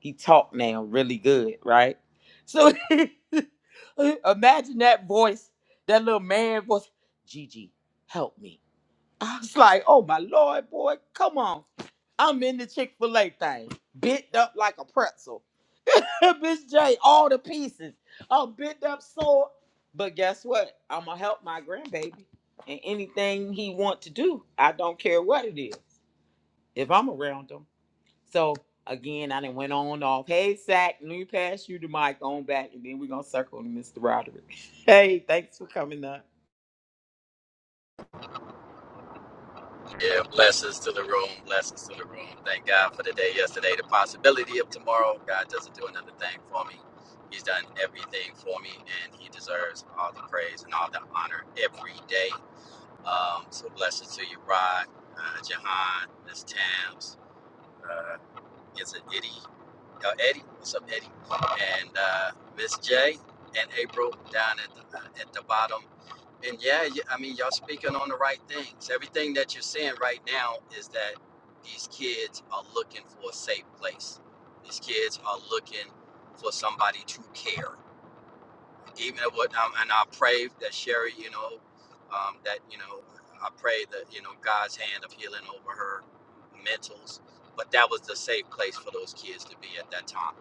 He talked now really good, right? So imagine that voice that little man voice, Gigi, help me. I was like, oh my lord, boy, come on. I'm in the Chick fil A thing, bent up like a pretzel. Miss J, all the pieces. I'm bent up sore, But guess what? I'm going to help my grandbaby. And anything he want to do, I don't care what it is, if I'm around him. So again, I done went on and off. Hey, Zach, let me pass you the mic on back, and then we're going to circle to Mr. Roderick. Hey, thanks for coming up. Yeah, blessings to the room. Blessings to the room. Thank God for the day yesterday, the possibility of tomorrow. God doesn't do another thing for me. He's done everything for me, and He deserves all the praise and all the honor every day. Um, so blessings to you, Rod, uh, Jahan, Miss Tams. uh, it's an Eddie. Uh, Eddie, what's up, Eddie? And uh, Miss J and April down at the uh, at the bottom. And yeah, y- I mean, y'all speaking on the right things. Everything that you're seeing right now is that these kids are looking for a safe place. These kids are looking for somebody to care even what um, and I pray that Sherry, you know, um, that you know, I pray that you know God's hand of healing over her mentals. But that was the safe place for those kids to be at that time.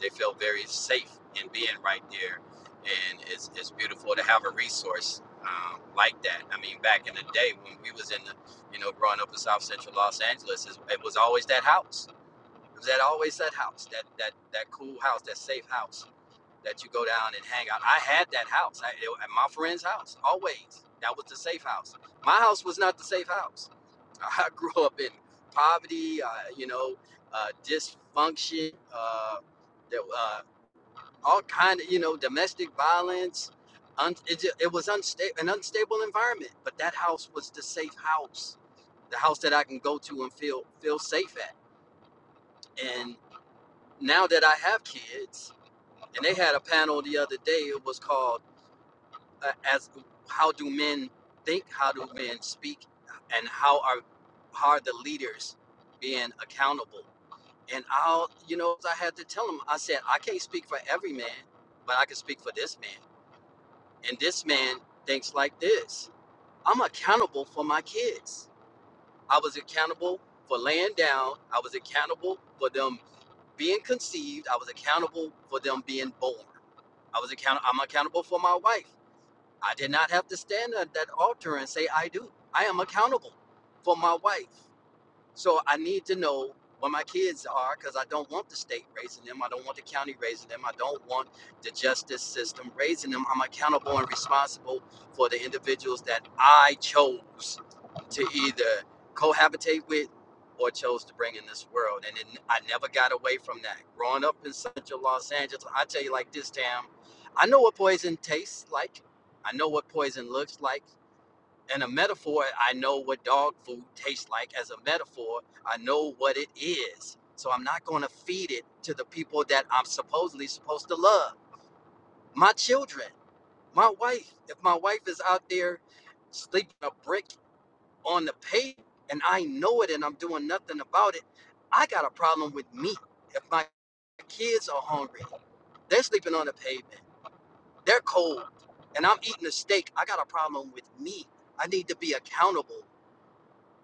They felt very safe in being right there, and it's it's beautiful to have a resource um, like that. I mean, back in the day when we was in the, you know, growing up in South Central Los Angeles, it was always that house. It was that always that house, that that that cool house, that safe house that you go down and hang out. I had that house I, it- at my friend's house always. That was the safe house. My house was not the safe house. I grew up in poverty, uh, you know, uh, dysfunction, uh, there, uh, all kind of you know domestic violence. Un- it, it was unstable, an unstable environment. But that house was the safe house, the house that I can go to and feel feel safe at. And now that I have kids, and they had a panel the other day. It was called uh, as how do men think how do men speak and how are how are the leaders being accountable and i'll you know i had to tell him i said i can't speak for every man but i can speak for this man and this man thinks like this i'm accountable for my kids i was accountable for laying down i was accountable for them being conceived i was accountable for them being born i was account i'm accountable for my wife I did not have to stand at that altar and say, I do. I am accountable for my wife. So I need to know where my kids are because I don't want the state raising them. I don't want the county raising them. I don't want the justice system raising them. I'm accountable and responsible for the individuals that I chose to either cohabitate with or chose to bring in this world. And it, I never got away from that. Growing up in central Los Angeles, I tell you like this, Tam, I know what poison tastes like. I know what poison looks like and a metaphor i know what dog food tastes like as a metaphor i know what it is so i'm not going to feed it to the people that i'm supposedly supposed to love my children my wife if my wife is out there sleeping a brick on the pavement and i know it and i'm doing nothing about it i got a problem with me if my kids are hungry they're sleeping on the pavement they're cold and i'm eating a steak i got a problem with me i need to be accountable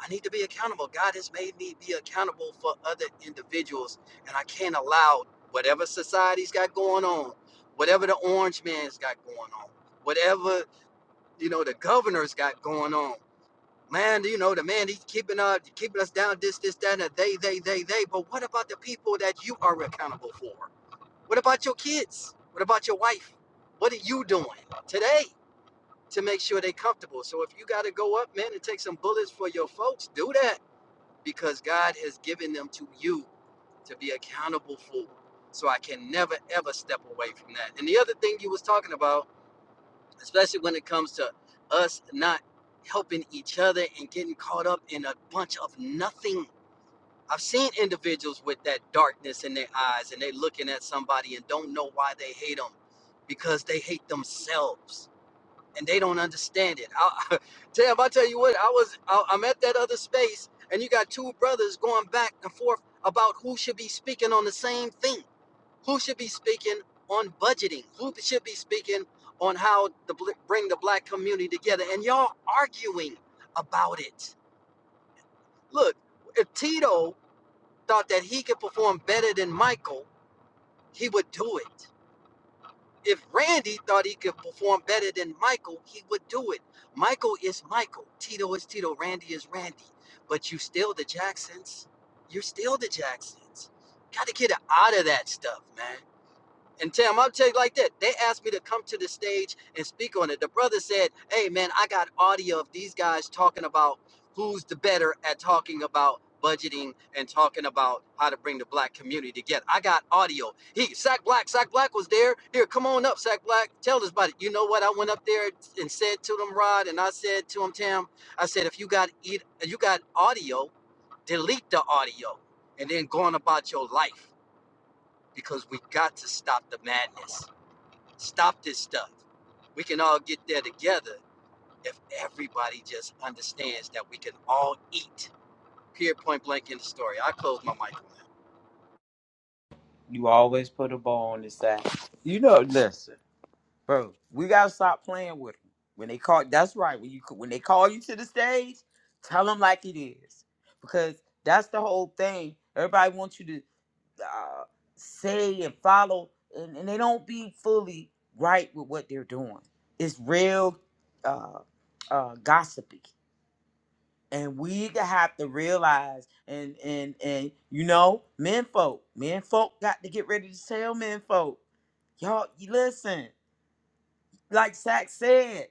I need to be accountable. God has made me be accountable for other individuals, and I can't allow whatever society's got going on, whatever the orange man's got going on, whatever you know the governor's got going on. Man, you know the man he's keeping up, keeping us down. This, this, that, and they, they, they, they. But what about the people that you are accountable for? What about your kids? What about your wife? What are you doing today to make sure they're comfortable? So if you got to go up, man, and take some bullets for your folks, do that because God has given them to you to be accountable for. So I can never ever step away from that. And the other thing you was talking about, especially when it comes to us not helping each other and getting caught up in a bunch of nothing. I've seen individuals with that darkness in their eyes and they're looking at somebody and don't know why they hate them because they hate themselves and they don't understand it. I, Tab, I tell you what, I was I, I'm at that other space, and you got two brothers going back and forth about who should be speaking on the same thing, who should be speaking on budgeting, who should be speaking on how to bl- bring the black community together, and y'all arguing about it. Look, if Tito thought that he could perform better than Michael, he would do it. if Randy thought he could perform better than Michael, he would do it. Michael is Michael. Tito is Tito. Randy is Randy. But you still the Jacksons. You're still the Jacksons. Got to get out of that stuff, man. And Tim, I'll tell you like that. They asked me to come to the stage and speak on it. The brother said, Hey, man, I got audio of these guys talking about who's the better at talking about budgeting and talking about how to bring the black community together. I got audio. He, Sack Black, Sack Black was there. Here, come on up, Sack Black. Tell us about it. You know what? I went up there and said to them, Rod, and I said to him, Tim, I said, if you got eat, you got audio, delete the audio and then go on about your life because we got to stop the madness Stop this stuff. We can all get there together if everybody just understands that we can all eat. Here, point blank in the story. I close my mic. You always put a ball on his side. You know, listen, bro. We gotta stop playing with them. When they call, that's right. When you when they call you to the stage, tell them like it is, because that's the whole thing. Everybody wants you to uh, say and follow, and, and they don't be fully right with what they're doing. It's real uh, uh, gossipy and we have to realize and and and you know men folk men folk got to get ready to tell men folk y'all you listen like zach said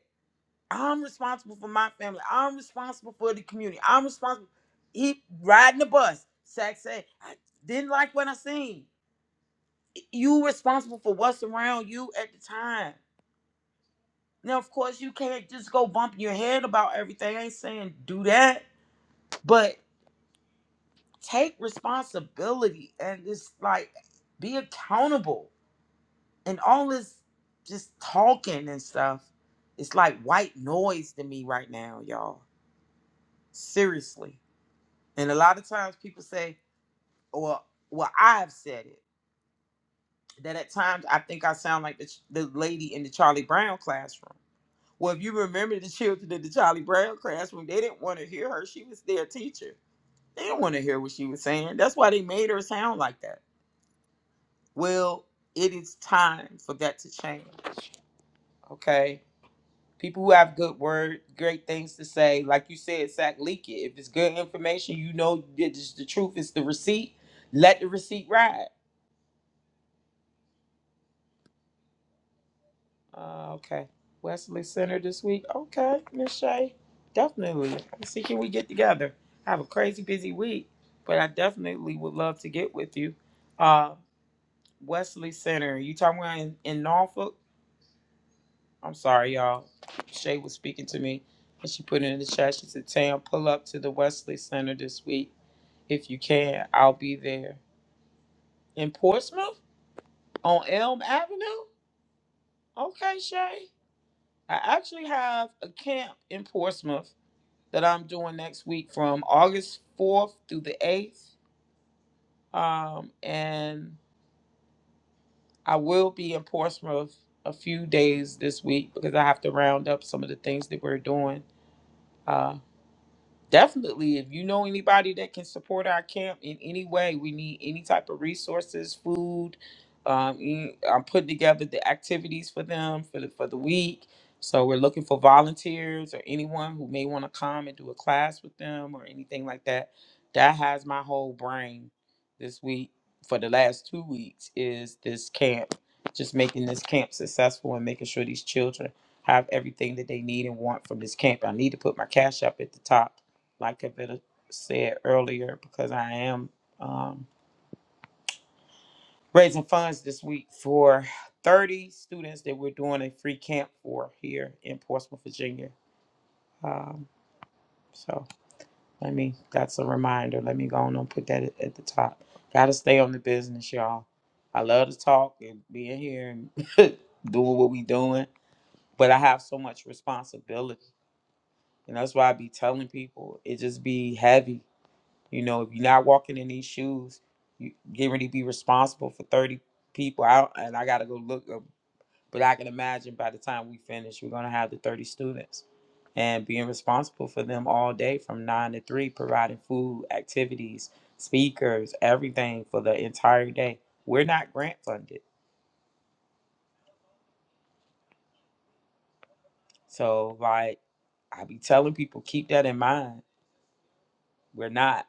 i'm responsible for my family i'm responsible for the community i'm responsible he riding the bus zach said i didn't like what i seen you responsible for what's around you at the time now of course you can't just go bumping your head about everything i ain't saying do that but. take responsibility and just like be accountable and all this just talking and stuff it's like white noise to me right now y'all seriously and a lot of times people say well well i've said it that at times i think i sound like the, ch- the lady in the charlie brown classroom well if you remember the children in the charlie brown classroom they didn't want to hear her she was their teacher they didn't want to hear what she was saying that's why they made her sound like that Well, it is time for that to change. Okay. People who have good word, great things to say, like you said, Sack, leak it. If it's good information, you know it is the truth, it's the receipt. Let the receipt ride. Uh, okay. Wesley Center this week. Okay, Miss Shay. Definitely. Let's see, can we get together? I have a crazy busy week, but I definitely would love to get with you. Uh, Wesley Center. You talking about in, in Norfolk? I'm sorry, y'all. Shay was speaking to me, and she put it in the chat. She said, "Tam, pull up to the Wesley Center this week if you can. I'll be there in Portsmouth on Elm Avenue." Okay, Shay. I actually have a camp in Portsmouth that I'm doing next week from August 4th through the 8th, um, and I will be in Portsmouth a few days this week because I have to round up some of the things that we're doing. Uh, Definitely, if you know anybody that can support our camp in any way, we need any type of resources, food. Um, e- I'm putting together the activities for them for the for the week. So we're looking for volunteers or anyone who may want to come and do a class with them or anything like that. That has my whole brain this week for the last two weeks is this camp, just making this camp successful and making sure these children have everything that they need and want from this camp. I need to put my cash up at the top like I better said earlier, because I am um, raising funds this week for 30 students that we're doing a free camp for here in Portsmouth, Virginia. Um, so let me, that's a reminder. Let me go on and put that at, at the top. Gotta stay on the business, y'all. I love to talk and being here and doing what we doing, but I have so much responsibility. And that's why I be telling people it just be heavy You know, if you're not walking in these shoes, you get ready to be responsible for 30 people out. And I got to go look up. But I can imagine by the time we finish, we're going to have the 30 students and being responsible for them all day from nine to three, providing food, activities, speakers, everything for the entire day. We're not grant funded. So, like, I be telling people, keep that in mind. We're not.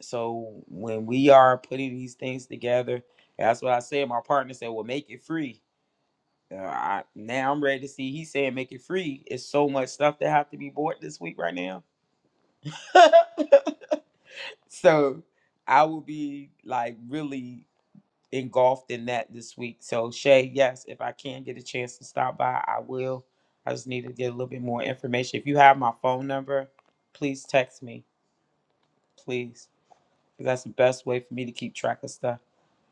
So, when we are putting these things together, that's what I said. My partner said, well, make it free. Uh, I, now I'm ready to see. He said make it free. It's so much stuff that have to be bought this week right now. so I will be like really engulfed in that this week. So Shay, yes, if I can get a chance to stop by, I will. I just need to get a little bit more information. If you have my phone number, please text me, please, because that's the best way for me to keep track of stuff.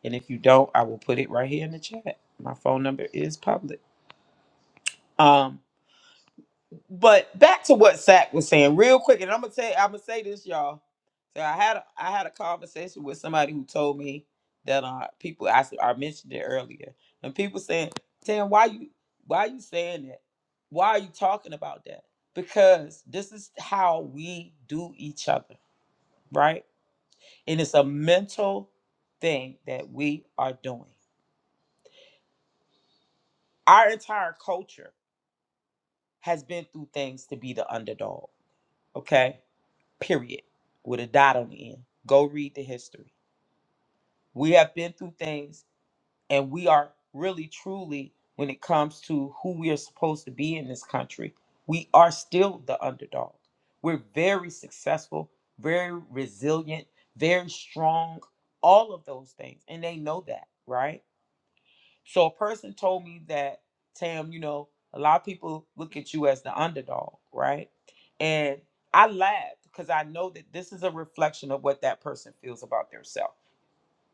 And if you don't, I will put it right here in the chat. My phone number is public. Um, But back to what Sack was saying, real quick, and I'm gonna say I'm gonna say this, y'all. So I had a, I had a conversation with somebody who told me that uh people I, s- I mentioned it earlier, and people saying, "Tan, why you why you saying that? Why are you talking about that? Because this is how we do each other, right? And it's a mental thing that we are doing. Our entire culture has been through things to be the underdog, okay? period, with a dot on the end. Go read the history. We have been through things, and we are really, truly, when it comes to who we are supposed to be in this country, we are still the underdog. We're very successful, very resilient, very strong, all of those things. And they know that, right? So a person told me that, Tam, you know, a lot of people look at you as the underdog, right? And I laughed because I know that this is a reflection of what that person feels about themselves.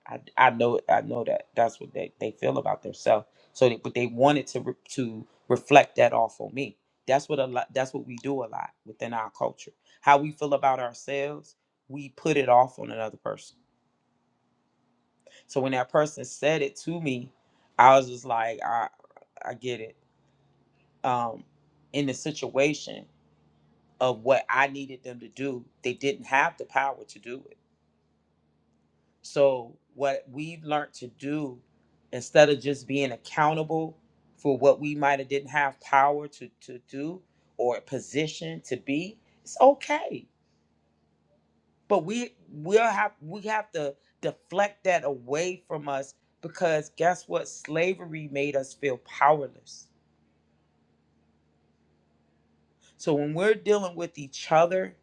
I, I know I know that that's what they, they feel about themselves. So, they, but they wanted to re, to reflect that off on me. That's what a lot. That's what we do a lot within our culture. How we feel about ourselves, we put it off on another person. So when that person said it to me, I was just like, I I get it um, in the situation of what I needed them to do, they didn't have the power to do it. So, what we've learned to do, instead of just being accountable for what we might have didn't have power to, to do or a position to be, it's okay. But we we'll have we have to deflect that away from us because guess what? Slavery made us feel powerless. So when we're dealing with each other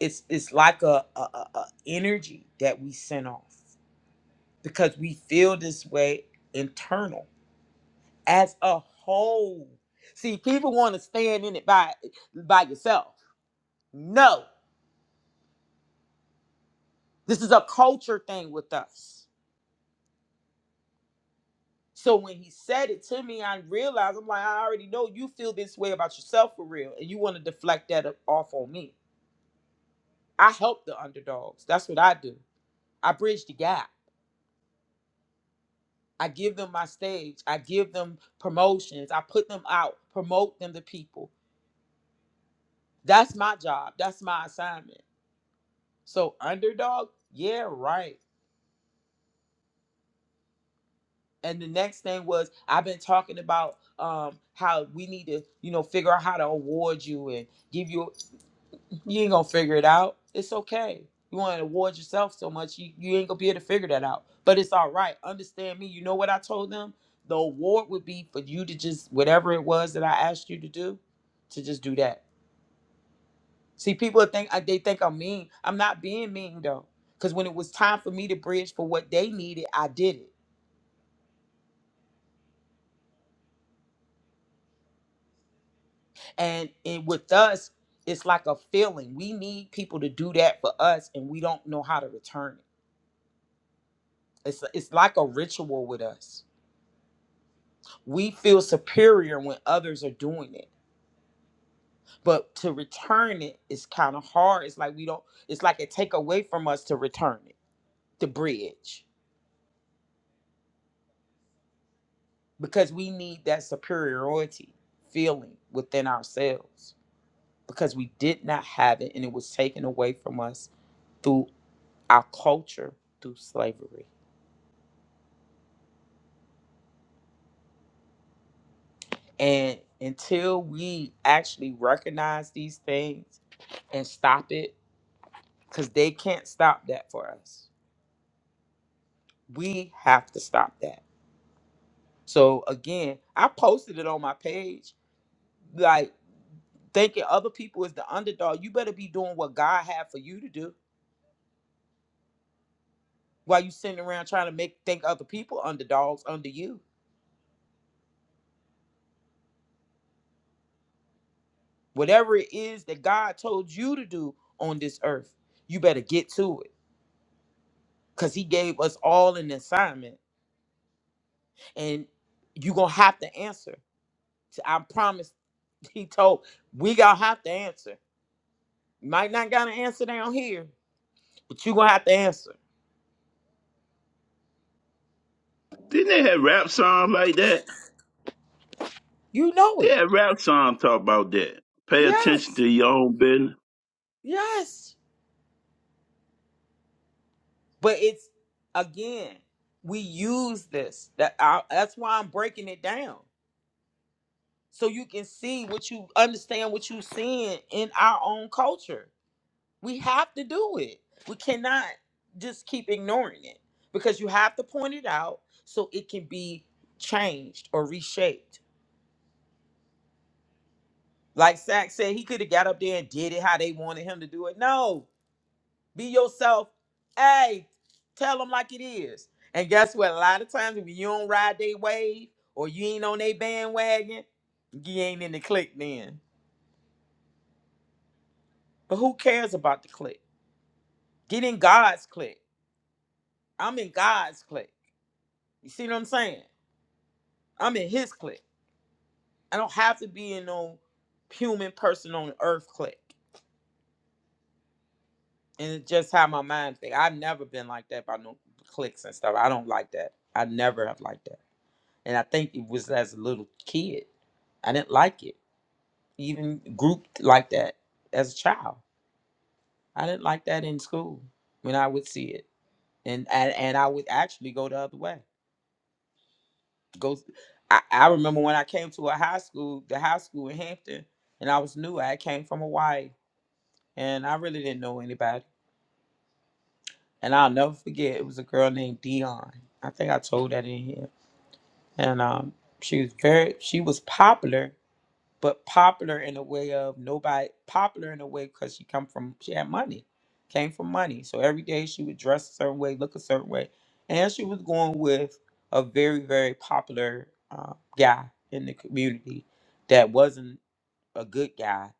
it's it's like a, a, a a energy that we send off because we feel this way internal as a whole see people want to stand in it by by yourself no this is a culture thing with us so when he said it to me i realized i'm like i already know you feel this way about yourself for real and you want to deflect that off on me i help the underdogs that's what i do i bridge the gap I give them my stage. I give them promotions. I put them out, promote them to people. That's my job. That's my assignment. So underdog, yeah, right. And the next thing was I've been talking about um, how we need to, you know, figure out how to award you and give you You ain't gonna figure it out. It's okay. You want to reward yourself so much, you, you ain't gonna be able to figure that out. But it's all right. Understand me. You know what I told them? The award would be for you to just whatever it was that I asked you to do, to just do that. See, people think I- they think I'm mean. I'm not being mean though, because when it was time for me to bridge for what they needed, I did it. And and with us, it's like a feeling. We need people to do that for us, and we don't know how to return it. It's it's like a ritual with us we feel superior when others are doing it but to return it is kind of hard it's like we don't it's like it take away from us to return it the bridge because we need that superiority feeling within ourselves because we did not have it and it was taken away from us through our culture through slavery and until we actually recognize these things and stop it because they can't stop that for us we have to stop that. So again, I posted it on my page, like thinking other people is the underdog. You better be doing what God had for you to do while you sitting around trying to make think other people underdogs under you. Whatever it is that God told you to do on this earth, you better get to it. Cause he gave us all an assignment. And you're gonna have to answer. To- I promise he told we gonna have to answer. Might not got an answer down here, But you're gonna have to answer. Didn't they have rap songs like that? You know They it. had rap songs talk about that. Pay attention Yes. to your own business. Yes. But it's again, we use this. That I, that's why I'm breaking it down. So you can see what you understand what you're seeing in our own culture. We have to do it. We cannot just keep ignoring it because you have to point it out so it can be changed or reshaped. Like Zach said, he could have got up there and did it how they wanted him to do it. No, Be yourself. Hey, tell them like it is. And guess what? A lot of times if you don't ride they wave or you ain't on they bandwagon, you ain't in the clique then. But who cares about the clique? Get in God's clique. I'm in God's clique. You see what I'm saying? I'm in his clique. I don't have to be in no human person on earth clique. And it's just how my mind think. I've never been like that about no cliques and stuff. I don't like that. I never have liked that. and I think it was as a little kid. I didn't like it, even grouped like that as a child. I didn't like that in school when I would see it, and and, and I would actually go the other way. Go, I, I remember when I came to a high school, the high school in Hampton, and I was new. I came from Hawaii, and I really didn't know anybody. And I'll never forget, it was a girl named Dion. I think I told that in here, and um, she was very, she was popular but popular in a way of nobody popular in a way because she come from she had money, came from money. So every day she would dress a certain way, look a certain way, and she was going with a very very popular uh, guy in the community that wasn't a good guy.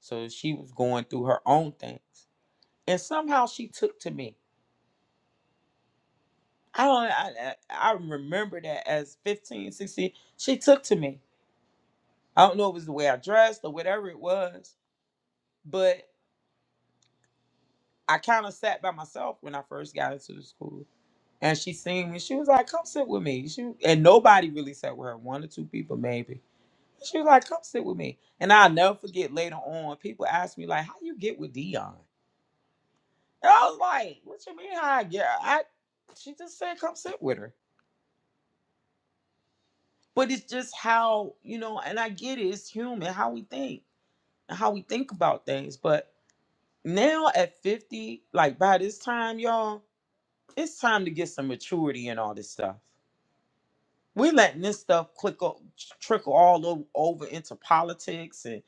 So she was going through her own things, and somehow she took to me. I don't. I, I I remember that as 15 16. she took to me. I don't know if it was the way I dressed or whatever it was, but. I kind of sat by myself when I first got into the school. And she seen me. She was like, come sit with me. She, and nobody really sat with her, one or two people maybe. She was like, come sit with me. And I'll never forget later on, people asked me, like, how you get with Dion? And I was like, what you mean how I get? I she just said come sit with her. But it's just how, you know, and I get it, it's human, how we think, and how we think about things. But now at 50, like by this time, y'all, it's time to get some maturity and all this stuff. We're letting this stuff quickle, trickle all o- over into politics and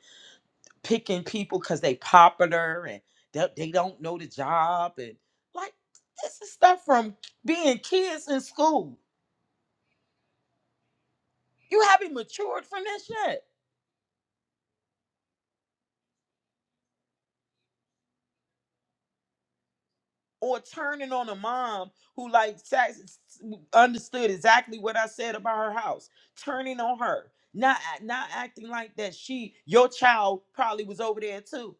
picking people because they popular and they, they don't know the job and like this is stuff from being kids in school. You haven't matured from this yet. Or turning on a mom who like sax- understood exactly what I said about her house, turning on her, not act- not acting like that she your child probably was over there too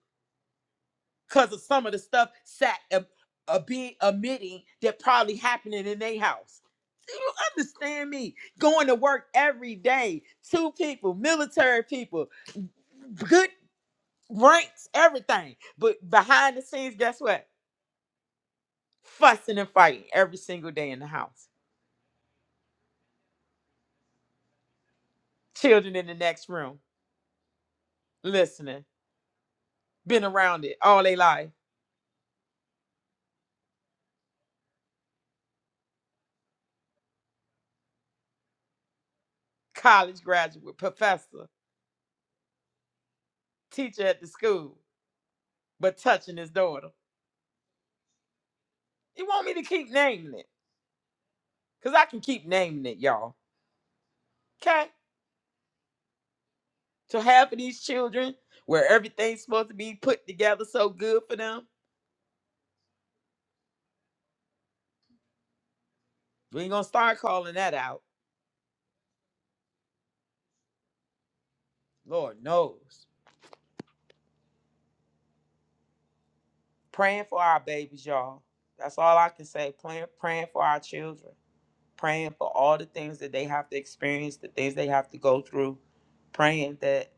because of some of the stuff sat a uh, being omitting that probably happening in their house. Do you understand me? Going to work every day, two people, military people, good ranks, everything. But behind the scenes, guess what? Fussing and fighting every single day in the house. Children in the next room, listening, been around it all their life. College graduate, professor, teacher at the school, but touching his daughter. You want me to keep naming it? Cause I can keep naming it, y'all. Okay? To half of these children where everything's supposed to be put together so good for them. We ain't gonna start calling that out. Lord knows. Praying for our babies, y'all. That's all I can say. Praying, praying for our children. Praying for all the things that they have to experience, the things they have to go through. Praying that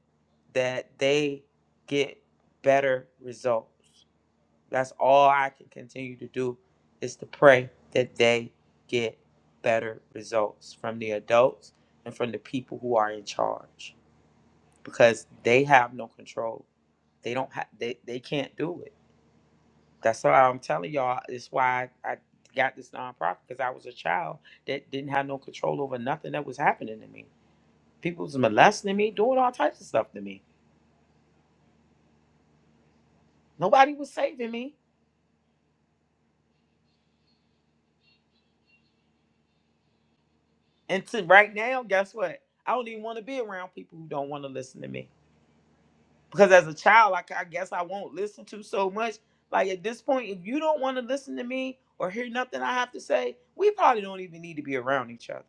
that they get better results. That's all I can continue to do is to pray that they get better results from the adults and from the people who are in charge because they have no control. They don't have they, they can't do it. That's why I'm telling y'all. It's why I, I got this nonprofit because I was a child that didn't have no control over nothing that was happening to me. People was molesting me, doing all types of stuff to me. Nobody was saving me. And to right now, guess what? I don't even want to be around people who don't want to listen to me. Because as a child, like I guess I won't listen to so much. Like at this point, if you don't want to listen to me or hear nothing I have to say, we probably don't even need to be around each other.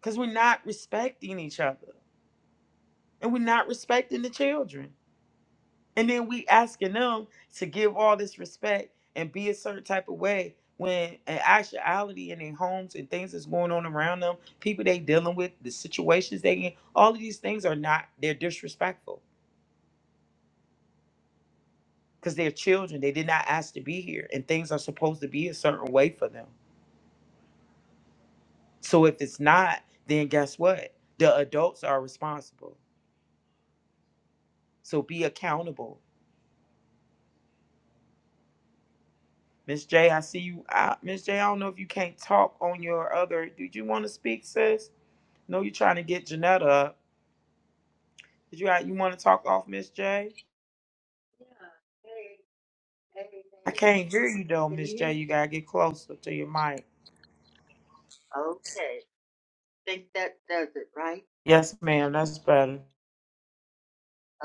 Because we're not respecting each other. And we're not respecting the children. And then we asking them to give all this respect and be a certain type of way when in actuality in their homes and things that's going on around them, people they dealing with, the situations they in, all of these things are not they're disrespectful because they're children. They did not ask to be here and things are supposed to be a certain way for them. So if it's not, then guess what? The adults are responsible. So be accountable. Miss J, I see you. I, Miss J, I don't know if you can't talk on your other. Did you want to speak, sis? No, you trying to get Janetta up. Did you you want to talk off Miss J? Yeah. Hey, hey, I hey. can't hear you though, Can Miss you hear J. me? You gotta get closer to your mic. Okay. Think that does it, right? Yes, ma'am. That's better.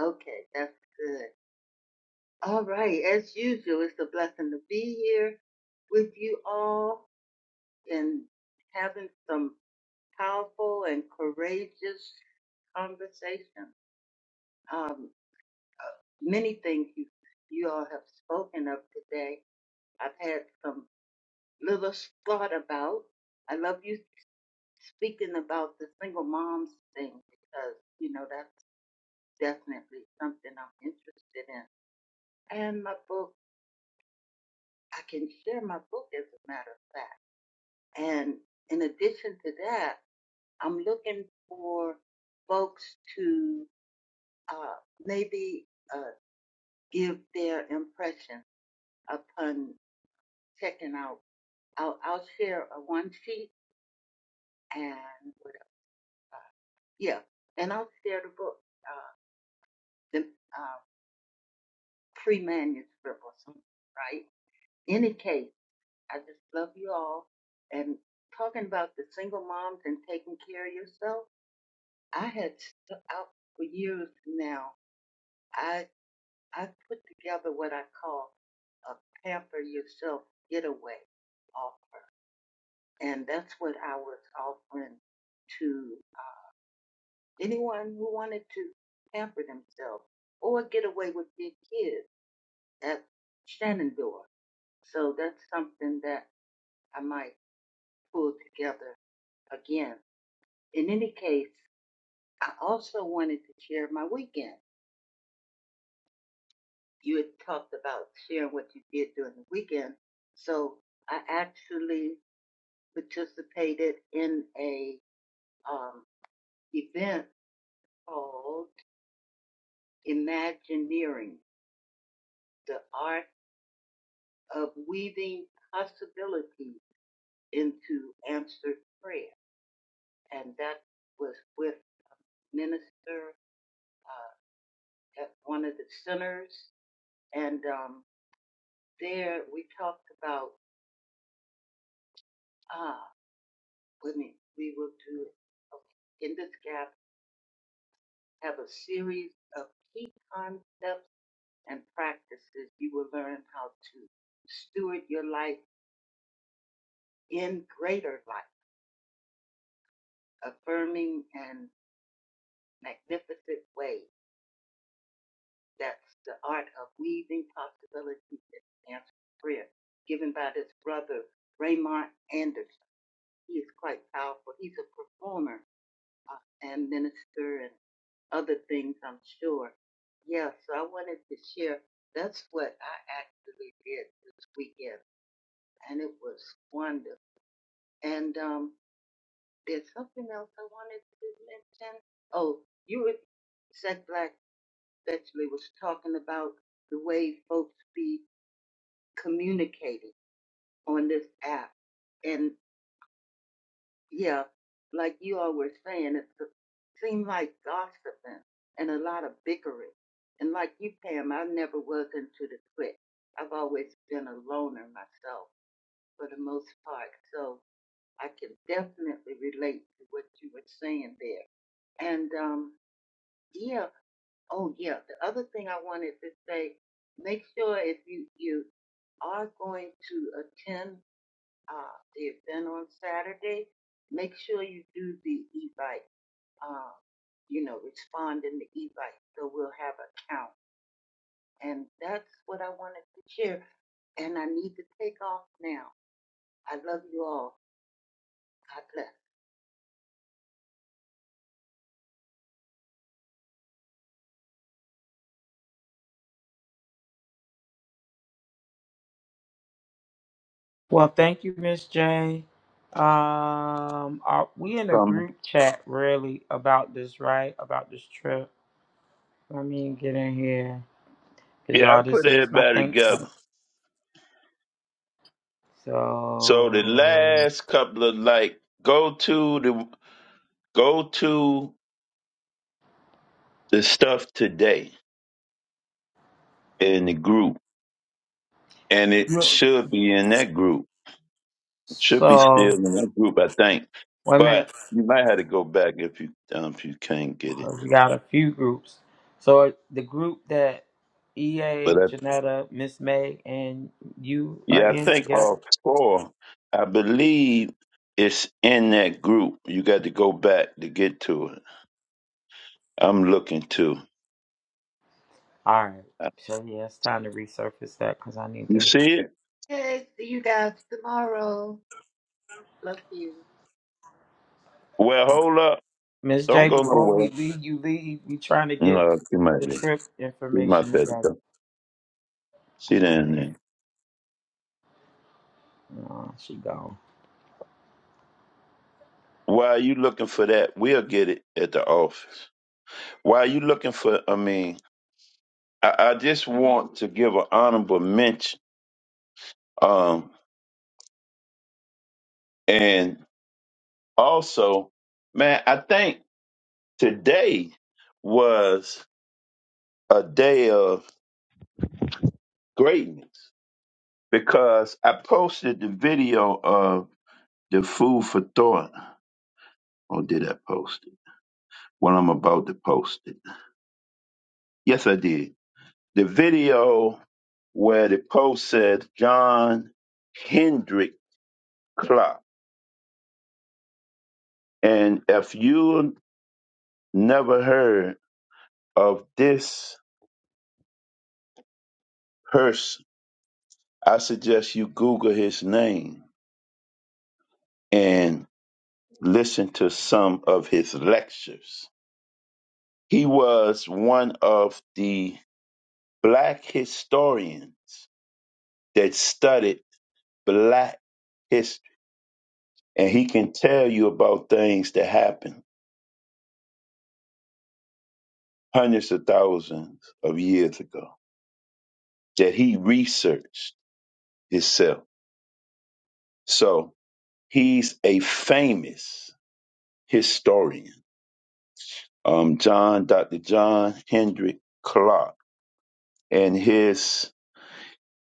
Okay, that's good. All right. As usual, it's a blessing to be here with you all and having some powerful and courageous conversation. Um, many things you you all have spoken of today. I've had some little thought about. I love you. speaking about the single moms thing because you know that's definitely something I'm interested in. And my book, I can share my book as a matter of fact. And in addition to that, I'm looking for folks to uh, maybe uh, give their impression upon checking out. I'll, I'll share a one sheet and what yeah, and I'll share the book. Uh, the, uh, free manuscript or something, right? Any case, I just love you all. And talking about the single moms and taking care of yourself, I had stuck out for years now. I I put together what I call a pamper yourself getaway off, and that's what I was offering to uh, anyone who wanted to pamper themselves or get away with their kids at Shenandoah. So that's something that I might pull together again. In any case, I also wanted to share my weekend. You had talked about sharing what you did during the weekend. So I actually participated in a um, event called Imagineering, the art of weaving possibilities into answered prayer. And that was with Minister uh, at one of the centers. And um, there we talked about ah women we will do it Okay. in this gap have a series of key concepts and practices you will learn how to steward your life in greater life affirming and magnificent ways that's the art of weaving possibilities and answered prayer given by this brother raymond anderson he is quite powerful he's a performer uh, and minister and other things, I'm sure. Yeah, so I wanted to share. That's what I actually did this weekend, and it was wonderful. And um, there's something else I wanted to mention. Oh, you were, Zach Black especially was talking about the way folks be communicating on this app. and. yeah, like you all were saying, it seemed like gossiping and a lot of bickering. And like you, Pam, I never was into the clique. I've always been a loner myself for the most part. So I can definitely relate to what you were saying there. And um, yeah, oh yeah, the other thing I wanted to say, make sure if you, you are going to attend uh, the event on Saturday, make sure you do the e-bike uh, you know, responding to e-bike. So we'll have a count. And that's what I wanted to share. And I need to take off now. I love you all. God bless. Well, thank you, Miss J. Um, are we in a Coming. group chat really about this, right? About this trip. Let me get in here, cause Yeah, I y'all, put this is my everybody think together. tank. So the So, last couple of like go to the go to the stuff today in the group, and it should be in that group. It should be so still in that group, I think. wait a minute. But you might have to go back if you um, if you can't get it. 'cause we got a few groups. So it- the group that But EA, I, Janetta, Miss May, and you are yeah, I in think together. all four. I believe it's in that group. You got to go back to get to it. I'm looking too. All right. So yeah, it's time to resurface that because I need You to. see it? Okay, see you guys tomorrow. Love you. Well, hold up. Miss Don't J, go before we nowhere. leave, you leave. We trying to get No, you might the be. trip You might information better together. go. See Oh down there. man, no, she gone. While you looking for that, we'll get it at the office. While you looking for, I mean, I, I just want to give an honorable mention. Um, and also, man, I think today was a day of greatness because I posted the video of the food for thought. Or did I post it? Well, I'm about to post it. Yes, I did. The video where the post said John Hendrick Clark. And if you Never heard of this person. I suggest you Google his name and listen to some of his lectures. He was one of the black historians that studied black history, and he can tell you about things that happened hundreds of thousands of years ago that he researched himself. So he's a famous historian. um, John, Dr. John Hendrick Clark. And his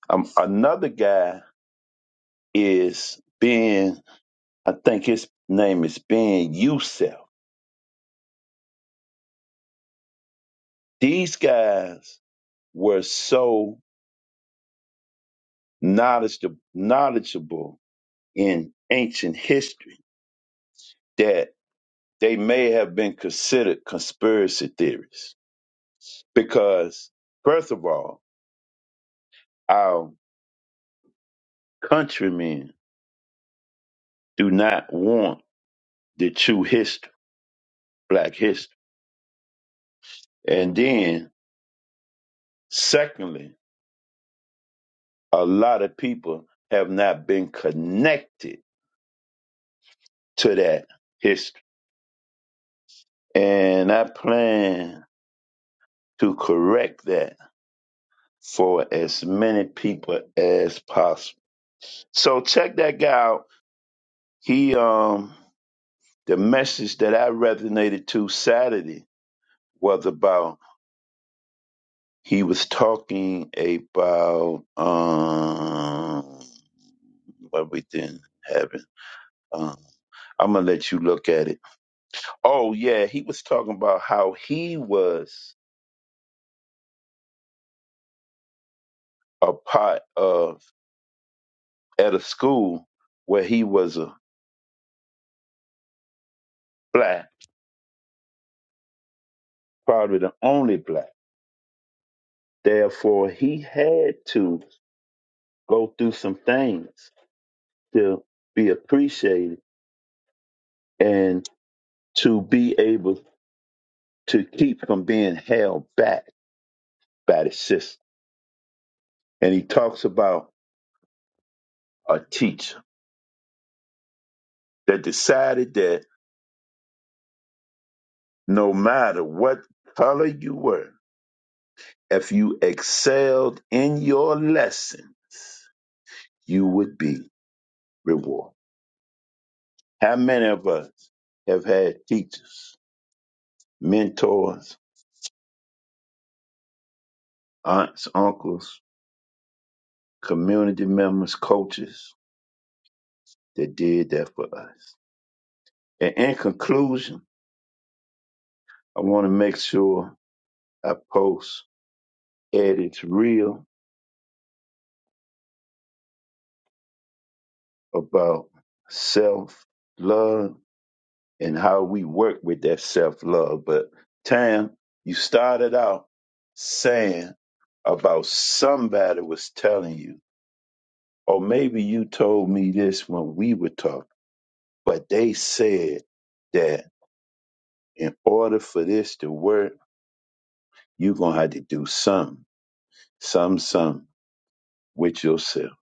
um, another guy is Ben, I think his name is Ben Youssef. These guys were so knowledgeable, knowledgeable in ancient history that they may have been considered conspiracy theorists because, first of all, our countrymen do not want the true history, black history And then, secondly, a lot of people have not been connected to that history. And I plan to correct that for as many people as possible. So check that guy out. He um the message that I resonated to Saturday was about he was talking about um what we didn't have it. Um I'm gonna let you look at it Oh yeah, he was talking about how he was a part of at a school where he was a black, probably the only black. Therefore, he had to go through some things to be appreciated and to be able to keep from being held back by the system. And he talks about a teacher that decided that no matter what color you were, If you excelled in your lesson, you would be rewarded. How many of us have had teachers, mentors, aunts, uncles, community members, coaches that did that for us? And in conclusion, I want to make sure I post at its real about self love and how we work with that self love. But Tam, you started out saying about somebody was telling you, or maybe you told me this when we were talking, but they said that in order for this to work, you're gonna have to do some, some, some with yourself.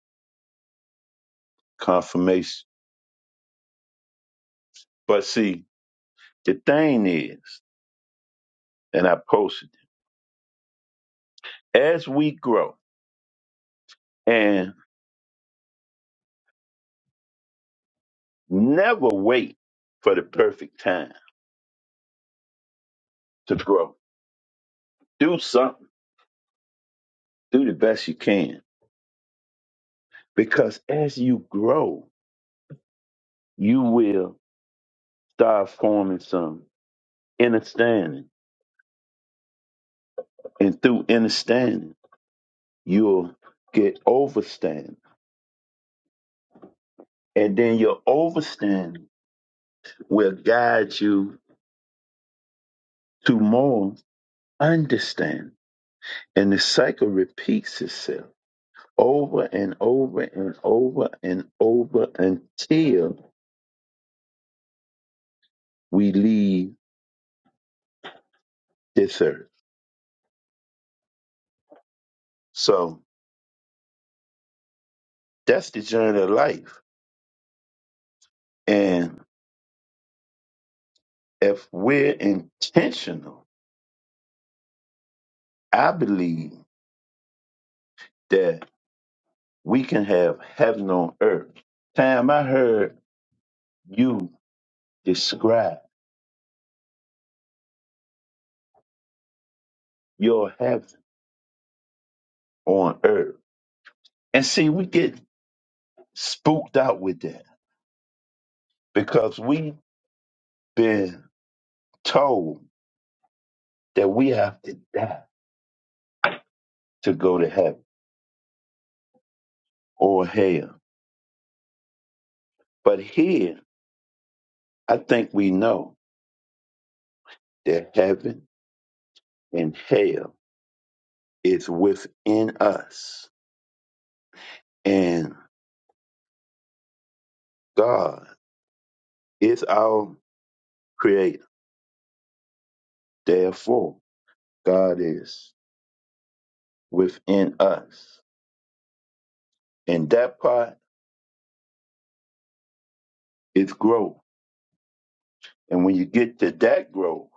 Confirmation. But see, the thing is, and I posted it, as we grow and never wait for the perfect time to grow. Do something. Do the best you can. Because as you grow, you will start forming some understanding. And through understanding, you'll get overstanding. And then your overstanding will guide you to more understanding. And the cycle repeats itself over and over and over and over until we leave this earth. So that's the journey of life And if we're intentional, I believe that we can have heaven on earth. Tam, I heard you describe your heaven on earth. And see, we get spooked out with that because we've been told that we have to die to go to heaven or hell. But here, I think we know that heaven and hell is within us. And God is our creator. Therefore, God is within us. And that part is growth. And when you get to that growth,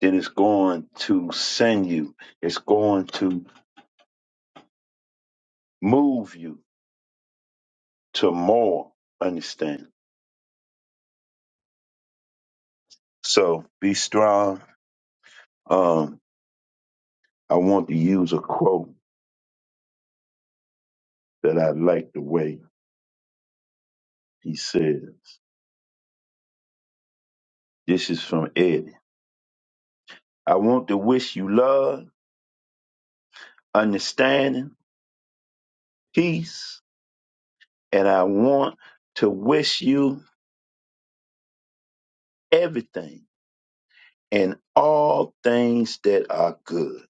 then it's going to send you, it's going to move you to more understanding. So be strong. Um, I want to use a quote that I like the way he says. This is from Eddie. I want to wish you love, understanding, peace, And I want to wish you everything and all things that are good.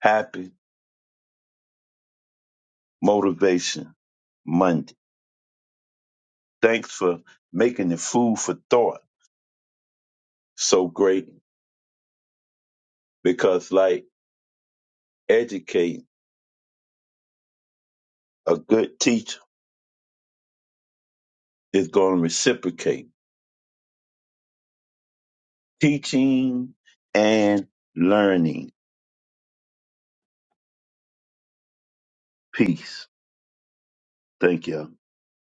Happy Motivation Monday. Thanks for making the food for thought so great because, like, educate a good teacher is going to reciprocate teaching and learning. Peace. Thank y'all.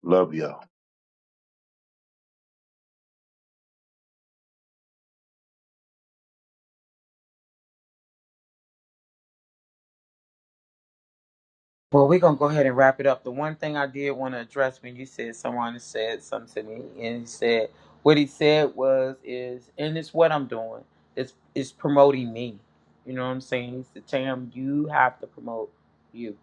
Love y'all. Well, we're gonna go ahead and wrap it up. The one thing I did want to address when you said someone said something to me, and he said what he said was is, and it's what I'm doing. It's it's promoting me. You know what I'm saying? He said, Tam, you have to promote you.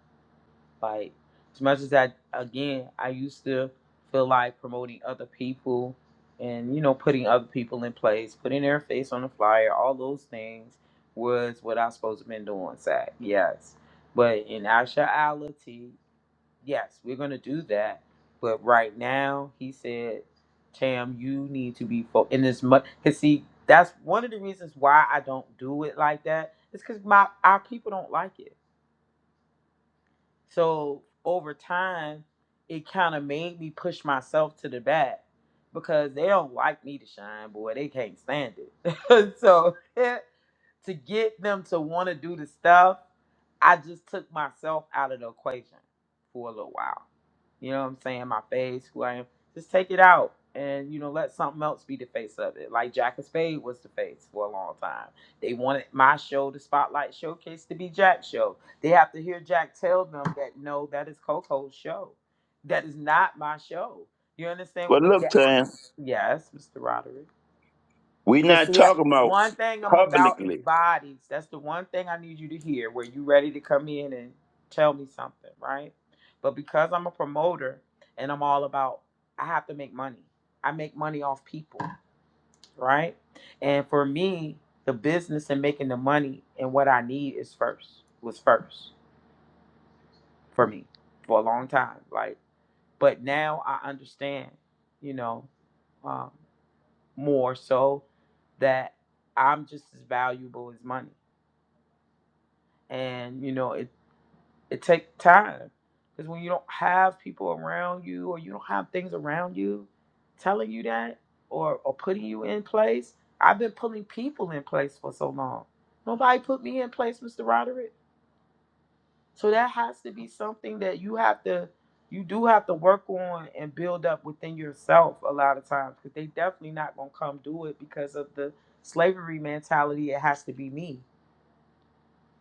Like as much as I again, I used to feel like promoting other people and you know putting other people in place, putting their face on the flyer, all those things was what I was supposed to have been doing. Zach, yes, but in actuality, yes, we're gonna do that. But right now, he said, Tam, you need to be fo in as much. Cause see, that's one of the reasons why I don't do it like that. It's cause my our people don't like it so over time, it kind of made me push myself to the back because they don't like me to shine, boy. They can't stand it. so to get them to want to do the stuff, I just took myself out of the equation for a little while. You know what I'm saying? My face, who I am. Just take it out and, you know, let something else be the face of it. Like Jack of Spade was the face for a long time. They wanted my show, the Spotlight Showcase, to be Jack's show. They have to hear Jack tell them that, no, that is Coco's show. That is not my show. You Well, understand? But look, that, Tam, yes, Mr. Roderick. we Cause not see, I- talking about one thing I'm about publicly is bodies. That's the one thing I need you to hear. Where you ready to come in and tell me something, right? But because I'm a promoter and I'm all about, I have to make money. I make money off people, right? And for me, the business and making the money and what I need is first was first for me for a long time. Like, but now I understand, you know. um, more so that I'm just as valuable as money. And you know, it it takes time because when you don't have people around you or you don't have things around you telling you that or or putting you in place. I've been putting people in place for so long. Nobody put me in place, Mr. Roderick. So that has to be something that you have to, you do have to work on and build up within yourself a lot of times because they definitely not gonna come do it because of the slavery mentality. It has to be me,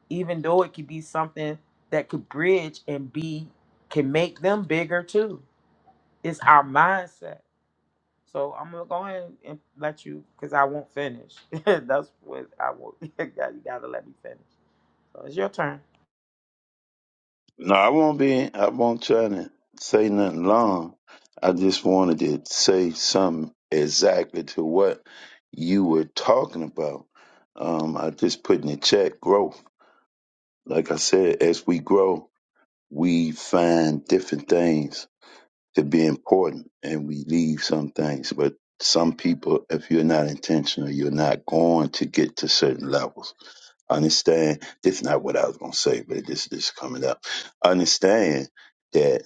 even though it could be something that could bridge and be can make them bigger too. It's our mindset. So I'm gonna go ahead and let you because I won't finish. That's what I won't. you gotta let me finish. So it's your turn. No, I won't be. I won't try to say nothing long. I just wanted to say something exactly to what you were talking about. Um, I just put in the chat growth. Like I said, as we grow, we find different things to be important, and we leave some things. But some people, if you're not intentional, you're not going to get to certain levels. understand. This is not what I was going to say, but this this is coming up. understand that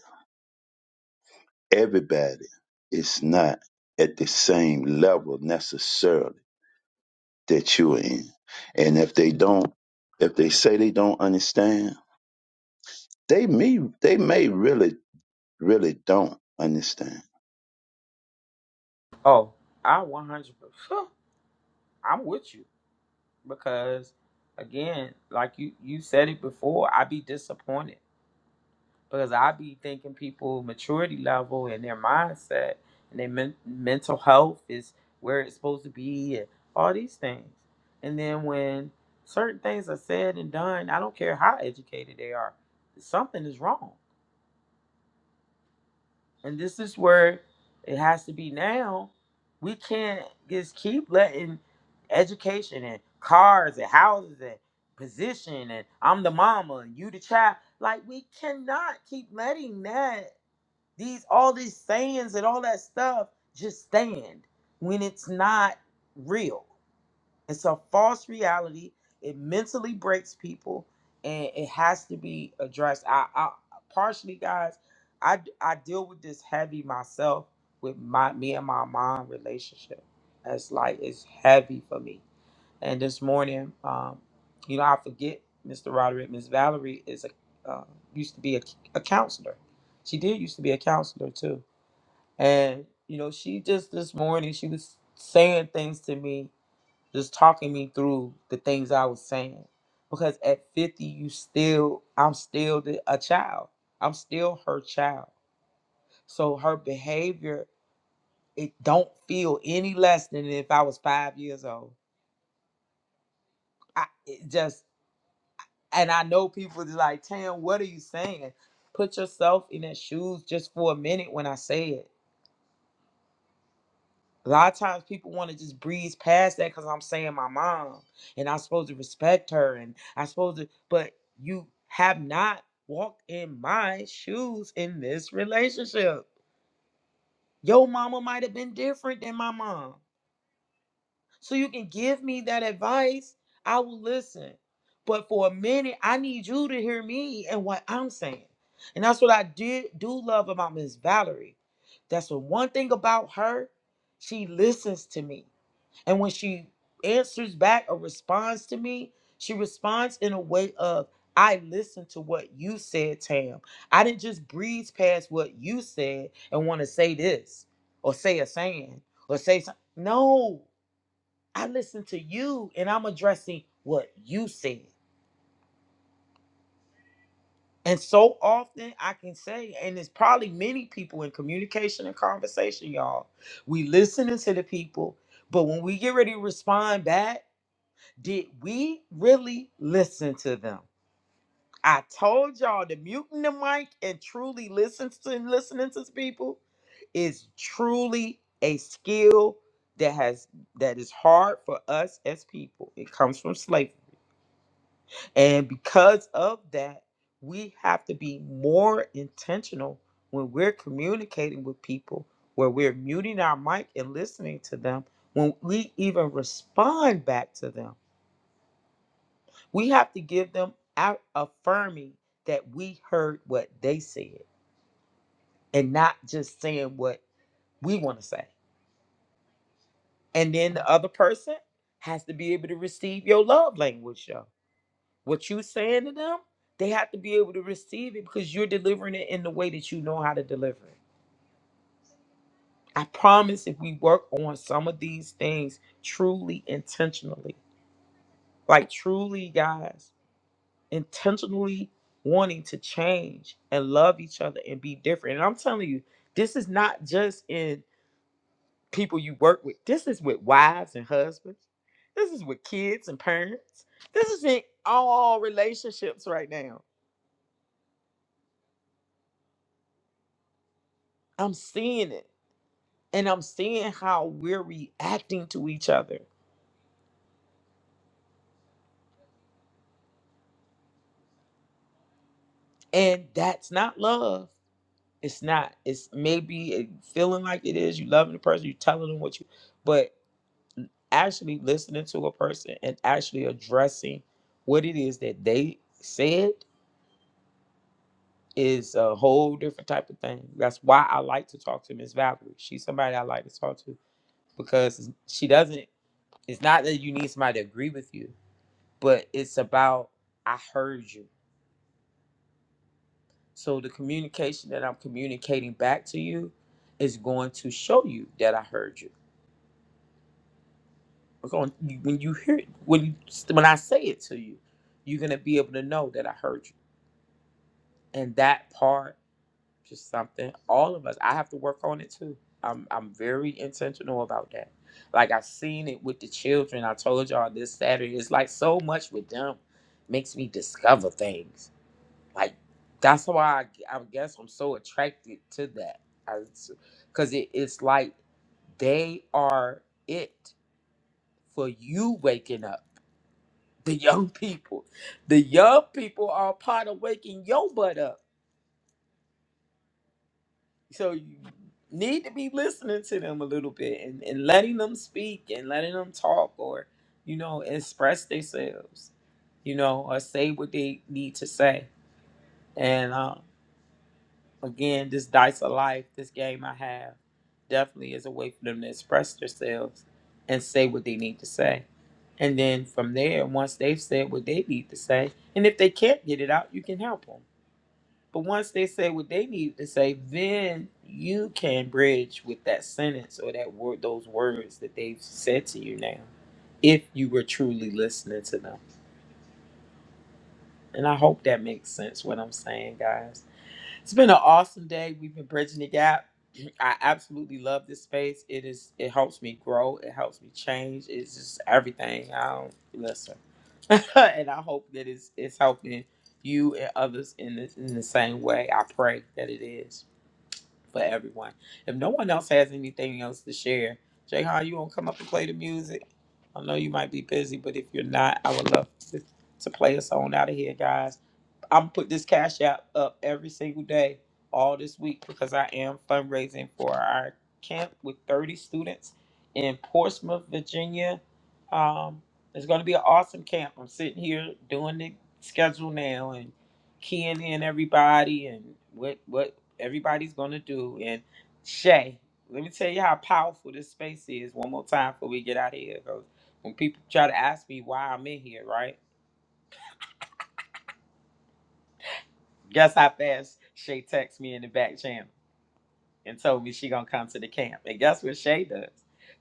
everybody is not at the same level necessarily that you're in. And if they don't, if they say they don't understand, they may, they may really, really don't understand. Oh, I 100. percent I'm with you. because again like you you said it before i be disappointed because i be thinking people maturity level and their mindset and their men- mental health is where it's supposed to be and all these things and then when certain things are said and done i don't care how educated they are something is wrong and this is where it has to be now. We can't just keep letting education and cars and houses and position and I'm the mama and you the child. Like we cannot keep letting that these all these sayings and all that stuff just stand when it's not real it's a false reality. It mentally breaks people, and it has to be addressed. I, I partially, guys, I I deal with this heavy myself with my me and my mom relationship. It's like it's heavy for me. And this morning, um, you know, I forget Mr. Roderick. Miss Valerie is a uh, used to be a, a counselor. She did used to be a counselor too. And you know, she just this morning she was saying things to me just talking me through the things I was saying. Because at 50, you still, I'm still the, a child. I'm still her child. So her behavior, it don't feel any less than if I was five years old. I it just, and I know people is like, Tam, what are you saying? Put yourself in their shoes just for a minute when I say it. A lot of times people want to just breeze past that because I'm saying my mom and I'm supposed to respect her and I'm supposed to, but you have not walked in my shoes in this relationship. Your mama might have been different than my mom. So you can give me that advice. I will listen. But for a minute, I need you to hear me and what I'm saying. And that's what I did do love about Miss Valerie. That's the one thing about her. She listens to me. And when she answers back or responds to me, she responds in a way of, I listened to what you said, Tam. I didn't just breeze past what you said and want to say this or say a saying or say something. No, I listened to you and I'm addressing what you said. And so often I can say, and it's probably many people in communication and conversation, y'all. We listening to the people, but when we get ready to respond back, Did we really listen to them? I told y'all to mute the mic and truly listen to listening to people is truly a skill that has that is hard for us as people. It comes from slavery. And because of that, we have to be more intentional when we're communicating with people, where we're muting our mic and listening to them, when we even respond back to them. We have to give them our affirming that we heard what they said and not just saying what we want to say. And then the other person has to be able to receive your love language, yo. What you saying to them, they have to be able to receive it because you're delivering it in the way that you know how to deliver it. I promise if we work on some of these things truly intentionally, like truly, guys. intentionally wanting to change and love each other and be different. And I'm telling you, this is not just in people you work with. This is with wives and husbands. This is with kids and parents. This is in all relationships right now. I'm seeing it and I'm seeing how we're reacting to each other. And that's not love. It's not. It's maybe it feeling like it is. You loving the person, you telling them what you, but actually listening to a person and actually addressing what it is that they said is a whole different type of thing. That's why I like to talk to Miss Valerie. She's somebody I like to talk to because she doesn't it's not that you need somebody to agree with you, but it's about I heard you. So the communication that I'm communicating back to you is going to show you that I heard you. We're going- When you hear when you, when I say it to you, you're gonna be able to know that I heard you and that part just something all of us i have to work on it too i'm i'm very intentional about that like i seen it with the children i told y'all this saturday it's like so much with them makes me discover things like that's why i, I guess i'm so attracted to that because it, it's like they are it for you waking up the young people the young people are part of waking your butt up so you need to be listening to them a little bit and, and letting them speak and letting them talk or you know express themselves you know or say what they need to say and uh, again this dice of life this game i have definitely is a way for them to express themselves and say what they need to say and then from there once they've said what they need to say and if they can't get it out you can help them but once they say what they need to say, then you can bridge with that sentence or that word, those words that they've said to you now, if you were truly listening to them. And I hope that makes sense what I'm saying, guys. It's been an awesome day. We've been bridging the gap. I absolutely love this space. It is. It helps me grow. It helps me change. It's just everything. I don't listen, and I hope that it's it's helping you and others in the, in the same way. I pray that it is. for everyone. If no one else has anything else to share, Jay, how you gonna come up and play the music? I know you might be busy, but if you're not, I would love to, to play a song out of here, guys. I'm put this cash app up every single day all this week because I am fundraising for our camp with 30 students in Portsmouth, Virginia. Um, it's going to be an awesome camp. I'm sitting here doing the schedule now and keying in everybody and what what everybody's going to do. And Shay, let me tell you how powerful this space is. One more time before we get out of here, 'cause when people try to ask me why I'm in here, right? Guess how fast Shay texted me in the back channel and told me she gonna come to the camp. And guess what Shay does?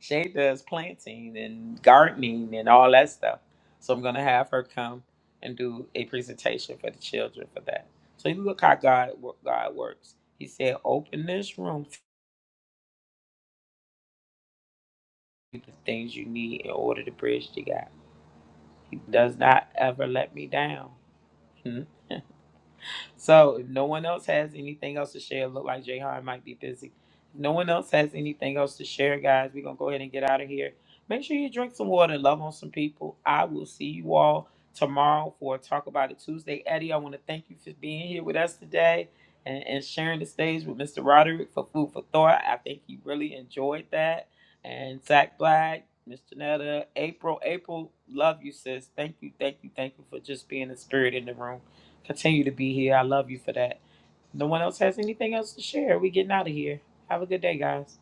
Shay does planting and gardening and all that stuff. So I'm gonna have her come and do a presentation for the children for that. So you look how God wo- God works. He said, "Open this room to the things you need in order to bridge the gap." He does not ever let me down. So if no one else has anything else to share, look like Jay Hart might be busy. If no one else has anything else to share, guys, we're gonna go ahead and get out of here. Make sure you drink some water and love on some people. I will see you all tomorrow for Talk About It Tuesday. Eddie, I want to thank you for being here with us today and, and sharing the stage with Mr. Roderick for Food for Thought. I think you really enjoyed that. And Zach Black, Miss Janetta, April, April, love you, sis. Thank you, thank you, thank you for just being the spirit in the room. Continue to be here. I love you for that. No one else has anything else to share. We getting out of here. Have a good day, guys.